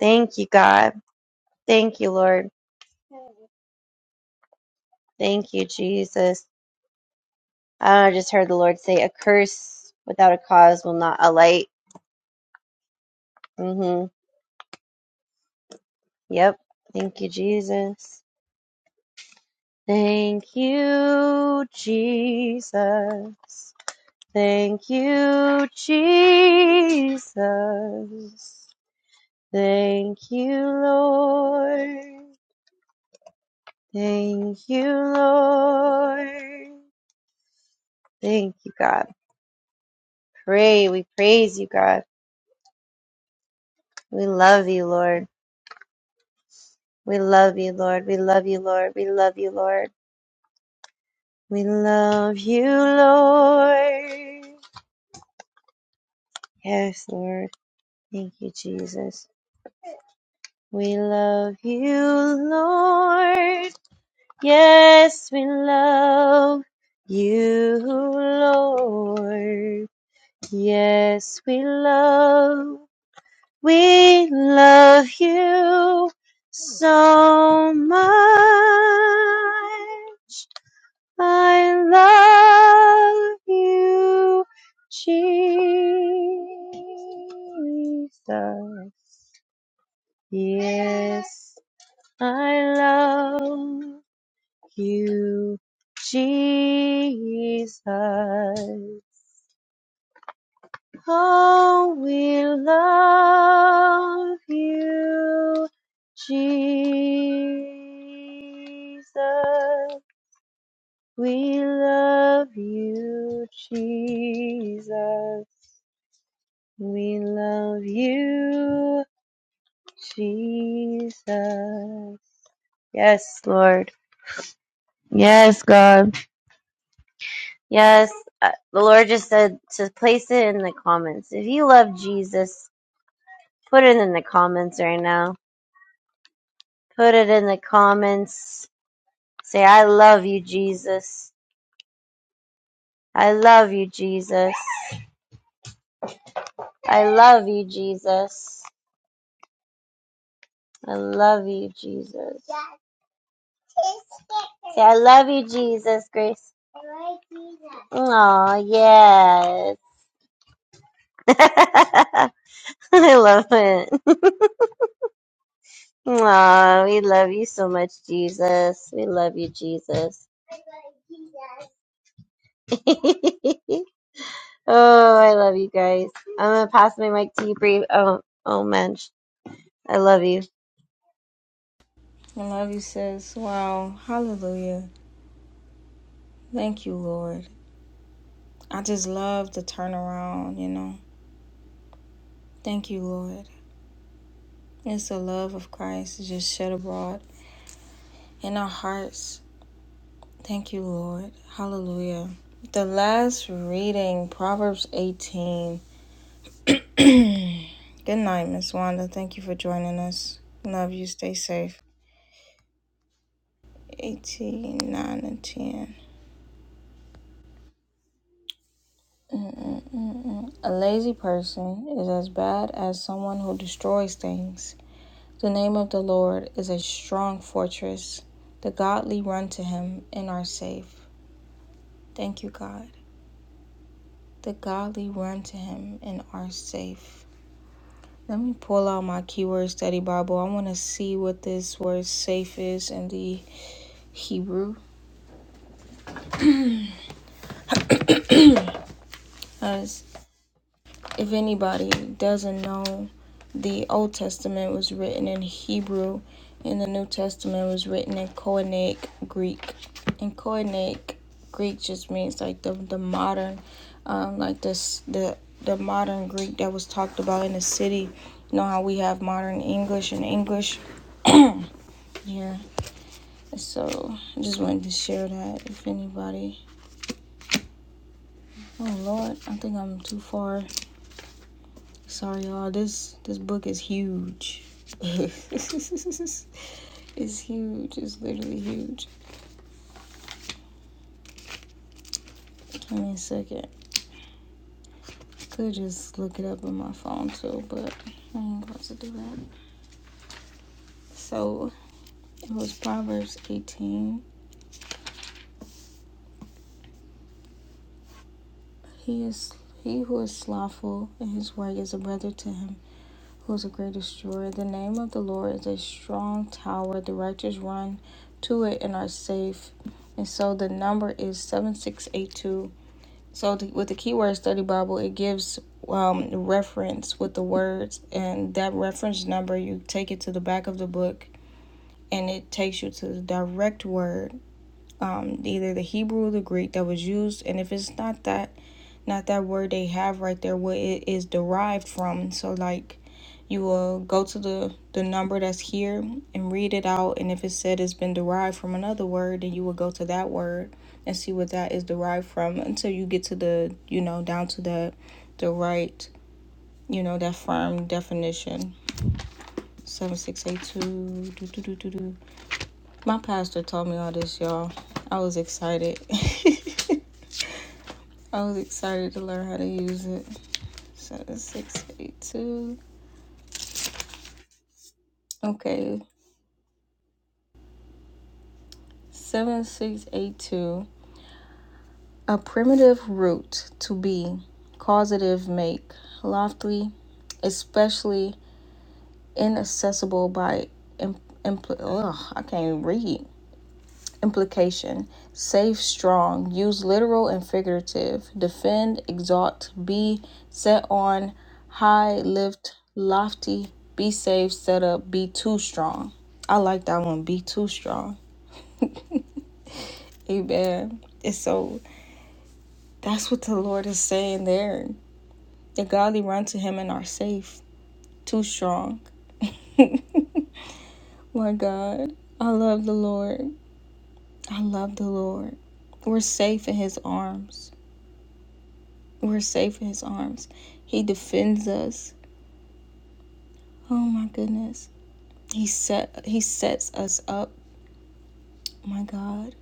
Thank you, God. Thank you, Lord. Thank you, Jesus. I just heard the Lord say, "A curse without a cause will not alight." Mm-hmm. Yep. Thank you, Jesus. Thank you, Jesus. Thank you, Jesus. Thank you, Lord. Thank you, Lord. Thank you, God. Pray. We praise you, God. We love you, Lord. We love you, Lord. We love you, Lord. We love you, Lord. We love you, Lord. Yes, Lord. Thank you, Jesus. We love you, Lord. Yes, we love you, Lord. Yes, we love, we love you so much. I love you, Jesus. Yes, I love you, Jesus. Oh, we love you, Jesus. We love you, Jesus. We love you, Jesus. Yes, Lord. Yes, God. Yes. uh, The Lord just said to place it in the comments. If you love Jesus, put it in the comments right now Put it in the comments. Say, I love you, Jesus. I love you, Jesus. I love you, Jesus. I love you, Jesus. Say, I love you, Jesus, Grace. Oh, yes. I love it. Oh, we love you so much, Jesus. We love you, Jesus. oh, I love you guys. I'm gonna pass my mic to you, Bree. Oh, oh, man, I love you. I love you, sis. Wow. Hallelujah. Thank you, Lord. I just love the turnaround, you know. Thank you, Lord. It's the love of Christ just shed abroad in our hearts. Thank you, Lord. Hallelujah. The last reading, Proverbs 18. Good night, Miss Wanda. Thank you for joining us. Love you. Stay safe. 18, 9, and 10. A lazy person is as bad as someone who destroys things. The name of the Lord is a strong fortress. The godly run to him and are safe. Thank you, God. The godly run to him and are safe. Let me pull out my keyword study Bible. I want to see what this word safe is in the Hebrew. as. If anybody doesn't know, the Old Testament was written in Hebrew and the New Testament was written in Koine Greek. And Koine Greek just means like the, the modern, um, like this the the modern Greek that was talked about in the city. You know how we have modern English and English? Yeah. So I just wanted to share that if anybody. Oh Lord, I think I'm too far. Sorry, y'all. This this book is huge. it's huge. It's literally huge. Give me a second. I Could just look it up on my phone too, but I ain't about to do that. So it was Proverbs 18. He is he who is slothful in his work is a brother to him who is a great destroyer. The name of the Lord is a strong tower. The righteous run to it and are safe. And so the number is 7682. So th- with the keyword study Bible, it gives um, reference with the words, and that reference number you take it to the back of the book, and it takes you to the direct word um, either the Hebrew or the Greek that was used, and if it's not that, not that word they have right there, what it is derived from. So like, you will go to the the number that's here and read it out, and if it said it's been derived from another word, then you will go to that word and see what that is derived from until you get to the you know down to the the right you know that firm definition. Seven six eight two. Do, do, do, do, do. My pastor told me all this, y'all. I was excited. I was excited to learn how to use it. 7682. Okay, 7682. A primitive root to be, causative make, lofty, especially inaccessible by. Im- impl- ugh, I can't read. Implication Safe, strong, use literal and figurative, defend, exalt, be, set on, high, lift, lofty, be safe, set up, be too strong. I like that one, be too strong. Amen. And so that's what the Lord is saying there. The godly run to him and are safe, too strong. My God, I love the Lord. I love the Lord. We're safe in his arms. We're safe in his arms. He defends us. Oh my goodness. He set he sets us up. My God.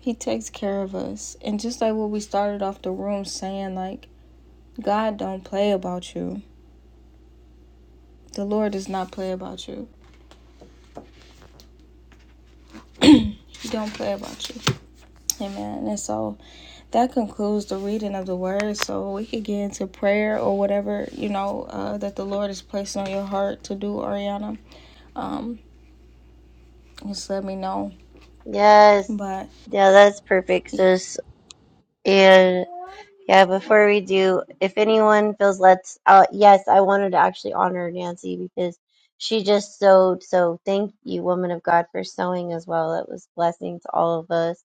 He takes care of us. And just like what we started off the room saying, like, God don't play about you. The Lord does not play about you. He don't play about you. Amen. And so that concludes the reading of the word. So we could get into prayer or whatever, you know, uh, that the Lord is placing on your heart to do, Ariana. Um, just let me know. Yes. But Yeah, that's perfect, sis. And yeah, before we do, if anyone feels led, to- uh, yes, I wanted to actually honor Nancy because she just sewed. So thank you, woman of God, for sewing as well. It was a blessing to all of us.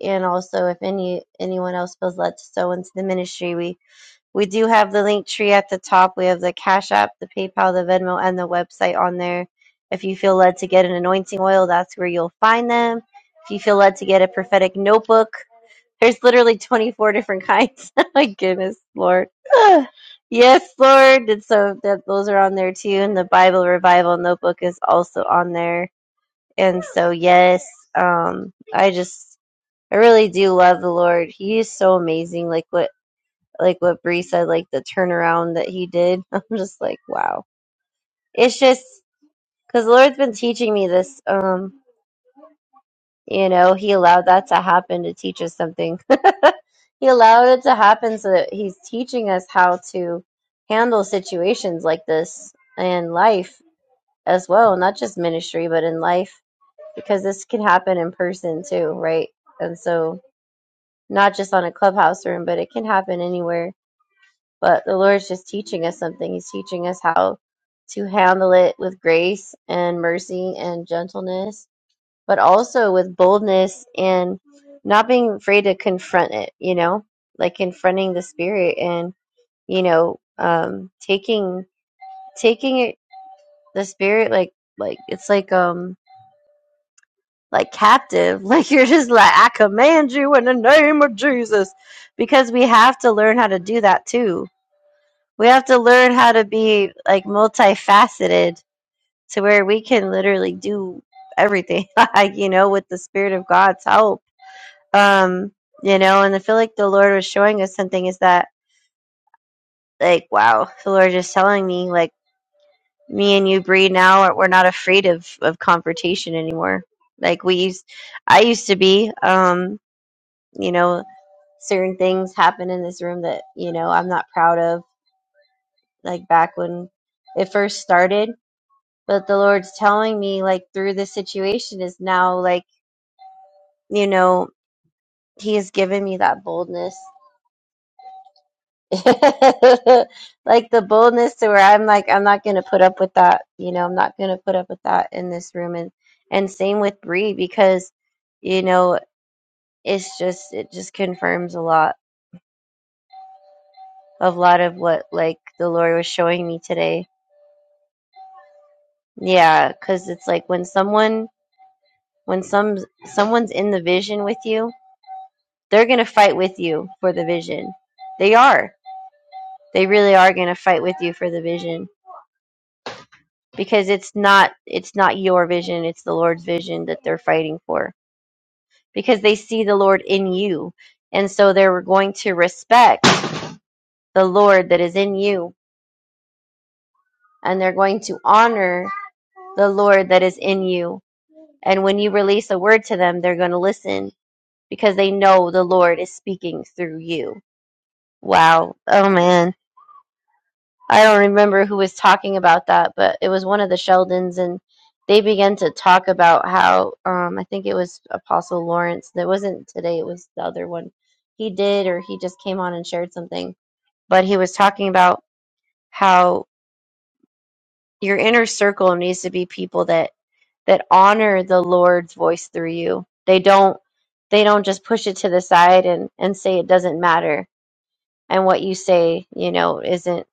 And also, if any anyone else feels led to sow into the ministry, we do have the link tree at the top. We have the Cash App, the PayPal, the Venmo, and the website on there. If you feel led to get an anointing oil, that's where you'll find them. If you feel led to get a prophetic notebook, there's literally 24 different kinds. My goodness, Lord. Ah, yes, Lord. And so that those are on there too. And the Bible Revival notebook is also on there. And so, yes, um, I just, I really do love the Lord. He is so amazing. Like what like what Bree said, like the turnaround that he did. I'm just like, wow. It's just because the Lord's been teaching me this. Um, you know, He allowed that to happen to teach us something. he allowed it to happen so that He's teaching us how to handle situations like this in life as well, not just ministry, but in life, because this can happen in person too, right? And so, not just on a clubhouse room, but it can happen anywhere but the Lord's just teaching us something. He's teaching us how to handle it with grace and mercy and gentleness, but also with boldness and not being afraid to confront it, you know, like confronting the spirit and, you know, um, taking, taking it, the spirit, like, like, it's like, um, like captive, like you're just like, I command you in the name of Jesus, because we have to learn how to do that too we have to learn how to be like multifaceted to where we can literally do everything like you know with the spirit of god's help um you know and i feel like the lord was showing us something is that like wow the lord is telling me like me and you breed now are- we're not afraid of of confrontation anymore like we used i used to be um you know certain things happen in this room that you know i'm not proud of like back when it first started But the Lord's telling me, like, through this situation is now, like, you know, He has given me that boldness. like the boldness to where I'm like, I'm not gonna put up with that. You know, I'm not gonna put up with that in this room. And and same with Bree because, you know, it's just it just confirms a lot of lot of what like the Lord was showing me today. Yeah, because it's like when someone when some someone's in the vision with you They're going to fight with you for the vision. They are. They really are going to fight with you for the vision because it's not it's not your vision, it's the Lord's vision that they're fighting for because they see the Lord in you. And so they're going to respect the Lord that is in you and they're going to honor the Lord that is in you. And when you release a word to them, they're going to listen because they know the Lord is speaking through you. Wow. Oh, man. I don't remember who was talking about that, but it was one of the Sheldons, and they began to talk about how um, I think it was Apostle Lawrence. That wasn't today; it was the other one. He did, or he just came on and shared something. But he was talking about how your inner circle needs to be people that that honor the Lord's voice through you. They don't they don't just push it to the side and and say it doesn't matter and what you say, you know, isn't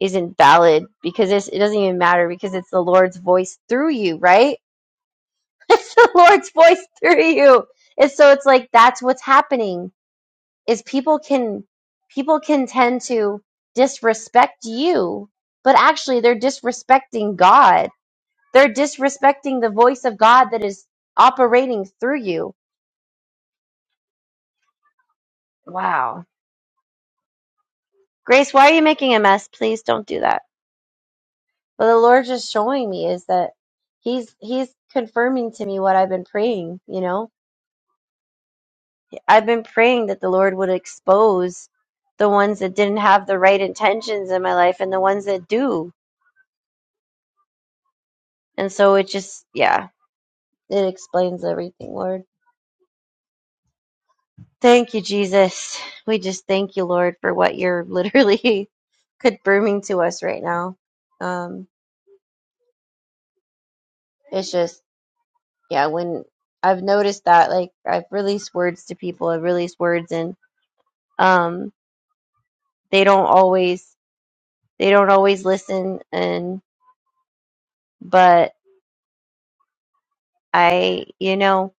isn't valid because it's, it doesn't even matter because it's the Lord's voice through you, right? It's the Lord's voice through you. And so it's like that's what's happening is people can people can tend to disrespect you, but actually they're disrespecting God. They're disrespecting the voice of God that is operating through you. Wow. Grace, why are you making a mess? Please don't do that. But the Lord just showing me is that He's He's confirming to me what I've been praying, you know? I've been praying that the Lord would expose the ones that didn't have the right intentions in my life and the ones that do. And so it just yeah, it explains everything, Lord. Thank you, Jesus. We just thank you, Lord, for what you're literally confirming to us right now. Um, it's just, yeah, when I've noticed that, like, I've released words to people, I've released words, and, um, they don't always they don't always listen and but I you know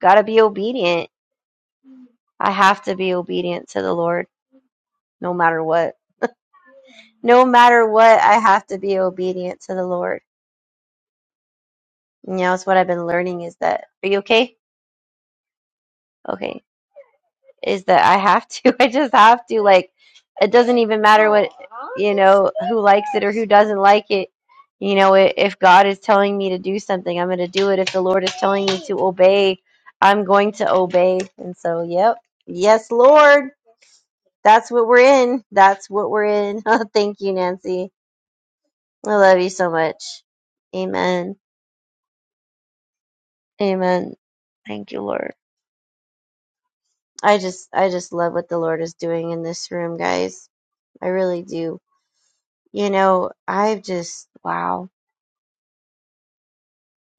got to be obedient. I have to be obedient to the Lord no matter what. No matter what, I have to be obedient to the Lord. You know, it's what I've been learning is that are you okay? Okay. is that I have to. I just have to. Like, it doesn't even matter what, you know, who likes it or who doesn't like it. You know, i- if God is telling me to do something, I'm going to do it. If the Lord is telling me to obey, I'm going to obey. And so, yep. Yes, Lord. That's what we're in. That's what we're in. Thank you, Nancy. I love you so much. Amen. Amen. Thank you, Lord. I just I just love what the Lord is doing in this room, guys. I really do You know, I've just, wow.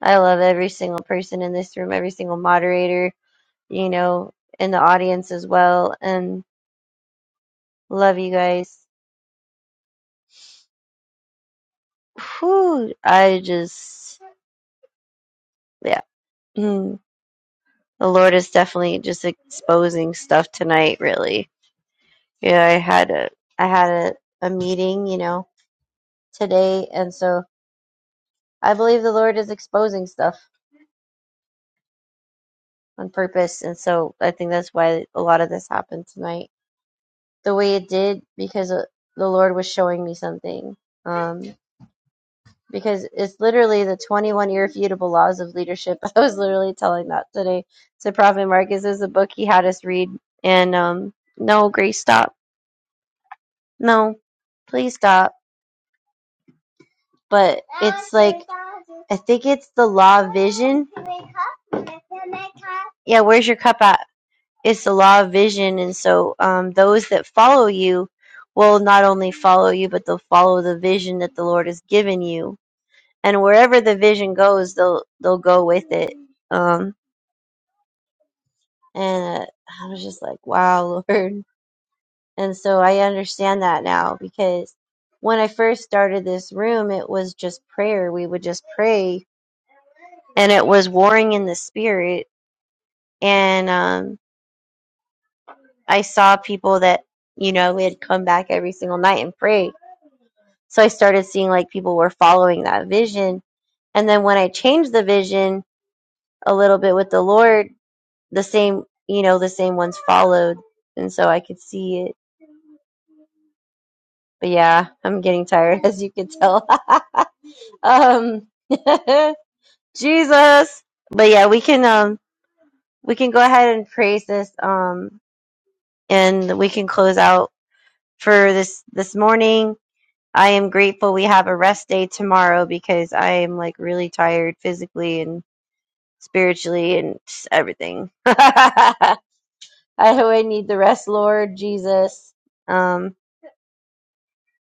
I love every single person in this room, every single moderator, you know, in the audience as well. And love you guys. Whew, I just, yeah. Mm. The Lord is definitely just exposing stuff tonight, really. Yeah, I had a, I had a, a meeting, you know, today. And so I believe the Lord is exposing stuff on purpose. And so I think that's why a lot of this happened tonight. the way it did because uh, the Lord was showing me something. Um, because it's literally the 21 irrefutable laws of leadership. I was literally telling that today to Prophet Marcus. This is a book he had us read. And um, no, Grace, stop. No, please stop. But it's like, I think it's the law of vision. Yeah, where's your cup at? It's the law of vision. And so um, those that follow you will not only follow you, but they'll follow the vision that the Lord has given you and wherever the vision goes, they'll they'll go with it. Um, and I was just like, wow, Lord. And so I understand that now because when I first started this room, it was just prayer. We would just pray, and it was warring in the spirit. And um, I saw people that you know we had come back every single night and pray. So I started seeing like people were following that vision. And then when I changed the vision a little bit with the Lord, the same, you know, the same ones followed, and so I could see it. But yeah, I'm getting tired, as you can tell. um, Jesus. But yeah, we can um we can go ahead and praise this um and we can close out for this this morning. I am grateful we have a rest day tomorrow because I am like really tired physically and spiritually and just everything. I know I need the rest, Lord Jesus. Um,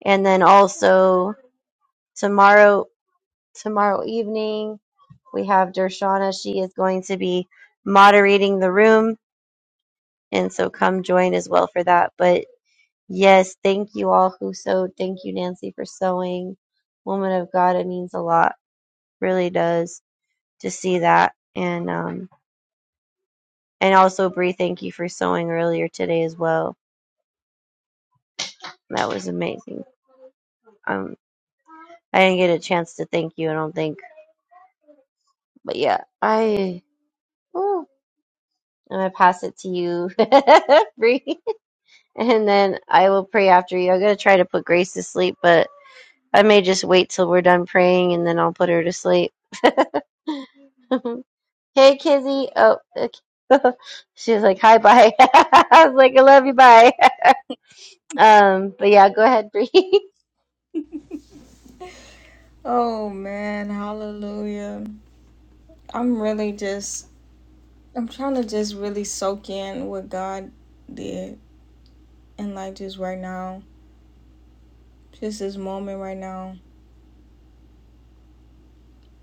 And then also tomorrow tomorrow evening we have Dershana. She is going to be moderating the room. And so come join as well for that. But yes, thank you all who sewed. Thank you, Nancy, for sewing. Woman of God, it means a lot. Really does to see that. And um and also Bree, thank you for sewing earlier today as well. That was amazing. Um I didn't get a chance to thank you, I don't think. But yeah, I I'm gonna pass it to you, Bree, and then I will pray after you. I'm gonna try to put Grace to sleep, but I may just wait till we're done praying and then I'll put her to sleep. hey, Kizzy. Oh, okay. she's like, hi, bye. I was like, I love you, bye. Um, but yeah, go ahead, Bree. Oh man, hallelujah. I'm really just I'm trying to just really soak in what God did and like just right now. Just this moment right now.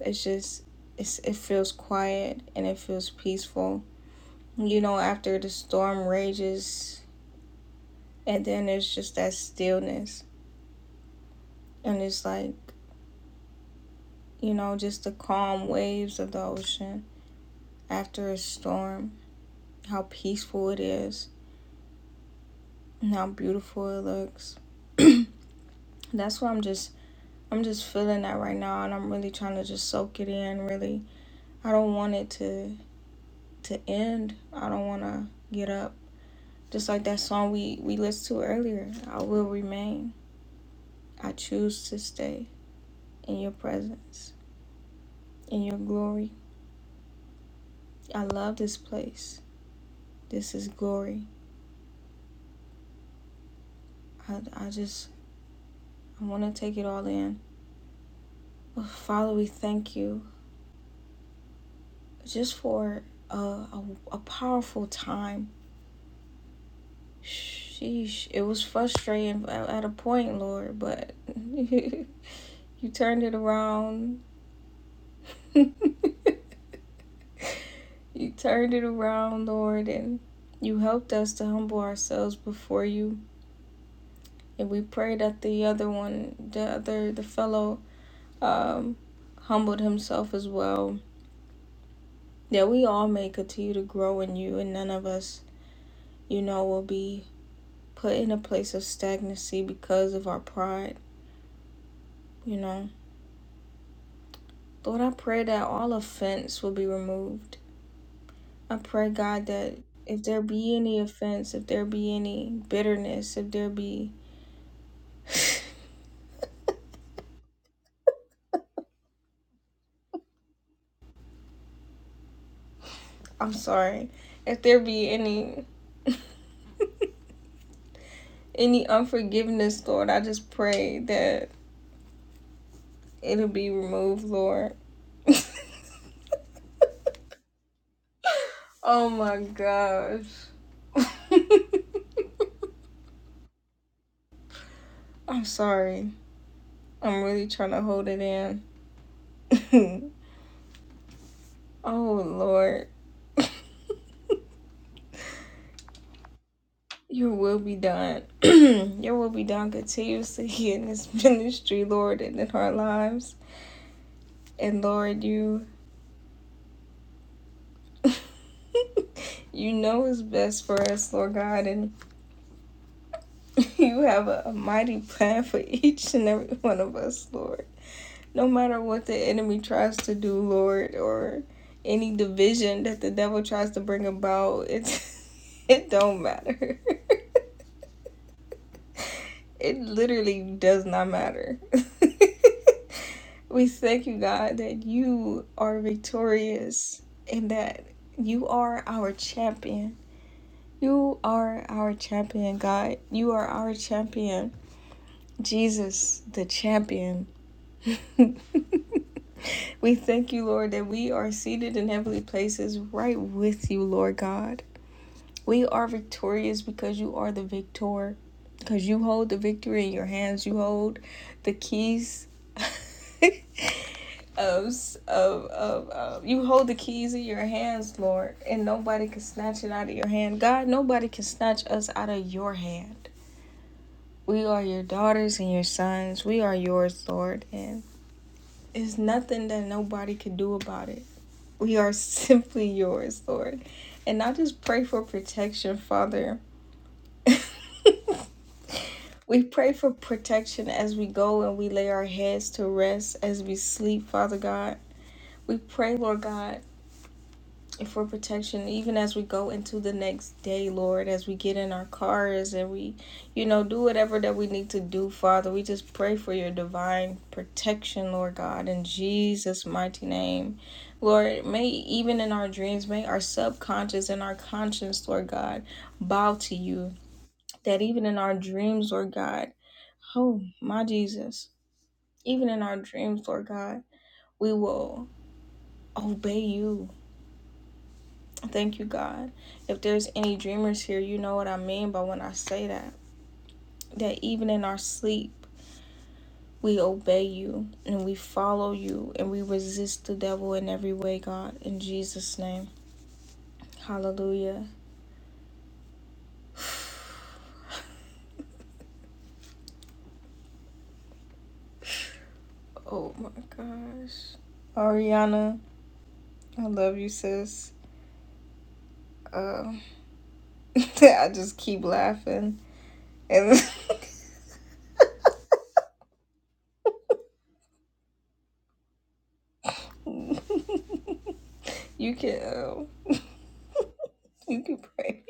It's just it's it feels quiet and it feels peaceful. You know, after the storm rages and then there's just that stillness and it's like, you know, just the calm waves of the ocean after a storm. How peaceful it is and how beautiful it looks. that's what I'm just I'm just feeling that right now and I'm really trying to just soak it in really. I don't want it to to end. I don't want to get up. Just like that song we we listened to earlier. I will remain. I choose to stay in your presence, in your glory. I love this place. This is glory. I I just I want to take it all in. Father, we thank you just for a, a, a powerful time Sheesh, it was frustrating at a point, Lord, but you turned it around. you turned it around, Lord, and you helped us to humble ourselves before you. And we pray that the other one, the other, the fellow, um, humbled himself as well. That we all may continue to grow in you, and none of us, you know, will be put in a place of stagnancy because of our pride, you know. Lord, I pray that all offense will be removed. I pray, God, that if there be any offense, if there be any bitterness, if there be, I'm sorry, if there be any any unforgiveness, Lord, I just pray that it'll be removed, Lord. Oh my gosh. I'm sorry. I'm really trying to hold it in. oh Lord. Your will be done. Your will be done continuously in this ministry, Lord, and in our lives. And Lord, you you know is best for us, Lord God, and you have a, a mighty plan for each and every one of us, Lord. No matter what the enemy tries to do, Lord, or any division that the devil tries to bring about, it's it don't matter. It literally does not matter. we thank you, God, that you are victorious and that you are our champion. You are our champion, God. You are our champion. Jesus, the champion. we thank you, Lord, that we are seated in heavenly places right with you, Lord God. We are victorious because you are the victor, because you hold the victory in your hands. You hold the keys of, of, of, of you hold the keys in your hands, Lord, and nobody can snatch it out of your hand. God, nobody can snatch us out of your hand. We are your daughters and your sons. We are yours, Lord, and it's nothing that nobody can do about it. We are simply yours, Lord. And I just pray for protection, Father We pray for protection as we go and we lay our heads to rest as we sleep, Father God. We pray, Lord God, for protection even as we go into the next day, Lord, as we get in our cars and we, you know, do whatever that we need to do, Father. We just pray for your divine protection, Lord God, in Jesus' mighty name. Lord, may even in our dreams, may our subconscious and our conscience, Lord God, bow to you that even in our dreams, Lord God, oh my Jesus, even in our dreams, Lord God, we will obey you. Thank you, God. If there's any dreamers here, you know what I mean by when I say that. That even in our sleep, we obey you and we follow you and we resist the devil in every way, God. In Jesus' name. Hallelujah. Oh my gosh. Ariana, I love you, sis. Uh, I just keep laughing And you can um, you can pray.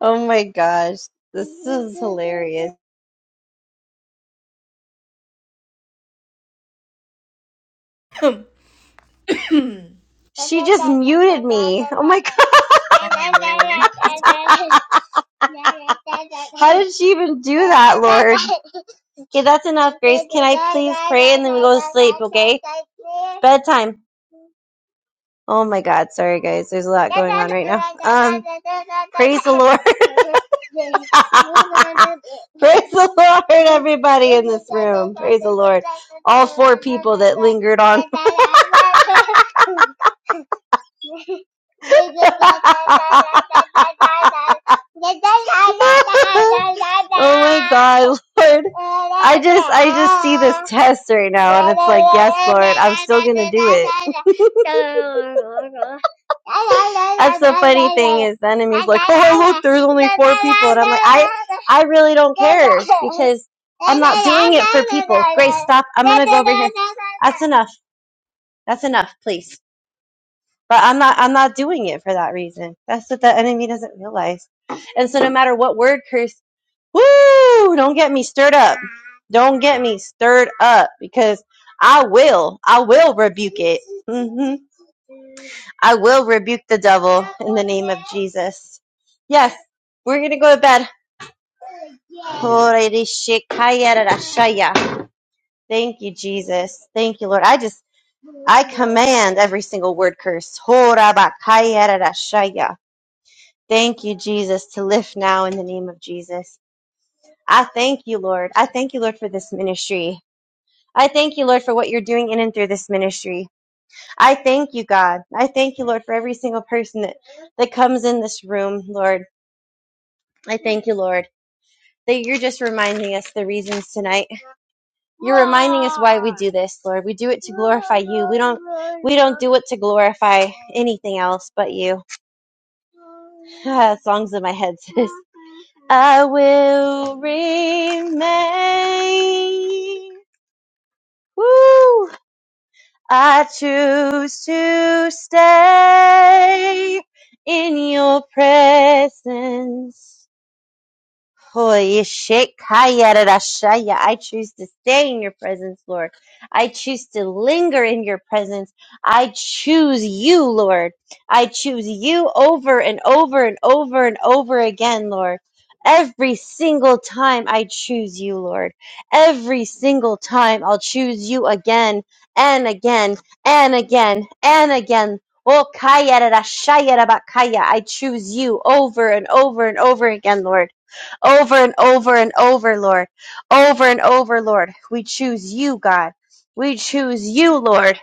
oh my gosh, this is hilarious. She just muted me. Oh my god. oh man. How did she even do that, Lord? Okay, that's enough, Grace. Can I please pray and then we go to sleep, okay? Bedtime. Oh my god, sorry guys. There's a lot going on right now. Um praise the Lord. praise the Lord, everybody in this room. Praise the Lord. All four people that lingered on. oh my God, Lord. I just I just see this test right now and it's like, yes, Lord, I'm still gonna do it. That's the funny thing is the enemy's like, Oh look, there's only four people and I'm like, I I really don't care because I'm not doing it for people. Grace, stop. I'm gonna go over here. That's enough. That's enough, please. But I'm not I'm not doing it for that reason. That's what the enemy doesn't realize. And so no matter what word curse, woo, don't get me stirred up. Don't get me stirred up because I will. I will rebuke it. hmm I will rebuke the devil in the name of Jesus. Yes, we're going to go to bed. Thank you, Jesus. Thank you, Lord. I just, I command every single word curse. Thank you, Jesus, to lift now in the name of Jesus. I thank you, Lord. I thank you, Lord, for this ministry. I thank you, Lord, for what you're doing in and through this ministry. I thank you, God. I thank you, Lord, for every single person that, that comes in this room, Lord. I thank you, Lord, that you're just reminding us the reasons tonight. You're reminding us why we do this, Lord. We do it to glorify you. We don't we don't do it to glorify anything else but you. Songs in my head, sis. I will remain. Woo! I choose to stay in your presence. Holy shit, kayarashaya. I choose to stay in your presence, Lord. I choose to linger in your presence. I choose you, Lord. I choose you over and over and over and over again, Lord. Every single time I choose you, Lord. Every single time I'll choose you again and again and again and again. Oh, kayarashaya rabakaya. I choose you over and over and over again, Lord over and over and over, Lord. Over and over, Lord. We choose you, God. We choose you, Lord.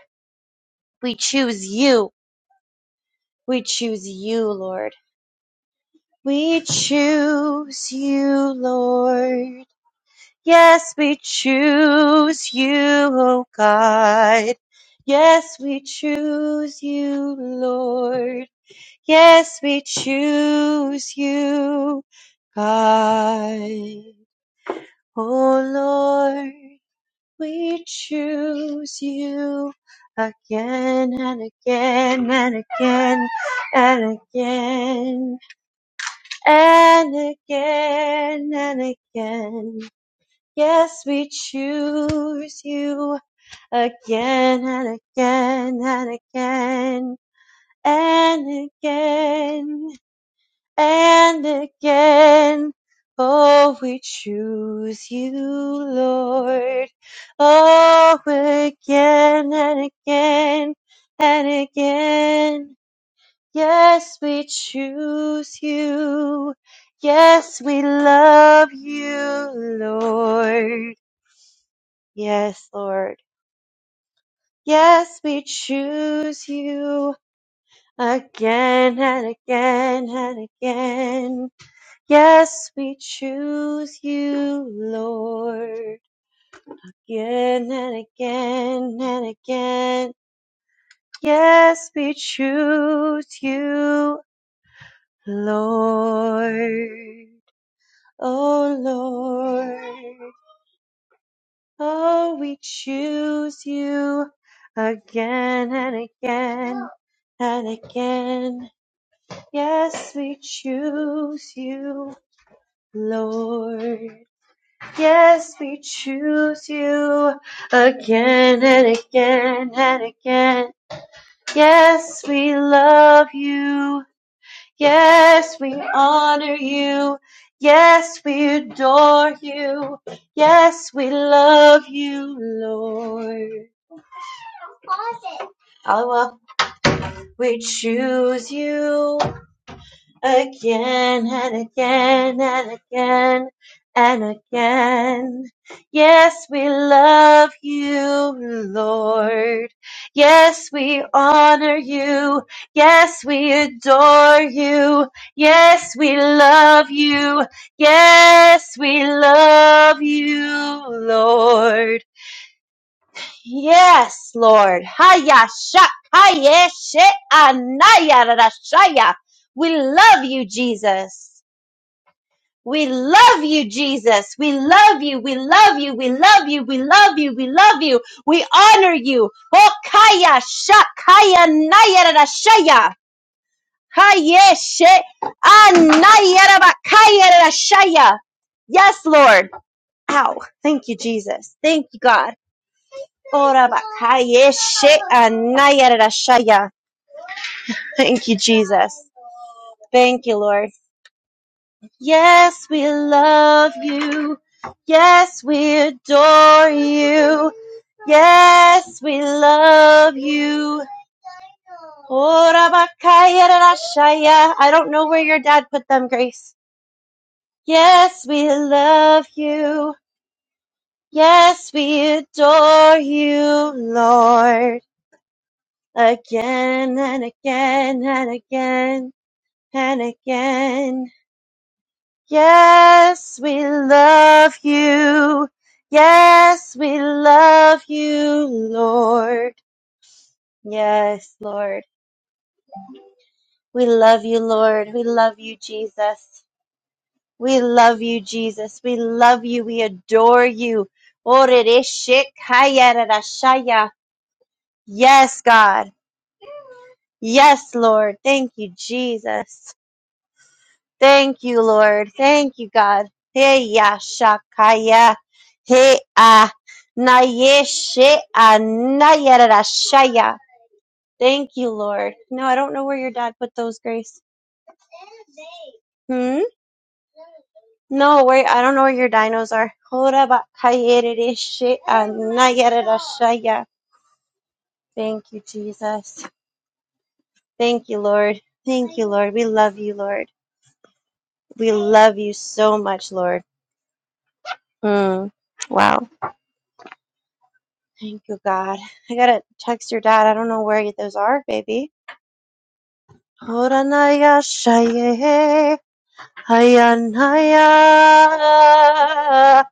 We choose you. We choose you, Lord. We choose you, Lord. Yes, we choose you, oh God. Yes, we choose you, Lord. Yes, we choose you, God. Oh Lord. We choose you again and again and again and again and again and again. Yes, we choose you again and again and again and again and again. Oh, we choose you, Lord. Oh, again and again and again. Yes, we choose you. Yes, we love you, Lord. Yes, Lord. Yes, we choose you again and again and again. Yes, we choose you, Lord, again and again and again. Yes, we choose you, Lord. Oh, Lord. Oh, we choose you again and again and again. Yes, we choose you, Lord. Yes, we choose you again and again and again. Yes, we love you. Yes, we honor you. Yes, we adore you. Yes, we love you, Lord. Allah, we choose you. again and again and again and again. Yes, we love you, Lord. Yes, we honor you. Yes, we adore you. Yes, we love you. Yes, we love you, Lord. Yes, Lord. Haya shakaya anaya rashaya. We love you, Jesus. We love you, Jesus. We love you. We love you. We love you. We love you. We love you. We honor you. Oh, kaya shakaya naya rashaya. Haya she anaya rabakaya rashaya. Yes, Lord. Ow. Thank you, Jesus. Thank you, God. Thank you, Jesus. Thank you, Lord. Yes, we love you. Yes, we adore you. Yes, we love you. Ora bakaya I don't know where your dad put them, Grace. Yes, we love you. Yes, we adore you, Lord. again and again and again and again. Yes, we love you. Yes, we love you, Lord. Yes, Lord. We love you, Lord. We love you, Jesus. We love you, Jesus. We love you. We adore you. Yes, God. Yes, Lord. Thank you, Jesus. Thank you, Lord. Thank you, God. Hey, ya, shakaya. Hey, ah, na, ye, she, ah, na, ya, ra, ra, shaya. Thank you, Lord. No, I don't know where your dad put those, Grace. Hmm? No, wait, I don't know where your dinos are. Hora ba, kaya, re, re, she, ah, na, ya, ra, ra, shaya. Thank you, Jesus. Thank you, Lord. Thank you, Lord. We love you, Lord. We love you so much, Lord. Hmm. Wow. Thank you, God. I gotta text your dad. I don't know where those are, baby. Horanaya shaye hayanaya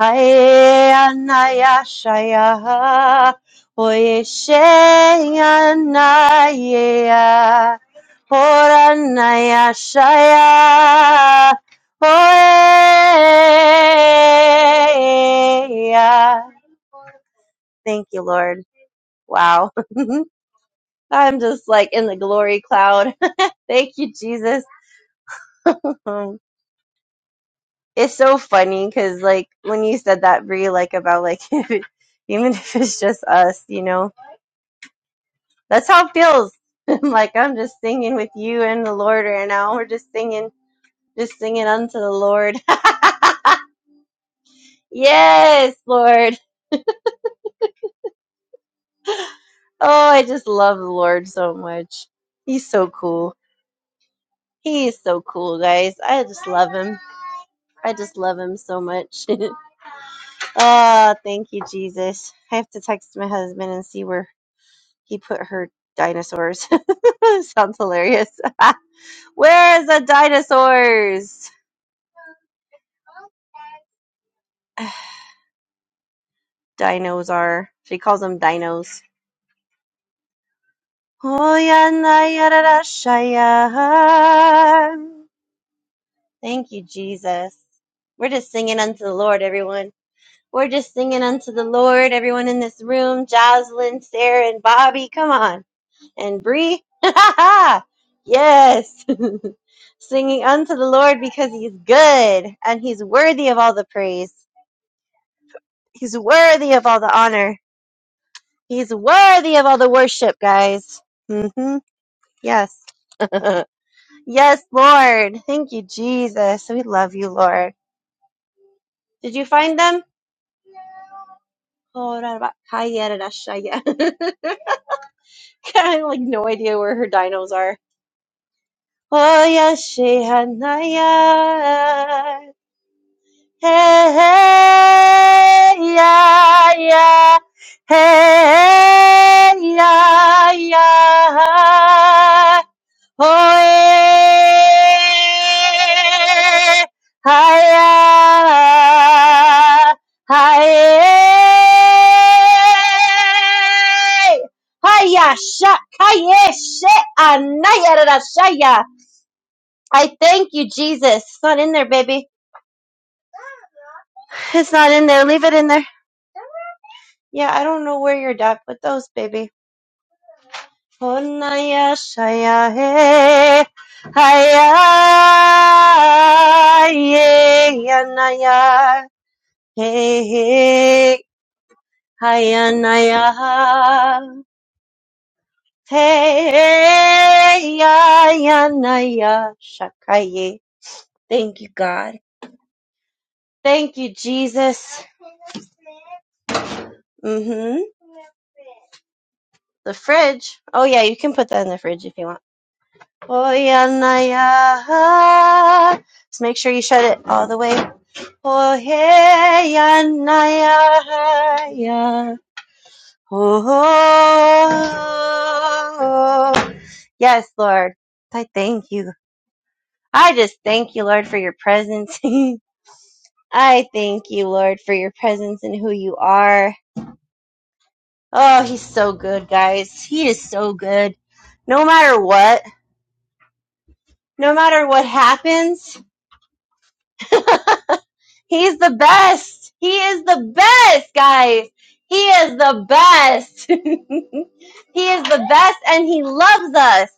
hayanaya shaya oye shayanaya horanaya shaya oye. Thank you, Lord. Wow. I'm just like in the glory cloud. Thank you, Jesus. it's so funny because like when you said that, Bree, like about like if it- even if it's just us, you know, that's how it feels. I'm like I'm just singing with you and the Lord right now. We're just singing, just singing unto the Lord. yes, Lord. Oh, I just love the Lord so much. He's so cool. He is so cool, guys. I just love him. I just love him so much. Ah, thank you, Jesus. I have to text my husband and see where he put her dinosaurs. Sounds hilarious. Where's the dinosaurs? Dinos are. She calls them dinos. Oh, yeah, na, ya, da, da, shaya. Thank you, Jesus. We're just singing unto the Lord, everyone. We're just singing unto the Lord, everyone in this room. Jocelyn, Sarah, and Bobby, come on. and Bree. yes. Singing unto the Lord because He's good and he's worthy of all the praise. He's worthy of all the honor. He's worthy of all the worship, guys. hmm Yes. yes, Lord. Thank you, Jesus. We love you, Lord. Did you find them? Oh, yeah, yeah. I have like no idea where her dinos are. Oh, yes, she had Hey, hey, yeah, yeah. Hey, yeah, yeah. Oh, eh, hi-ya, hi-ya. Hiya, shak, hiya, shit, anaya, da, da, shaya. I thank you, Jesus. It's not in there, baby. It's not in there. Leave it in there. Yeah, I don't know where your dad put those, baby. Honaya shaya he, haya ye yanaya he he haya naya he ya yanaya shakaye. Thank you, God. Thank you, Jesus. hmm The fridge. Oh yeah, you can put that in the fridge if you want. Hoyanaya. Just make sure you shut it all the way. Hoyanaya. Oh. Yes, Lord. I thank you. I just thank you, Lord, for your presence. I thank you, Lord, for your presence and who you are. Oh, he's so good, guys. He is so good. No matter what, no matter what happens. He's the best. He is the best, guys. He is the best. he is the best and he loves us.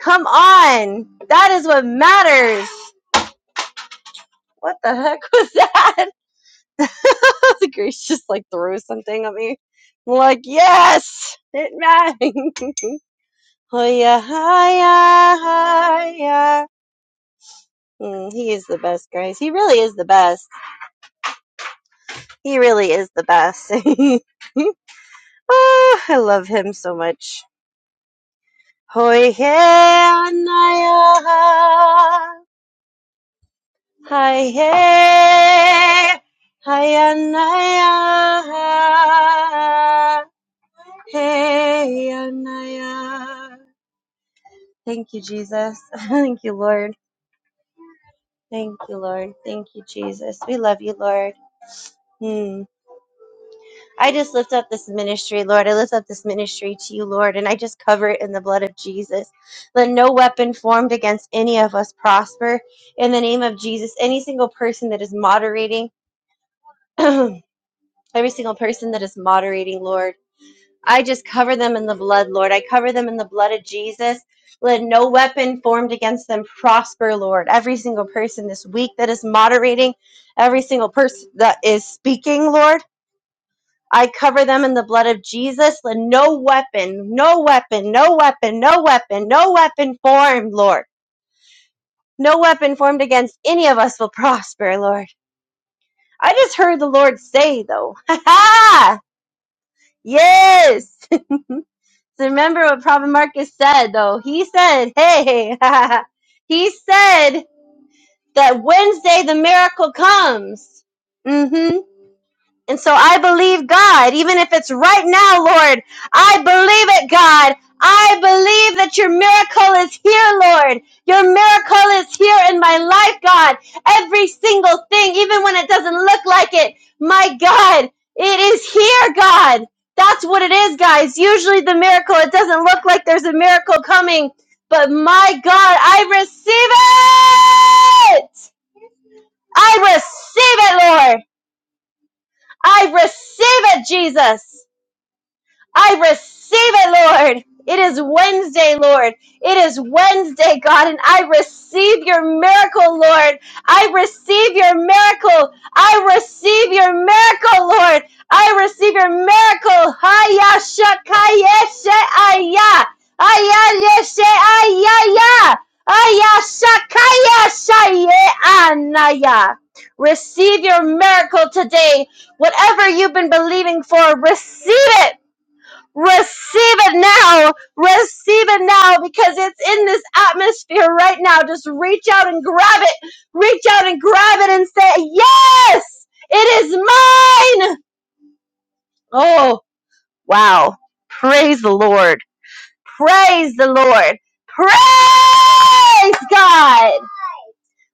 Come on. That is what matters. What the heck was that? Grace just like threw something at me. I'm like, yes, it matters. oh yeah, hi, yeah, hi, yeah. Mm, he is the best, guys. He really is the best. He really is the best. Ah, I love him so much. Hoi he anaya, hi he, hi anaya, hey anaya. Thank you, Jesus. Thank you, Lord. Thank you, Lord. Thank you, Jesus. We love you, Lord. Hmm. I just lift up this ministry, Lord. I lift up this ministry to you, Lord, and I just cover it in the blood of Jesus. Let no weapon formed against any of us prosper. In the name of Jesus, any single person that is moderating, every single person that is moderating, Lord, I just cover them in the blood, Lord. I cover them in the blood of Jesus. Let no weapon formed against them prosper, Lord. Every single person this week that is moderating, every single person that is speaking, Lord. I cover them in the blood of Jesus. Let no weapon, no weapon, no weapon, no weapon, no weapon formed, Lord. No weapon formed against any of us will prosper, Lord. I just heard the Lord say, though. Ha ha! Yes! So remember what Prophet Marcus said, though. He said, hey, he said that Wednesday the miracle comes. Mm-hmm. And so I believe God, even if it's right now, Lord. I believe it, God. I believe that your miracle is here, Lord. Your miracle is here in my life, God. Every single thing, even when it doesn't look like it, my God, it is here, God. That's what it is, guys. Usually the miracle, it doesn't look like there's a miracle coming, but my God, I receive it. I receive it, Lord. I receive it, Jesus. I receive it, Lord. It is Wednesday, Lord. It is Wednesday, God, and I receive your miracle, Lord. I receive your miracle. I receive your miracle, Lord. I receive your miracle. Haya shakayeshe aya. Aya yeshe aya ya. Aya shakaya shaye anaya. Receive your miracle today. Whatever you've been believing for, receive it. Receive it now. Receive it now because it's in this atmosphere right now. Just reach out and grab it. Reach out and grab it and say, Yes, it is mine. Oh, wow. Praise the Lord. Praise the Lord. Praise God.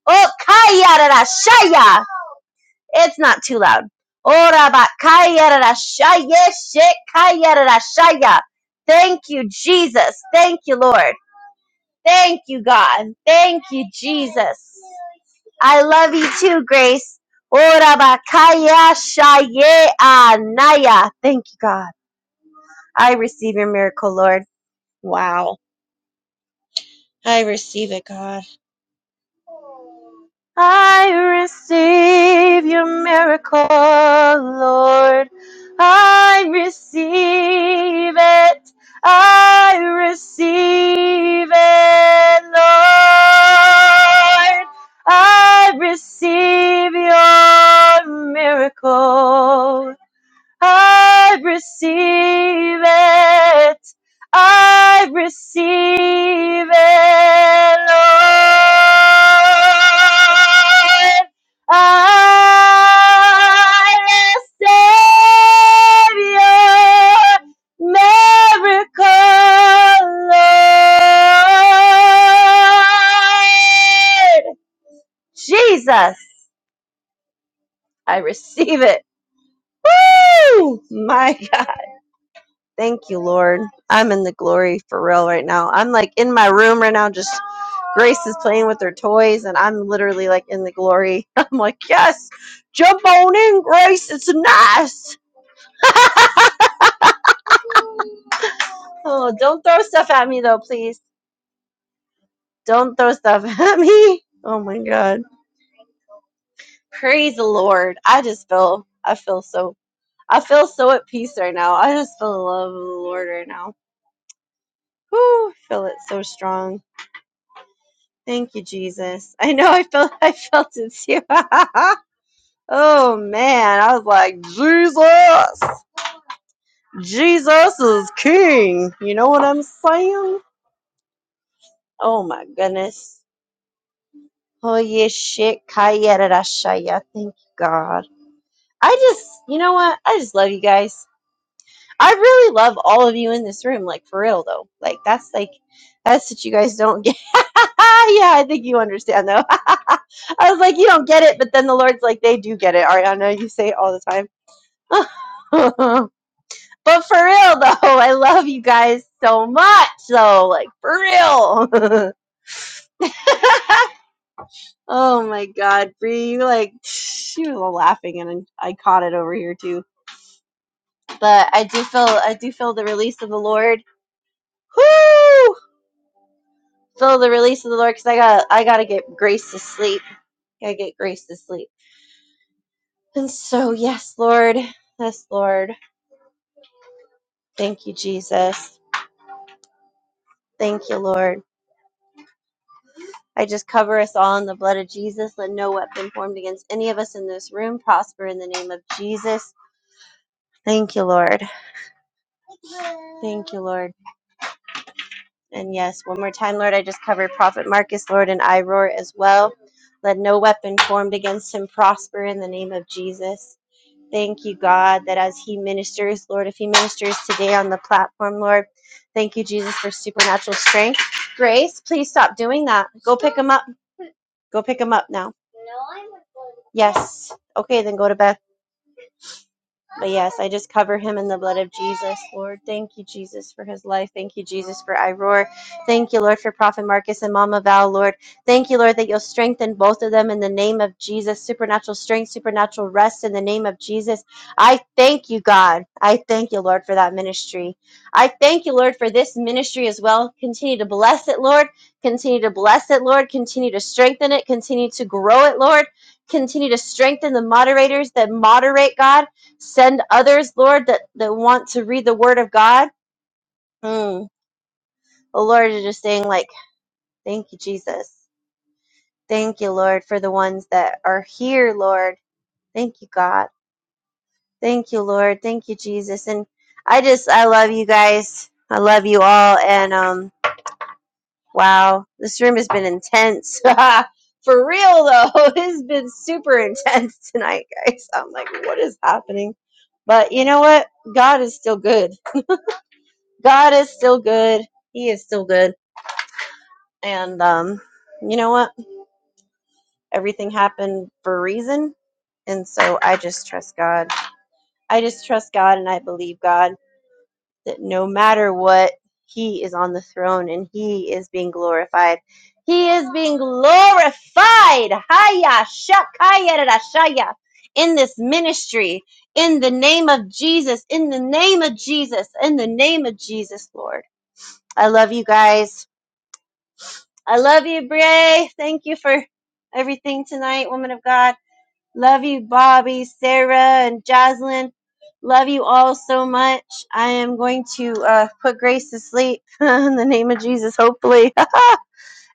Oh, kaya rara shaya. It's not too loud. Thank you, Jesus. Thank you, Lord. Thank you, God. Thank you, Jesus. I love you too, Grace. Thank you, God. I receive your miracle, Lord. Wow. I receive it, God. I receive your miracle, Lord. I receive it. I receive it, Lord. I receive your miracle. I receive it. I receive it, Lord. I receive your miracle, Lord. Jesus, I receive it. Woo! My Thank you, Lord. I'm in the glory for real right now. I'm like in my room right now, just Grace is playing with her toys, and I'm literally like in the glory. I'm like, yes, jump on in, Grace. It's nice. Oh, don't throw stuff at me though, please. Don't throw stuff at me. Oh my God. Praise the Lord. I just feel, I feel so, I feel so at peace right now. I just feel the love of the Lord right now. Whew, I feel it so strong. Thank you, Jesus. I know I felt I felt it too. oh man, I was like, Jesus, Jesus is king. You know what I'm saying? Oh my goodness. Oh yeah, shit. Kayarashaya. Thank you, God. I just, you know what? I just love you guys. I really love all of you in this room, like for real though. Like that's like that's what you guys don't get. yeah, I think you understand though. I was like, you don't get it, but then the Lord's like, they do get it, Ariana. You say it all the time. but for real though, I love you guys so much though. Like for real. oh my God, Bree, you like she was laughing and I caught it over here too. But I do feel I do feel the release of the Lord. Whoo! Feel the release of the Lord, because I got I gotta get grace to sleep. Gotta get grace to sleep. And so, yes, Lord, yes, Lord. Thank you, Jesus. Thank you, Lord. I just cover us all in the blood of Jesus. Let no weapon formed against any of us in this room prosper in the name of Jesus. Thank you, Lord. Thank you, Lord. And yes, one more time, Lord, I just cover Prophet Marcus, Lord, and I roar as well. Let no weapon formed against him prosper in the name of Jesus. Thank you, God, that as He ministers, Lord, if He ministers today on the platform, Lord, thank you, Jesus, for supernatural strength. Grace, please stop doing that. Go pick him up. Go pick him up now. Yes. Okay, then go to bed. But yes, I just cover him in the blood of Jesus, Lord. Thank you, Jesus, for his life. Thank you, Jesus, for Iroar. Thank you, Lord, for Prophet Marcus and Mama Val, Lord. Thank you, Lord, that you'll strengthen both of them in the name of Jesus. Supernatural strength, supernatural rest in the name of Jesus. I thank you, God. I thank you, Lord, for that ministry. I thank you, Lord, for this ministry as well. Continue to bless it, Lord. Continue to bless it, Lord. Continue to strengthen it. Continue to grow it, Lord. Continue to strengthen the moderators that moderate, God send others, Lord, that, that want to read the Word of God. Mm. Oh, Lord, you're just saying, like, thank you, Jesus. Thank you, Lord, for the ones that are here, Lord. Thank you, God. Thank you, Lord. Thank you, Jesus. And I just, I love you guys. I love you all. And, um, wow, this room has been intense. for real, though, it has been super intense tonight, guys. I'm like, what is happening? But you know what? God is still good. God is still good. He is still good. And um, you know what? Everything happened for a reason. And so I just trust God. I just trust God and I believe God that no matter what, He is on the throne and He is being glorified. He is being glorified. Haya shakaya rashaya. In this ministry, in the name of Jesus, in the name of Jesus, in the name of Jesus, Lord. I love you guys. I love you, Bray. Thank you for everything tonight, woman of God. Love you, Bobby, Sarah, and Jaslyn. Love you all so much. I am going to uh, put Grace to sleep in the name of Jesus, hopefully.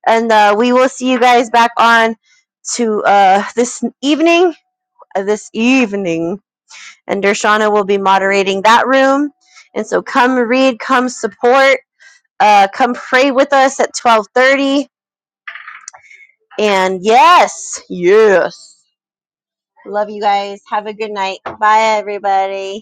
and uh, we will see you guys back on to uh, this evening. uh, this evening. And Dershana will be moderating that room. And so come read, come support, uh, come pray with us at 1230 And yes, yes. Love you guys. Have a good night. Bye, everybody.